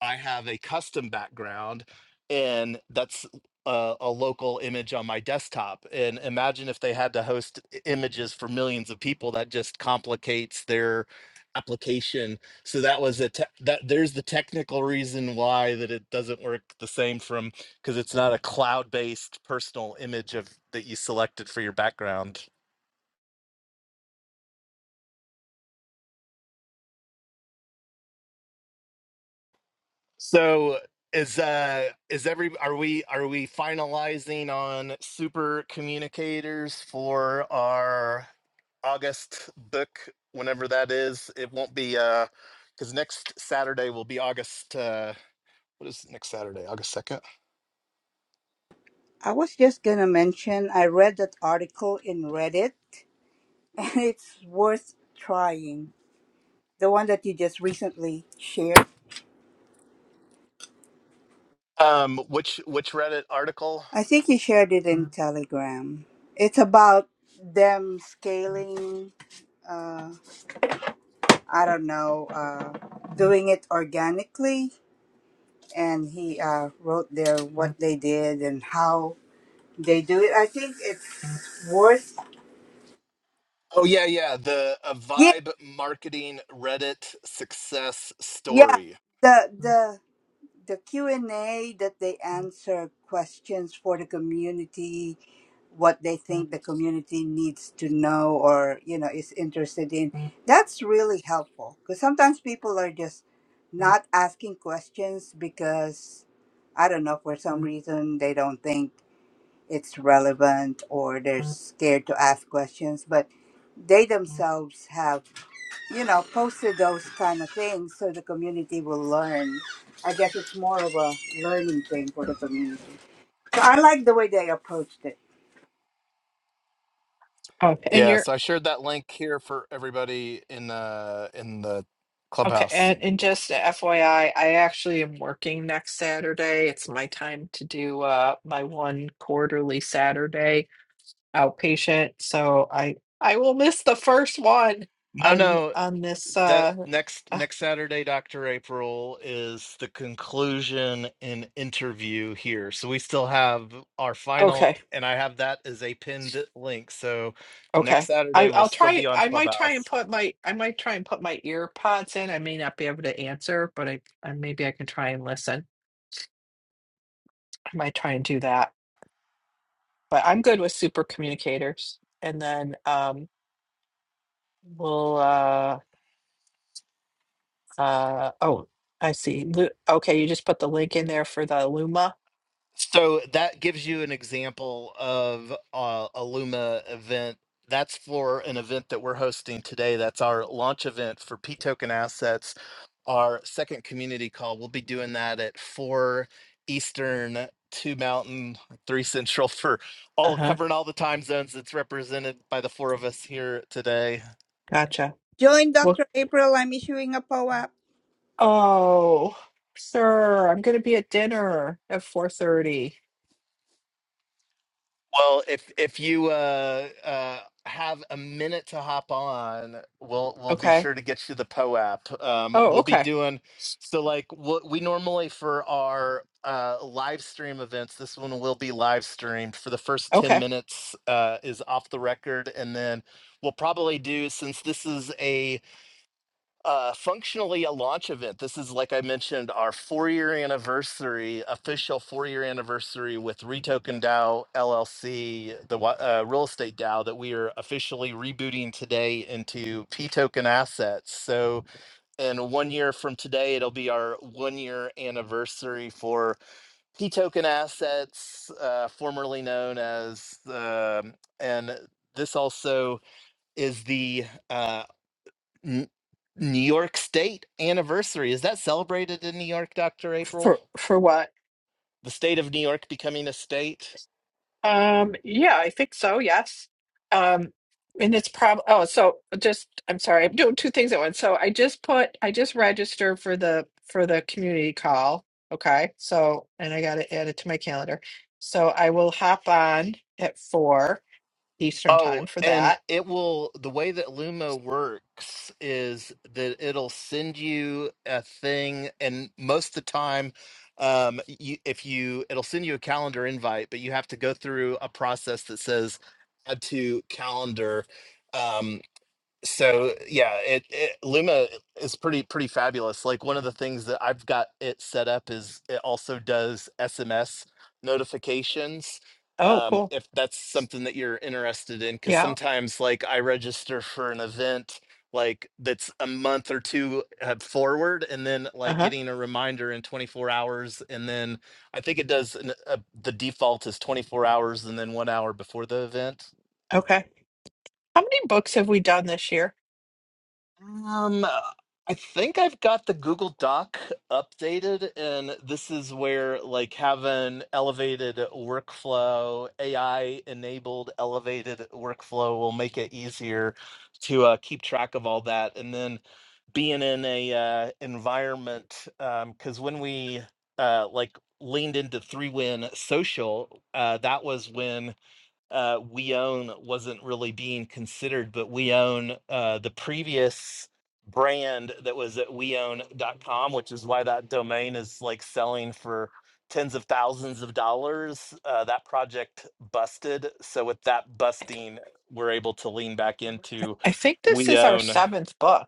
i have a custom background and that's a, a local image on my desktop and imagine if they had to host i- images for millions of people that just complicates their application so that was a te- that there's the technical reason why that it doesn't work the same from because it's not a cloud-based personal image of that you selected for your background So is uh is every are we are we finalizing on super communicators for our August book whenever that is? It won't be uh because next Saturday will be August uh what is next Saturday? August second.
I was just gonna mention I read that article in Reddit and it's worth trying. The one that you just recently shared.
Um which which Reddit article?
I think you shared it in Telegram. It's about them scaling uh I don't know, uh doing it organically and he uh wrote there what they did and how they do it. I think it's worth
Oh yeah, yeah. The a
yeah,
vibe marketing Reddit success
yeah.
story.
The the the q&a that they answer questions for the community what they think the community needs to know or you know is interested in that's really helpful because sometimes people are just not asking questions because i don't know for some reason they don't think it's relevant or they're scared to ask questions but they themselves have you know, posted those kind of things so the community will learn. I guess it's more of a learning thing for the community. So I like the way they approached it.
Oh, and
Yeah,
you're,
so I shared that link here for everybody in uh in the
okay.
clubhouse.
And, and just FYI, I I actually am working next Saturday. It's my time to do, uh, my one quarterly Saturday outpatient. So I, I will miss the first one
No,
on,
no.
on this,
That
uh,
next
uh,
next Saturday, Dr. April, is the conclusion and interview here. So we still have our
okay.
final, and I have that as a pinned link. So next
Okay. I,
Saturday we'll
I'll
still
try.
be on
I might try and
Clubhouse.
put my I might try and put my ear pods in. I may not be able to answer, but I, I maybe I can try and listen. I might try and do that. But I'm good with super communicators. And then um we'll Uh, Uh, oh, I see. Lu- Okay, you just put the link in there for the Luma.
So that gives you an example of uh, a Luma event. That's for an event that we're hosting today. That's our launch event for P token assets our second community call. We'll be doing that at four Eastern, two Mountain, three Central for all
Uh-huh.
covering all the time zones that's represented by the four of us here today.
Gotcha.
Join
Well,
Dr. April. I'm issuing a POAP.
oh, sir, I'm gonna be at dinner at 4:30.
Well, if if you uh, uh, have a minute to hop on, we'll we'll be
Okay.
sure to get you the PO app. Um,
Oh,
we'll be
okay.
doing so like what we normally for our uh, live stream events. This one will be live streamed for the first ten
Okay.
minutes uh, is off the record, and then we'll probably do since this is a uh, functionally a launch event. This is, like I mentioned, our four year anniversary, official four year anniversary with Retoken DAO LLC, the wa- uh, real estate DAO that we are officially rebooting today into P token assets. So, in one year from today, it'll be our one year anniversary for P token assets, uh, formerly known as, um, and this also is the uh, New York State anniversary. Is that celebrated in New York, Dr. April?
For for what?
The state of New York becoming a state?
Um, yeah, I think so. Yes. Um, and it's prob oh, so just I'm sorry, I'm doing two things at once. So I just put I just registered for the for the community call. Okay. So and I got to add it to my calendar. So I will hop on at four Eastern time
Oh,
for
and
that.
it will, the way that Luma works is that it'll send you a thing, and most of the time, um, you, if you, it'll send you a calendar invite, but you have to go through a process that says add to calendar. um. so yeah it, it luma is pretty pretty fabulous like one of the things that i've got it set up is it also does sms notifications
Oh,
um
cool.
if that's something that you're interested in because
Yeah.
sometimes like i register for an event like that's a month or two uh, forward and then like
Uh-huh.
getting a reminder in 24 hours and then i think it does an, uh, the default is 24 hours and then one hour before the event
Okay. How many books have we done this year?
Um, I think I've got the Google Doc updated, and this is where like having elevated workflow, AI enabled elevated workflow will make it easier to uh, keep track of all that. And then being in a uh, environment, um, because when we uh, like leaned into three win social, uh, that was when uh, we own wasn't really being considered, but we own uh, the previous brand that was at weown.com, which is why that domain is like selling for tens of thousands of dollars. Uh, that project busted. So with that
I, th
busting, we're able to lean back into
I think this
we
is our
own.
seventh book.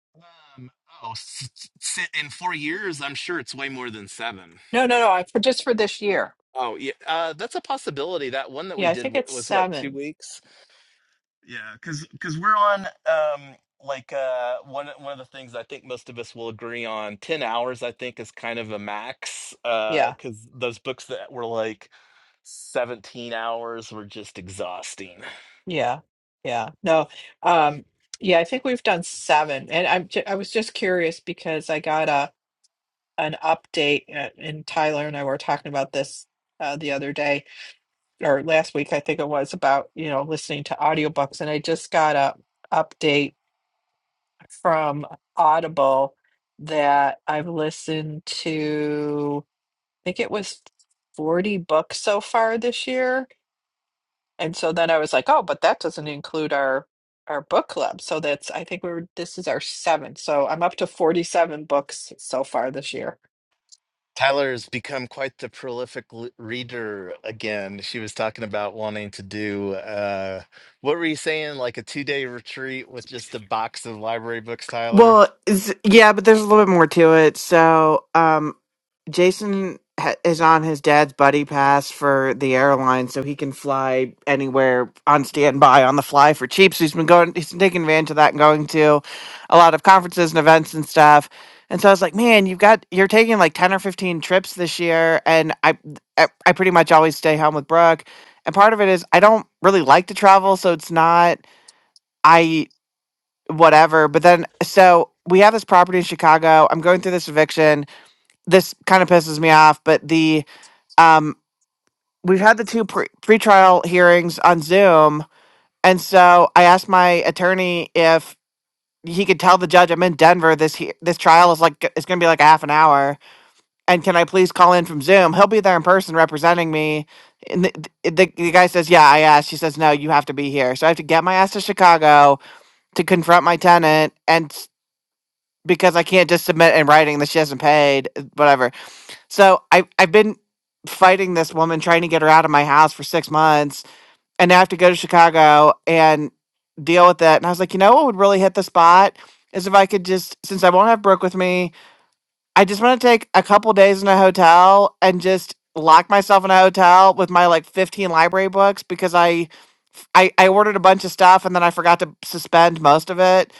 Um, oh, s- s- s- in four years, I'm sure it's way more than seven.
No, no, no. I for just for this year.
Oh, yeah. Uh, that's a possibility. That one that we
Yeah, I
did
think
wa-
it's
was what, two
seven.
weeks? Yeah, because because we're on um like uh one one of the things I think most of us will agree on, 10 hours I think is kind of a max uh
Yeah.
because those books that were like 17 hours were just exhausting.
Yeah, yeah. No, um, yeah, I think we've done seven, and I'm ju- I was just curious because I got a an update, uh, and Tyler and I were talking about this uh, the other day or last week, I think it was about, you know, listening to audiobooks, and I just got a update from Audible that I've listened to, I think it was 40 books so far this year And so then I was like, oh, but that doesn't include our our book club. So that's I think we we're this is our seventh. So I'm up to 47 books so far this year.
Tyler has become quite the prolific l reader again. She was talking about wanting to do uh what were you saying, like a two-day retreat with just a box of library books, Tyler?
Well, it's, yeah, but there's a little bit more to it. So, um, Jason ha- is on his dad's buddy pass for the airline, so he can fly anywhere on standby on the fly for cheap. So he's been going, he's been taking advantage of that and going to a lot of conferences and events and stuff. And so I was like, man, you've got you're taking like ten or fifteen trips this year, and I I, I pretty much always stay home with Brooke. And part of it is I don't really like to travel, so it's not I whatever. But then so we have this property in Chicago. I'm going through this eviction this kind of pisses me off, but the um, we've had the two pre- pretrial hearings on Zoom, and so I asked my attorney if he could tell the judge I'm in Denver. This he- this trial is like it's going to be like a half an hour, and can I please call in from Zoom? He'll be there in person representing me. And the, the, the guy says, "Yeah, I asked." She says, "No, you have to be here." So I have to get my ass to Chicago to confront my tenant, and s- because I can't just submit in writing that she hasn't paid, uh, whatever. So I I've been fighting this woman, trying to get her out of my house for six months and I have to go to Chicago and deal with that. And I was like, you know what would really hit the spot is if I could just, since I won't have Brooke with me, I just want to take a couple days in a hotel and just lock myself in a hotel with my like 15 library books because I I, I ordered a bunch of stuff and then I forgot to suspend most of it.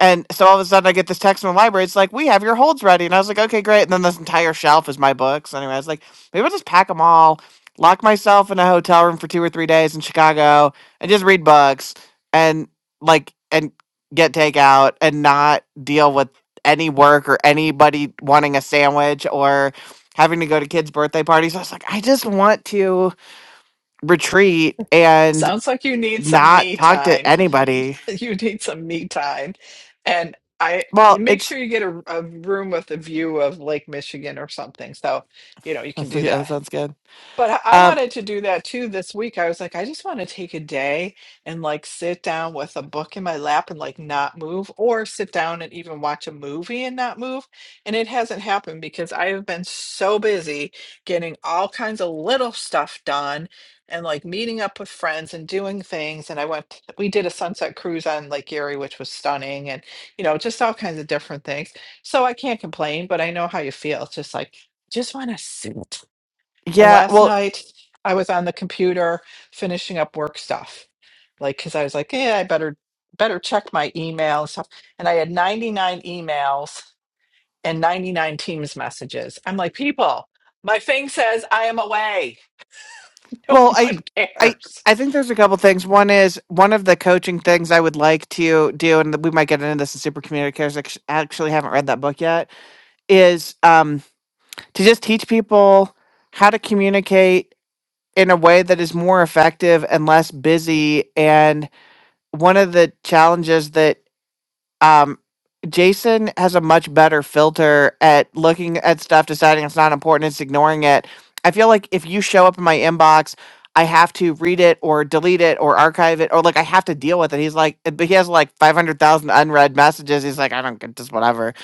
And so all of a sudden I get this text from the library. It's like, we have your holds ready. And I was like, okay, great. And then this entire shelf is my books. Anyway, I was like, maybe I'll just pack them all, lock myself in a hotel room for two or three days in Chicago and just read books and like, and get takeout and not deal with any work or anybody wanting a sandwich or having to go to kids' birthday parties. I was like, I just want to retreat and
Sounds like you need some
not
me
talk to
time.
anybody.
You need some me time. And I you
Well,
make
it's
sure you get a, a room with a view of Lake Michigan or something. So, you know, you can do
yeah,
that.
that sounds good.
But I I
Um,
wanted to do that too this week. I was like, I just want to take a day and like sit down with a book in my lap and like not move, or sit down and even watch a movie and not move. And it hasn't happened because I have been so busy getting all kinds of little stuff done and like meeting up with friends and doing things. And I went, we did a sunset cruise on Lake Erie, which was stunning and, you know, just all kinds of different things. So I can't complain, but I know how you feel. It's just like, just want to sit. And
yeah,
last
well,
night I was on the computer finishing up work stuff. Like cuz I was like, "Yeah, I better better check my email and stuff." And I had 99 emails and 99 Teams messages. I'm like, "People, my thing says I am away. No
well, I,
one
I,
cares."
I think there's a couple things. One is one of the coaching things I would like to do, and we might get into this in Super Communicators. I actu- actually haven't read that book yet. Is um to just teach people how to communicate in a way that is more effective and less busy. And one of the challenges that um Jason has a much better filter at looking at stuff, deciding it's not important, it's ignoring it. I feel like if you show up in my inbox, I have to read it or delete it or archive it or like I have to deal with it. He's like, but he has like 500,000 unread messages. He's like, I don't get this, whatever.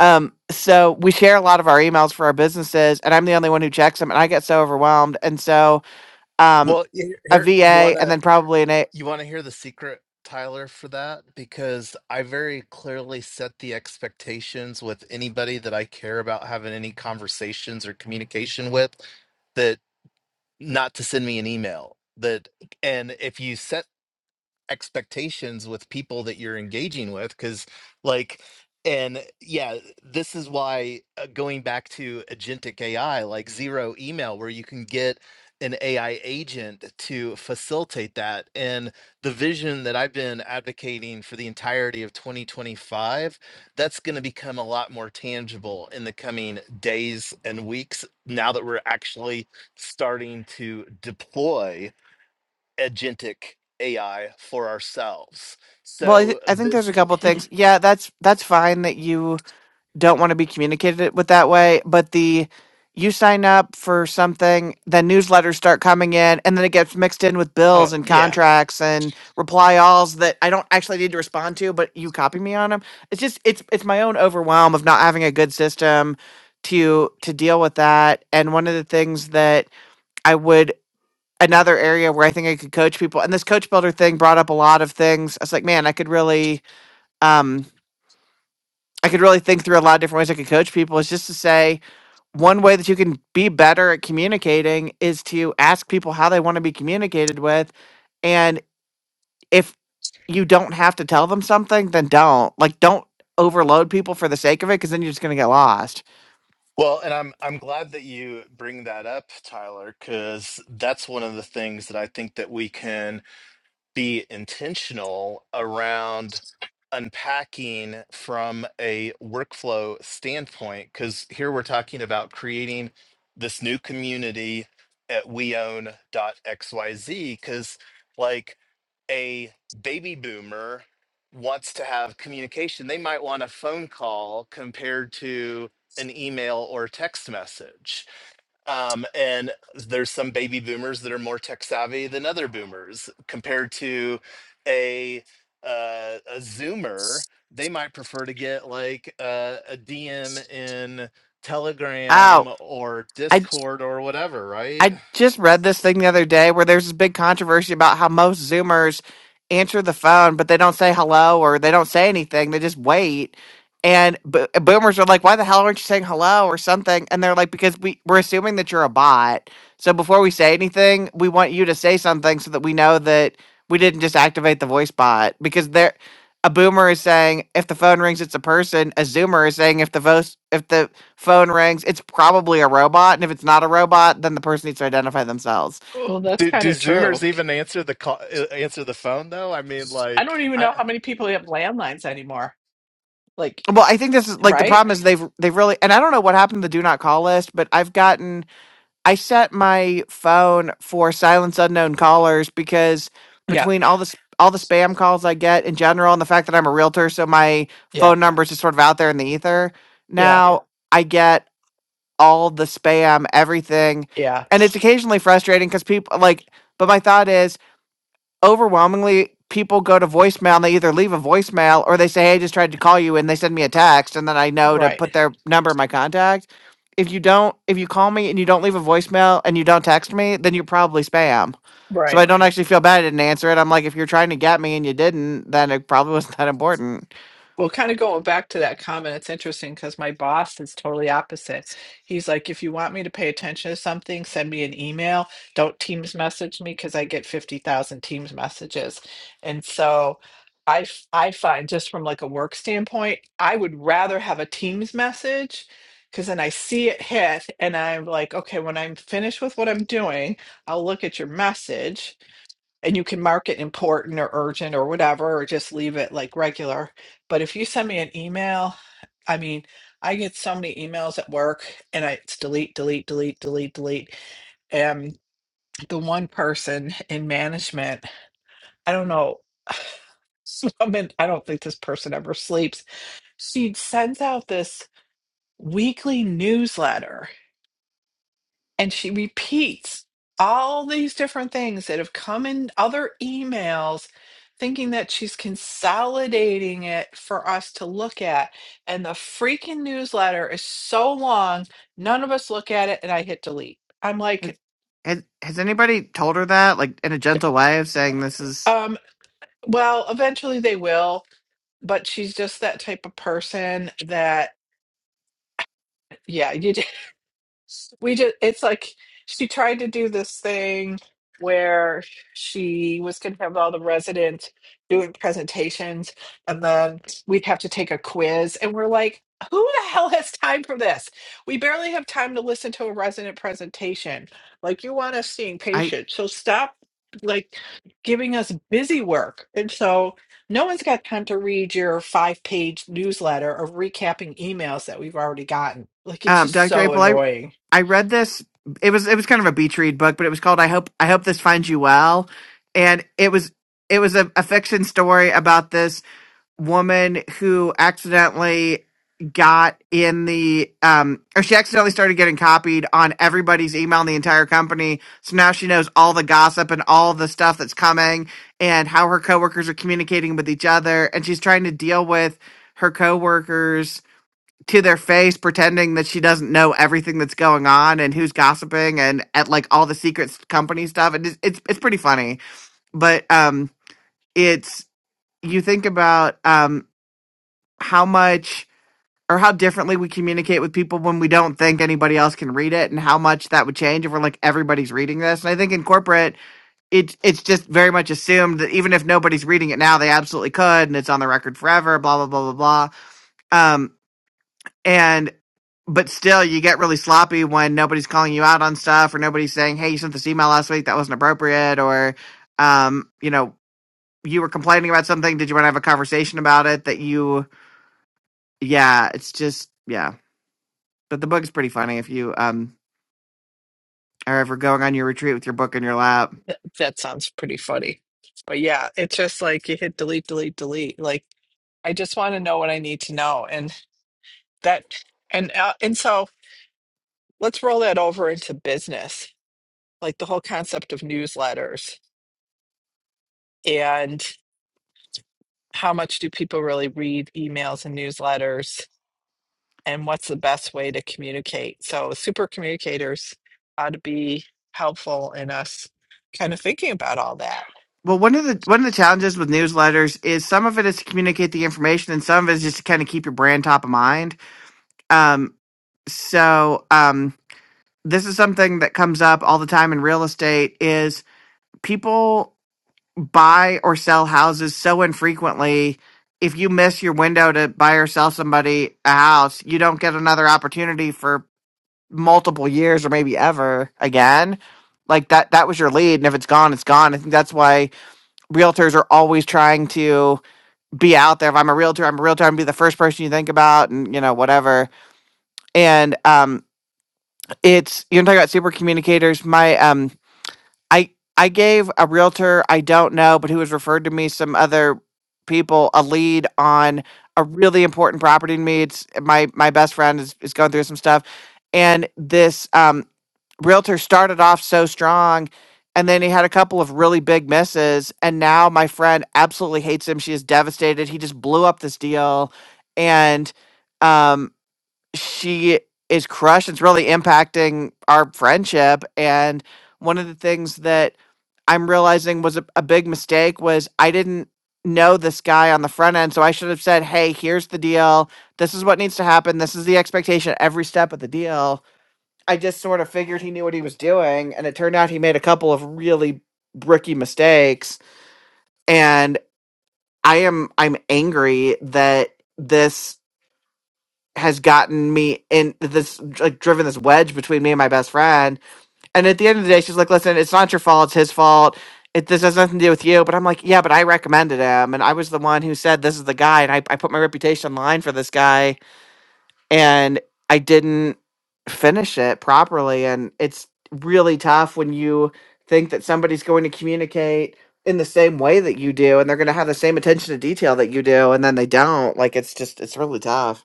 Um, so we share a lot of our emails for our businesses, and I'm the only one who checks them, and I get so overwhelmed. And so, um,
Well, here,
a
here you
VA
want
and
to.
then probably an A.
You want to hear the secret, Tyler, for that? Because I very clearly set the expectations with anybody that I care about having any conversations or communication with that not to send me an email. That and if you set expectations with people that you're engaging with because like and yeah this is why uh, going back to agentic ai like zero email where you can get an ai agent to facilitate that and the vision that i've been advocating for the entirety of 2025 that's going to become a lot more tangible in the coming days and weeks now that we're actually starting to deploy agentic AI for ourselves.
Well, I, th-
So
I think there's a
this
couple
Yeah.
things. Yeah, that's that's fine that you don't want to be communicated with that way. But the you sign up for something, then newsletters start coming in, and then it gets mixed in with
Oh,
bills and
yeah.
contracts and reply alls that I don't actually need to respond to, but you copy me on them. It's just it's it's my own overwhelm of not having a good system to to deal with that. And one of the things that I would another area where I think I could coach people, and this coach builder thing brought up a lot of things. I was like, man, I could really um. I could really think through a lot of different ways I could coach people is just to say one way that you can be better at communicating is to ask people how they want to be communicated with. And if you don't have to tell them something, then don't. Like, don't overload people for the sake of it because then you're just going to get lost.
well, and I'm I'm glad that you bring that up, Tyler, because that's one of the things that I think that we can be intentional around unpacking from a workflow standpoint because here we're talking about creating this new community at weown.xyz because like a baby boomer wants to have communication they might want a phone call compared to an email or text message um, and there's some baby boomers that are more tech savvy than other boomers compared to a uh, a Zoomer. They might prefer to get like uh, a DM in Telegram
Oh,
or
I
Discord or whatever, right?
I just read this thing the other day where there's this big controversy about how most Zoomers answer the phone, but they don't say hello or they don't say anything. They just wait. And bo- boomers are like, why the hell aren't you saying hello or something? And they're like, because we, we're assuming that you're a bot. So before we say anything, we want you to say something so that we know that we didn't just activate the voice bot. Because there, a boomer is saying if the phone rings, it's a person. A Zoomer is saying if the voice if the phone rings. It's probably a robot, and if it's not a robot, then the person needs to identify themselves.
Well, that's
Do
kind
do
of
Zoomers
true.
even answer the call? uh, Answer the phone though? I mean,
I don't
like
even know
I.
how many people have landlines anymore. Like,
Well, I think this is like the
right?
problem is they've they've really and I don't know what happened to the do not call list, but I've gotten I set my phone for silence unknown callers because
Yeah.
between all this all the spam calls I get in general and the fact that I'm a realtor, so my
Yeah.
phone number is just sort of out there in the ether.
Yeah.
Now Yeah. I get all the spam, everything.
Yeah.
And it's occasionally frustrating because people like but my thought is overwhelmingly people go to voicemail and they either leave a voicemail or they say, Hey, I just tried to call you and they send me a text and then I know to put
Right.
their number in my contact. If you don't if you call me and you don't leave a voicemail and you don't text me, then you're probably spam. So
Right.
I don't actually feel bad I didn't answer it. I'm like, if you're trying to get me and you didn't, then it probably wasn't that important.
Well, kind of going back to that comment, it's interesting because my boss is totally opposite. He's like, if you want me to pay attention to something, send me an email. Don't Teams message me because I get 50,000 Teams messages. And so I, f- I find just from like a work standpoint, I would rather have a Teams message because then I see it hit and I'm like, okay, when I'm finished with what I'm doing, I'll look at your message and you can mark it important or urgent or whatever, or just leave it like regular. But if you send me an email, I mean, I get so many emails at work and I it's delete, delete, delete, delete, delete. And the one person in management, I don't know, this woman, I don't think this person ever sleeps. She sends out this weekly newsletter and she repeats all these different things that have come in other emails thinking that she's consolidating it for us to look at and the freaking newsletter is so long none of us look at it and i hit delete i'm
Has
like
has, has anybody told her that? Like in a gentle way of saying this is
um well eventually they will but she's just that type of person that yeah you we just it's like she tried to do this thing where she was going to have all the residents doing presentations and then we'd have to take a quiz and we're like who the hell has time for this we barely have time to listen to a resident presentation like you want us seeing
I
patients so stop like giving us busy work and so no one's got time to read your five page newsletter of recapping emails that we've already gotten like it's
um,
just
Dr.
so
April, I
annoying
I read this. It was it was kind of a beach read book, but it was called I hope I hope this finds you well, and it was it was a, a fiction story about this woman who accidentally got in the um or she accidentally started getting copied on everybody's email in the entire company so now she knows all the gossip and all the stuff that's coming and how her coworkers are communicating with each other and she's trying to deal with her coworkers to their face pretending that she doesn't know everything that's going on and who's gossiping and at like all the secret company stuff and it's it's, it's pretty funny but um it's you think about um how much or how differently we communicate with people when we don't think anybody else can read it and how much that would change if we're like everybody's reading this and i think in corporate it it's just very much assumed that even if nobody's reading it now they absolutely could and it's on the record forever blah blah blah blah blah um And but still you get really sloppy when nobody's calling you out on stuff or nobody's saying, Hey, you sent this email last week, that wasn't appropriate or um, you know, you were complaining about something, did you want to have a conversation about it that you yeah, it's just yeah. But the book's pretty funny if you um are ever going on your retreat with your book in your lap.
that sounds pretty funny. But yeah, it's just like you hit delete, delete, delete. Like I just want to know what I need to know, and that, and uh, and so let's roll that over into business, like the whole concept of newsletters. how much do people really read emails and newsletters and what's the best way to communicate so super communicators ought to be helpful in us kind of thinking about all that
Well, one of the one of the challenges with newsletters is some of it is to communicate the information and some of it is just to kind of keep your brand top of mind. Um so um this is something that comes up all the time in real estate is people buy or sell houses so infrequently if you miss your window to buy or sell somebody a house you don't get another opportunity for multiple years or maybe ever again like that that was your lead and if it's gone it's gone i think that's why realtors are always trying to be out there if i'm a realtor i'm a realtor i'm gonna be the first person you think about and you know whatever and um it's you're talking about super communicators my um I I gave a realtor I don't know, but who has referred to me some other people a lead on a really important property to me. It's my my best friend is, is going through some stuff, and this um, realtor started off so strong, and then he had a couple of really big misses, and now my friend absolutely hates him. She is devastated. He just blew up this deal, and um, she is crushed. It's really impacting our friendship and one of the things that I'm realizing was a, a big mistake was I didn't know this guy on the front end. So I should have said, hey, here's the deal. This is what needs to happen. This is the expectation at every step of the deal. I just sort of figured he knew what he was doing. And it turned out he made a couple of really bricky mistakes. And I am I'm angry that this has gotten me in this like driven this wedge between me and my best friend and at the end of the day, she's like, listen, it's not your fault. It's his fault. It, this has nothing to do with you. But I'm like, yeah, but I recommended him. And I was the one who said, this is the guy. And I, I put my reputation on the line for this guy. And I didn't finish it properly. And it's really tough when you think that somebody's going to communicate in the same way that you do and they're going to have the same attention to detail that you do. And then they don't. Like, it's just, it's really tough.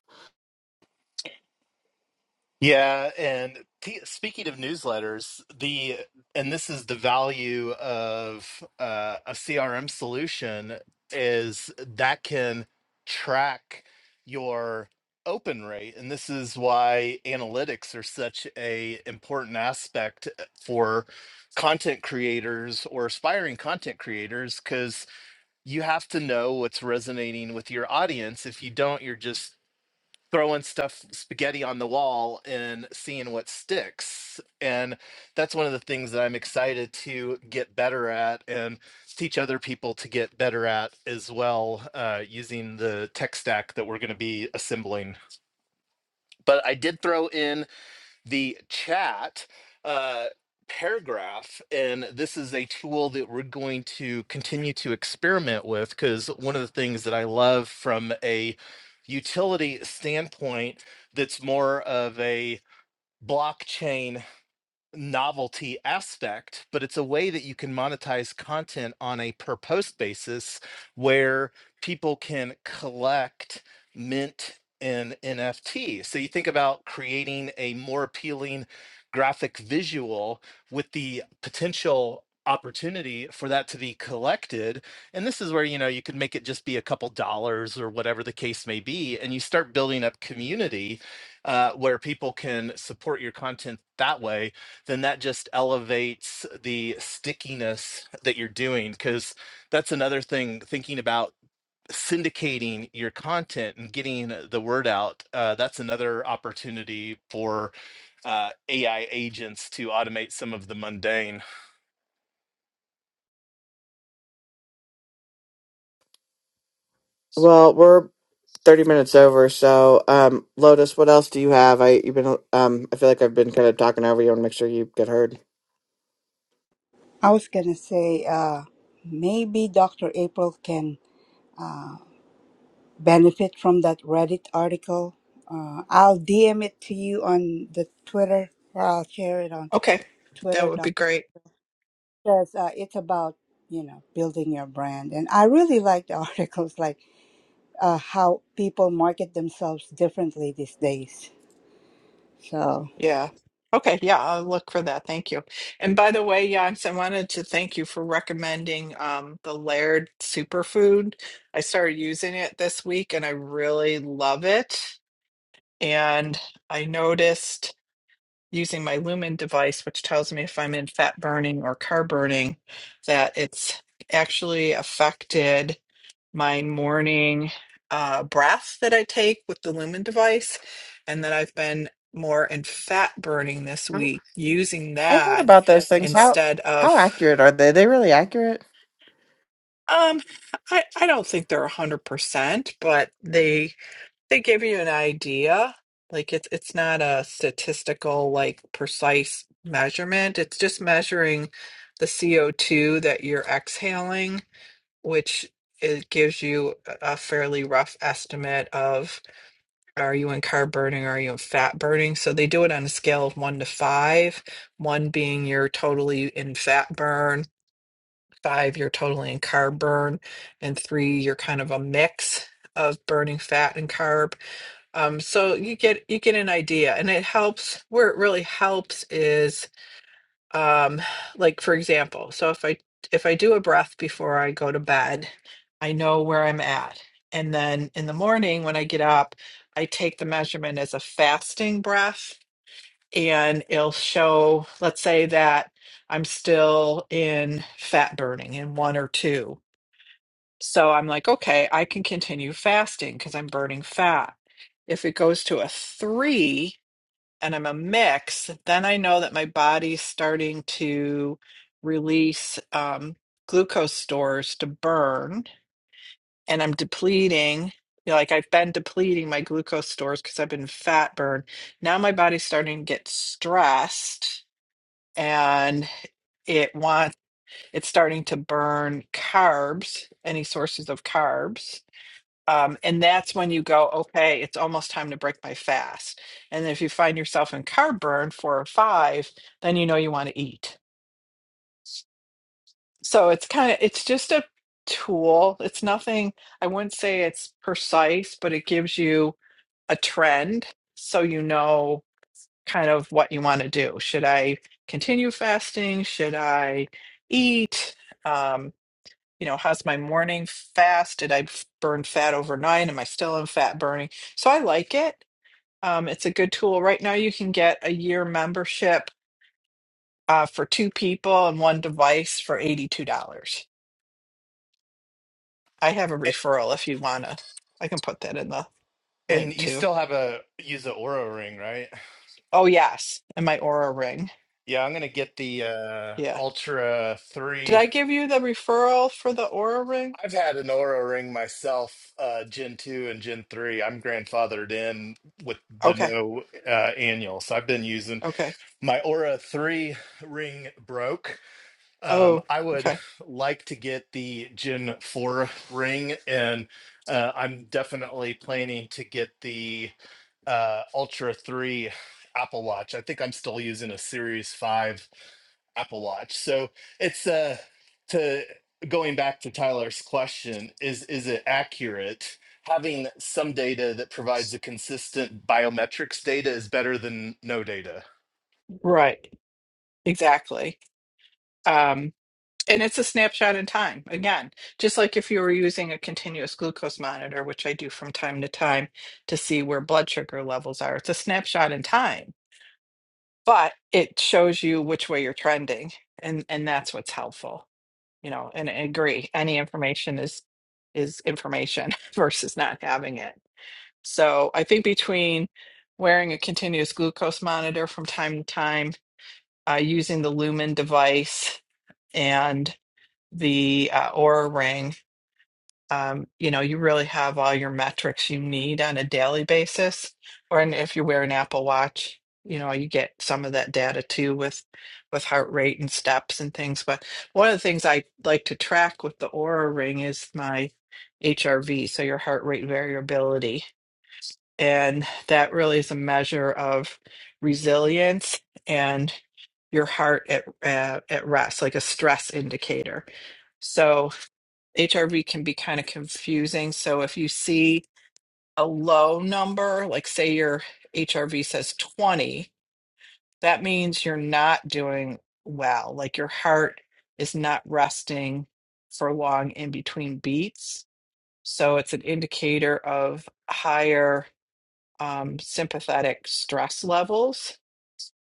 Yeah, and t- speaking of newsletters, the and this is the value of uh, a CRM solution is that can track your open rate, and this is why analytics are such a important aspect uh, for content creators or aspiring content creators because you have to know what's resonating with your audience. If you don't, you're just throwing stuff spaghetti on the wall and seeing what sticks and that's one of the things that i'm excited to get better at and teach other people to get better at as well uh, using the tech stack that we're going to be assembling but i did throw in the chat uh, paragraph. And this is a tool that we're going to continue to experiment with because one of the things that I love from a utility standpoint that's more of a blockchain novelty aspect, but it's a way that you can monetize content on a per post basis where people can collect mint and NFT. So you think about creating a more appealing graphic visual with the potential opportunity for that to be collected and this is where you know you could make it just be a couple dollars or whatever the case may be and you start building up community uh, where people can support your content that way then that just elevates the stickiness that you're doing because that's another thing thinking about syndicating your content and getting the word out uh, that's another opportunity for uh, ai agents to automate some of the mundane
Well, we're 30 minutes over. So, um, Lotus, what else do you have? I you've been um I feel like I've been kind of talking over you. I want to make sure you get heard.
I was gonna say, uh, maybe Dr. April can benefit from that Reddit article. Uh, I'll DM it to you on the Twitter, or I'll share it on
Okay, that
Twitter,
would be
Doctor.
great.
Because uh, it's about you know building your brand, and I really like the articles. Like. uh, how people market themselves differently these days. So
Yeah. Okay, yeah, I'll look for that. Thank you. And by the way, Yonks, I wanted to thank you for recommending um, the Laird superfood. I started using it this week and I really love it. And I noticed using my Lumen device, which tells me if I'm in fat burning or car burning, that it's actually affected my morning uh, breath that I take with the Lumen device, and that I've been more in fat burning this week using
I heard
that
about those things. How
instead of
how accurate are they? Are they really accurate?
um I I don't think they're 100%, but they They give you an idea. Like it's it's not a statistical, like precise measurement. It's just measuring the CO2 that you're exhaling, which it gives you a fairly rough estimate of are you in carb burning, are you in fat burning? So they do it on a scale of one to five, one being you're totally in fat burn, five, you're totally in carb burn, and three, you're kind of a mix of burning fat and carb um, so you get you get an idea, and it helps. Where it really helps is, um, like for example, so if I if I do a breath before I go to bed, I know where I'm at, and then in the morning when I get up, I take the measurement as a fasting breath, and it'll show. Let's say that I'm still in fat burning in one or two, so I'm like, okay, I can continue fasting because I'm burning fat. If it goes to a three and I'm a mix, then I know that my body's starting to release um, glucose stores to burn and I'm depleting. You know, like I've been depleting my glucose stores because I've been fat burned. Now my body's starting to get stressed and it wants it's starting to burn carbs, any sources of carbs um, and that's when you go, okay, it's almost time to break my fast. And if you find yourself in carb burn four or five, then you know you want to eat. So it's kind of, it's just a tool. It's nothing, I wouldn't say it's precise, but it gives you a trend so you know kind of what you want to do. Should I continue fasting? Should I eat? Um, you know, how's my morning fast? Did I f- burn fat overnight? Am I still in fat burning? So I like it Um, it's a good tool. Right now, you can get a year membership uh, for two people and one device for $82. I have a
A-
referral if you want to. I can put that in the
and
link
you
too.
still have a use the aura ring right
Oh, yes. And my Aura ring.
yeah i'm gonna get the uh,
Yeah.
ultra 3
Did I give you the referral for the Aura ring?
I've had an Aura ring myself, uh, Gen 2 and Gen 3. I'm grandfathered in with the
Okay.
no uh, annual. So I've been using
Okay.
my Aura 3 ring broke. Um,
Oh,
I would
okay.
like to get the Gen 4 ring, and uh, I'm definitely planning to get the uh, Ultra 3 Apple Watch. I think I'm still using a Series 5 Apple Watch. So it's uh, to going back to Tyler's question is is it accurate? Having some data that provides a consistent biometrics data is better than no data.
Right. Exactly. Um, And it's a snapshot in time. Again, just like if you were using a continuous glucose monitor, which I do from time to time to see where blood sugar levels are, it's a snapshot in time, but it shows you which way you're trending. And and that's what's helpful, you know, and I agree. Any information is is information versus not having it. So I think between wearing a continuous glucose monitor from time to time, uh, using the Lumen device and the uh, Aura ring um, you know, you really have all your metrics you need on a daily basis. Or and if you wear an Apple Watch, you know, you get some of that data too with with heart rate and steps and things. But one of the things I like to track with the Aura Ring is my HRV, so your heart rate variability. And that really is a measure of resilience and your heart at uh, at rest, like a stress indicator. So HRV can be kind of confusing. So if you see a low number, like say your HRV says 20, that means you're not doing well. Like your heart is not resting for long in between beats. So it's an indicator of higher um, sympathetic stress levels.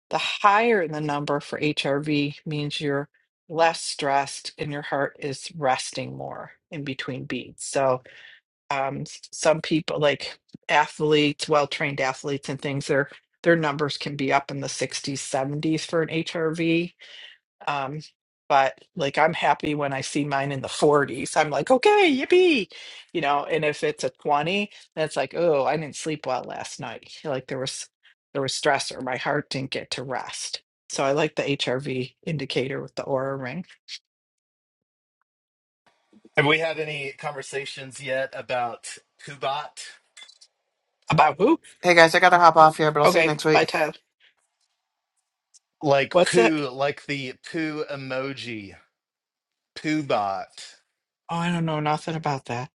The higher the number for HRV means you're less stressed and your heart is resting more in between beats. So um s- some people like athletes well-trained athletes and things their their numbers can be up in the 60s 70s for an hrv um but like i'm happy when i see mine in the 40s i'm like okay yippee you know and if it's a 20 that's like oh i didn't sleep well last night like there was there was stress or my heart didn't get to rest so i like the hrv indicator with the aura ring
Have we had any conversations yet about Poobot?
about who
Hey guys, I gotta hop off here, but I'll see you
okay
next week.
bye tyler
Like
what's that
poo, like the poo emoji, Poobot.
oh i don't know nothing about that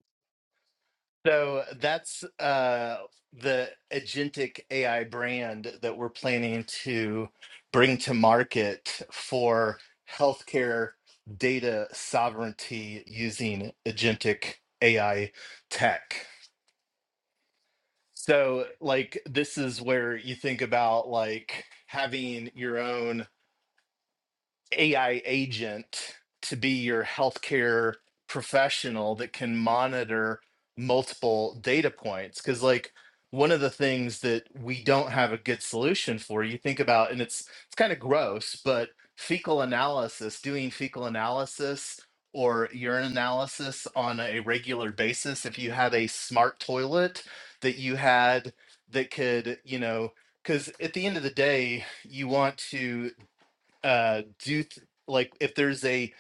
So that's uh, the agentic AI brand that we're planning to bring to market for healthcare data sovereignty using agentic AI tech. So, like, this is where you think about like having your own AI agent to be your healthcare professional that can monitor multiple data points. Because, like, one of the things that we don't have a good solution for, you think about, and it's it's kind of gross, but fecal analysis, doing fecal analysis or urine analysis on a regular basis. If you had a smart toilet that you had that could, you know, because at the end of the day, you want to uh do you th- like if there's a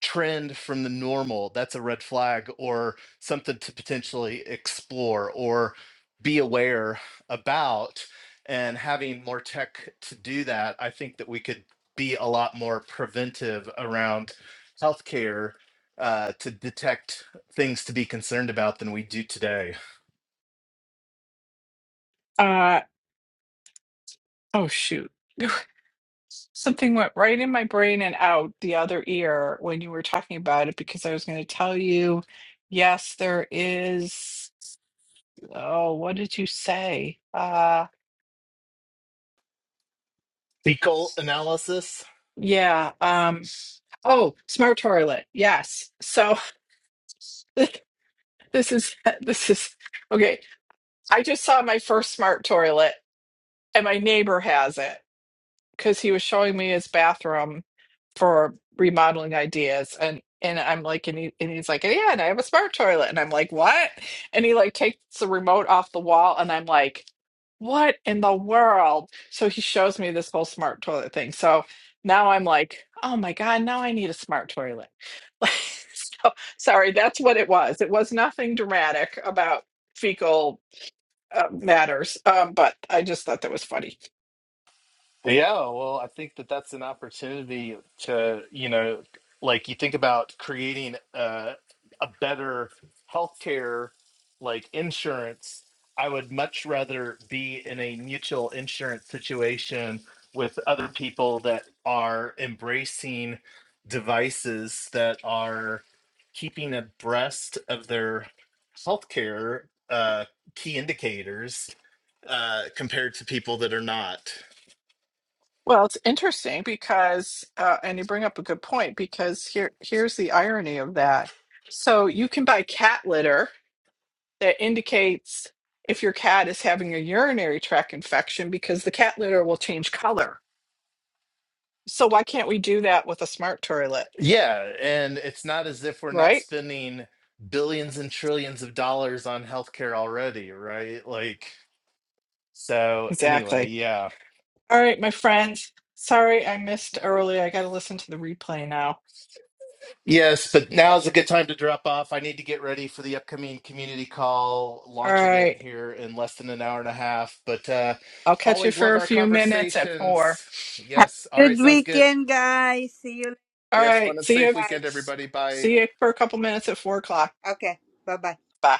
trend from the normal that's a red flag or something to potentially explore or be aware about and having more tech to do that i think that we could be a lot more preventive around healthcare uh, to detect things to be concerned about than we do today
Uh, Oh, shoot. Something went right in my brain and out the other ear when you were talking about it because I was going to tell you, yes, there is. Oh, what did you say? Uh,
fecal analysis
yeah. Um, oh, smart toilet. Yes. So this is, this is, okay. I just saw my first smart toilet and my neighbor has it. because he was showing me his bathroom for remodeling ideas and and I'm like and he and he's like "Oh, yeah and I have a smart toilet and I'm like what and he like takes the remote off the wall and I'm like what in the world so he shows me this whole smart toilet thing so now I'm like oh my god now I need a smart toilet Like, so sorry that's what it was it was nothing dramatic about fecal uh, matters um but I just thought that was funny
Yeah, well, I think that that's an opportunity to, you know, like you think about creating a, a better healthcare, like insurance. I would much rather be in a mutual insurance situation with other people that are embracing devices that are keeping abreast of their healthcare uh, key indicators uh, compared to people that are not.
Well, it's interesting because, uh, and you bring up a good point because here, here's the irony of that. So you can buy cat litter that indicates if your cat is having a urinary tract infection because the cat litter will change color. So why can't we do that with a smart toilet,
Yeah, and it's not as if we're not
right?
spending billions and trillions of dollars on healthcare already, right? Like, so anyway,
Exactly.
yeah.
All right, my friends. Sorry I missed early. I got to listen to the replay now.
Yes, but now is a good time to drop off. I need to get ready for the upcoming community call
All
launch event
right.
here in less than an hour and a half. But uh
I'll catch you
always
for
love
a
our
few minutes at four.
conversations.
Have
Yes. All
a
right,
good
sounds good.
weekend, guys. See you
All
Yes,
right.
fun and
See you.
safe
later.
weekend, everybody. Bye.
See you for a couple minutes at four o'clock.
okay, bye bye.
Bye.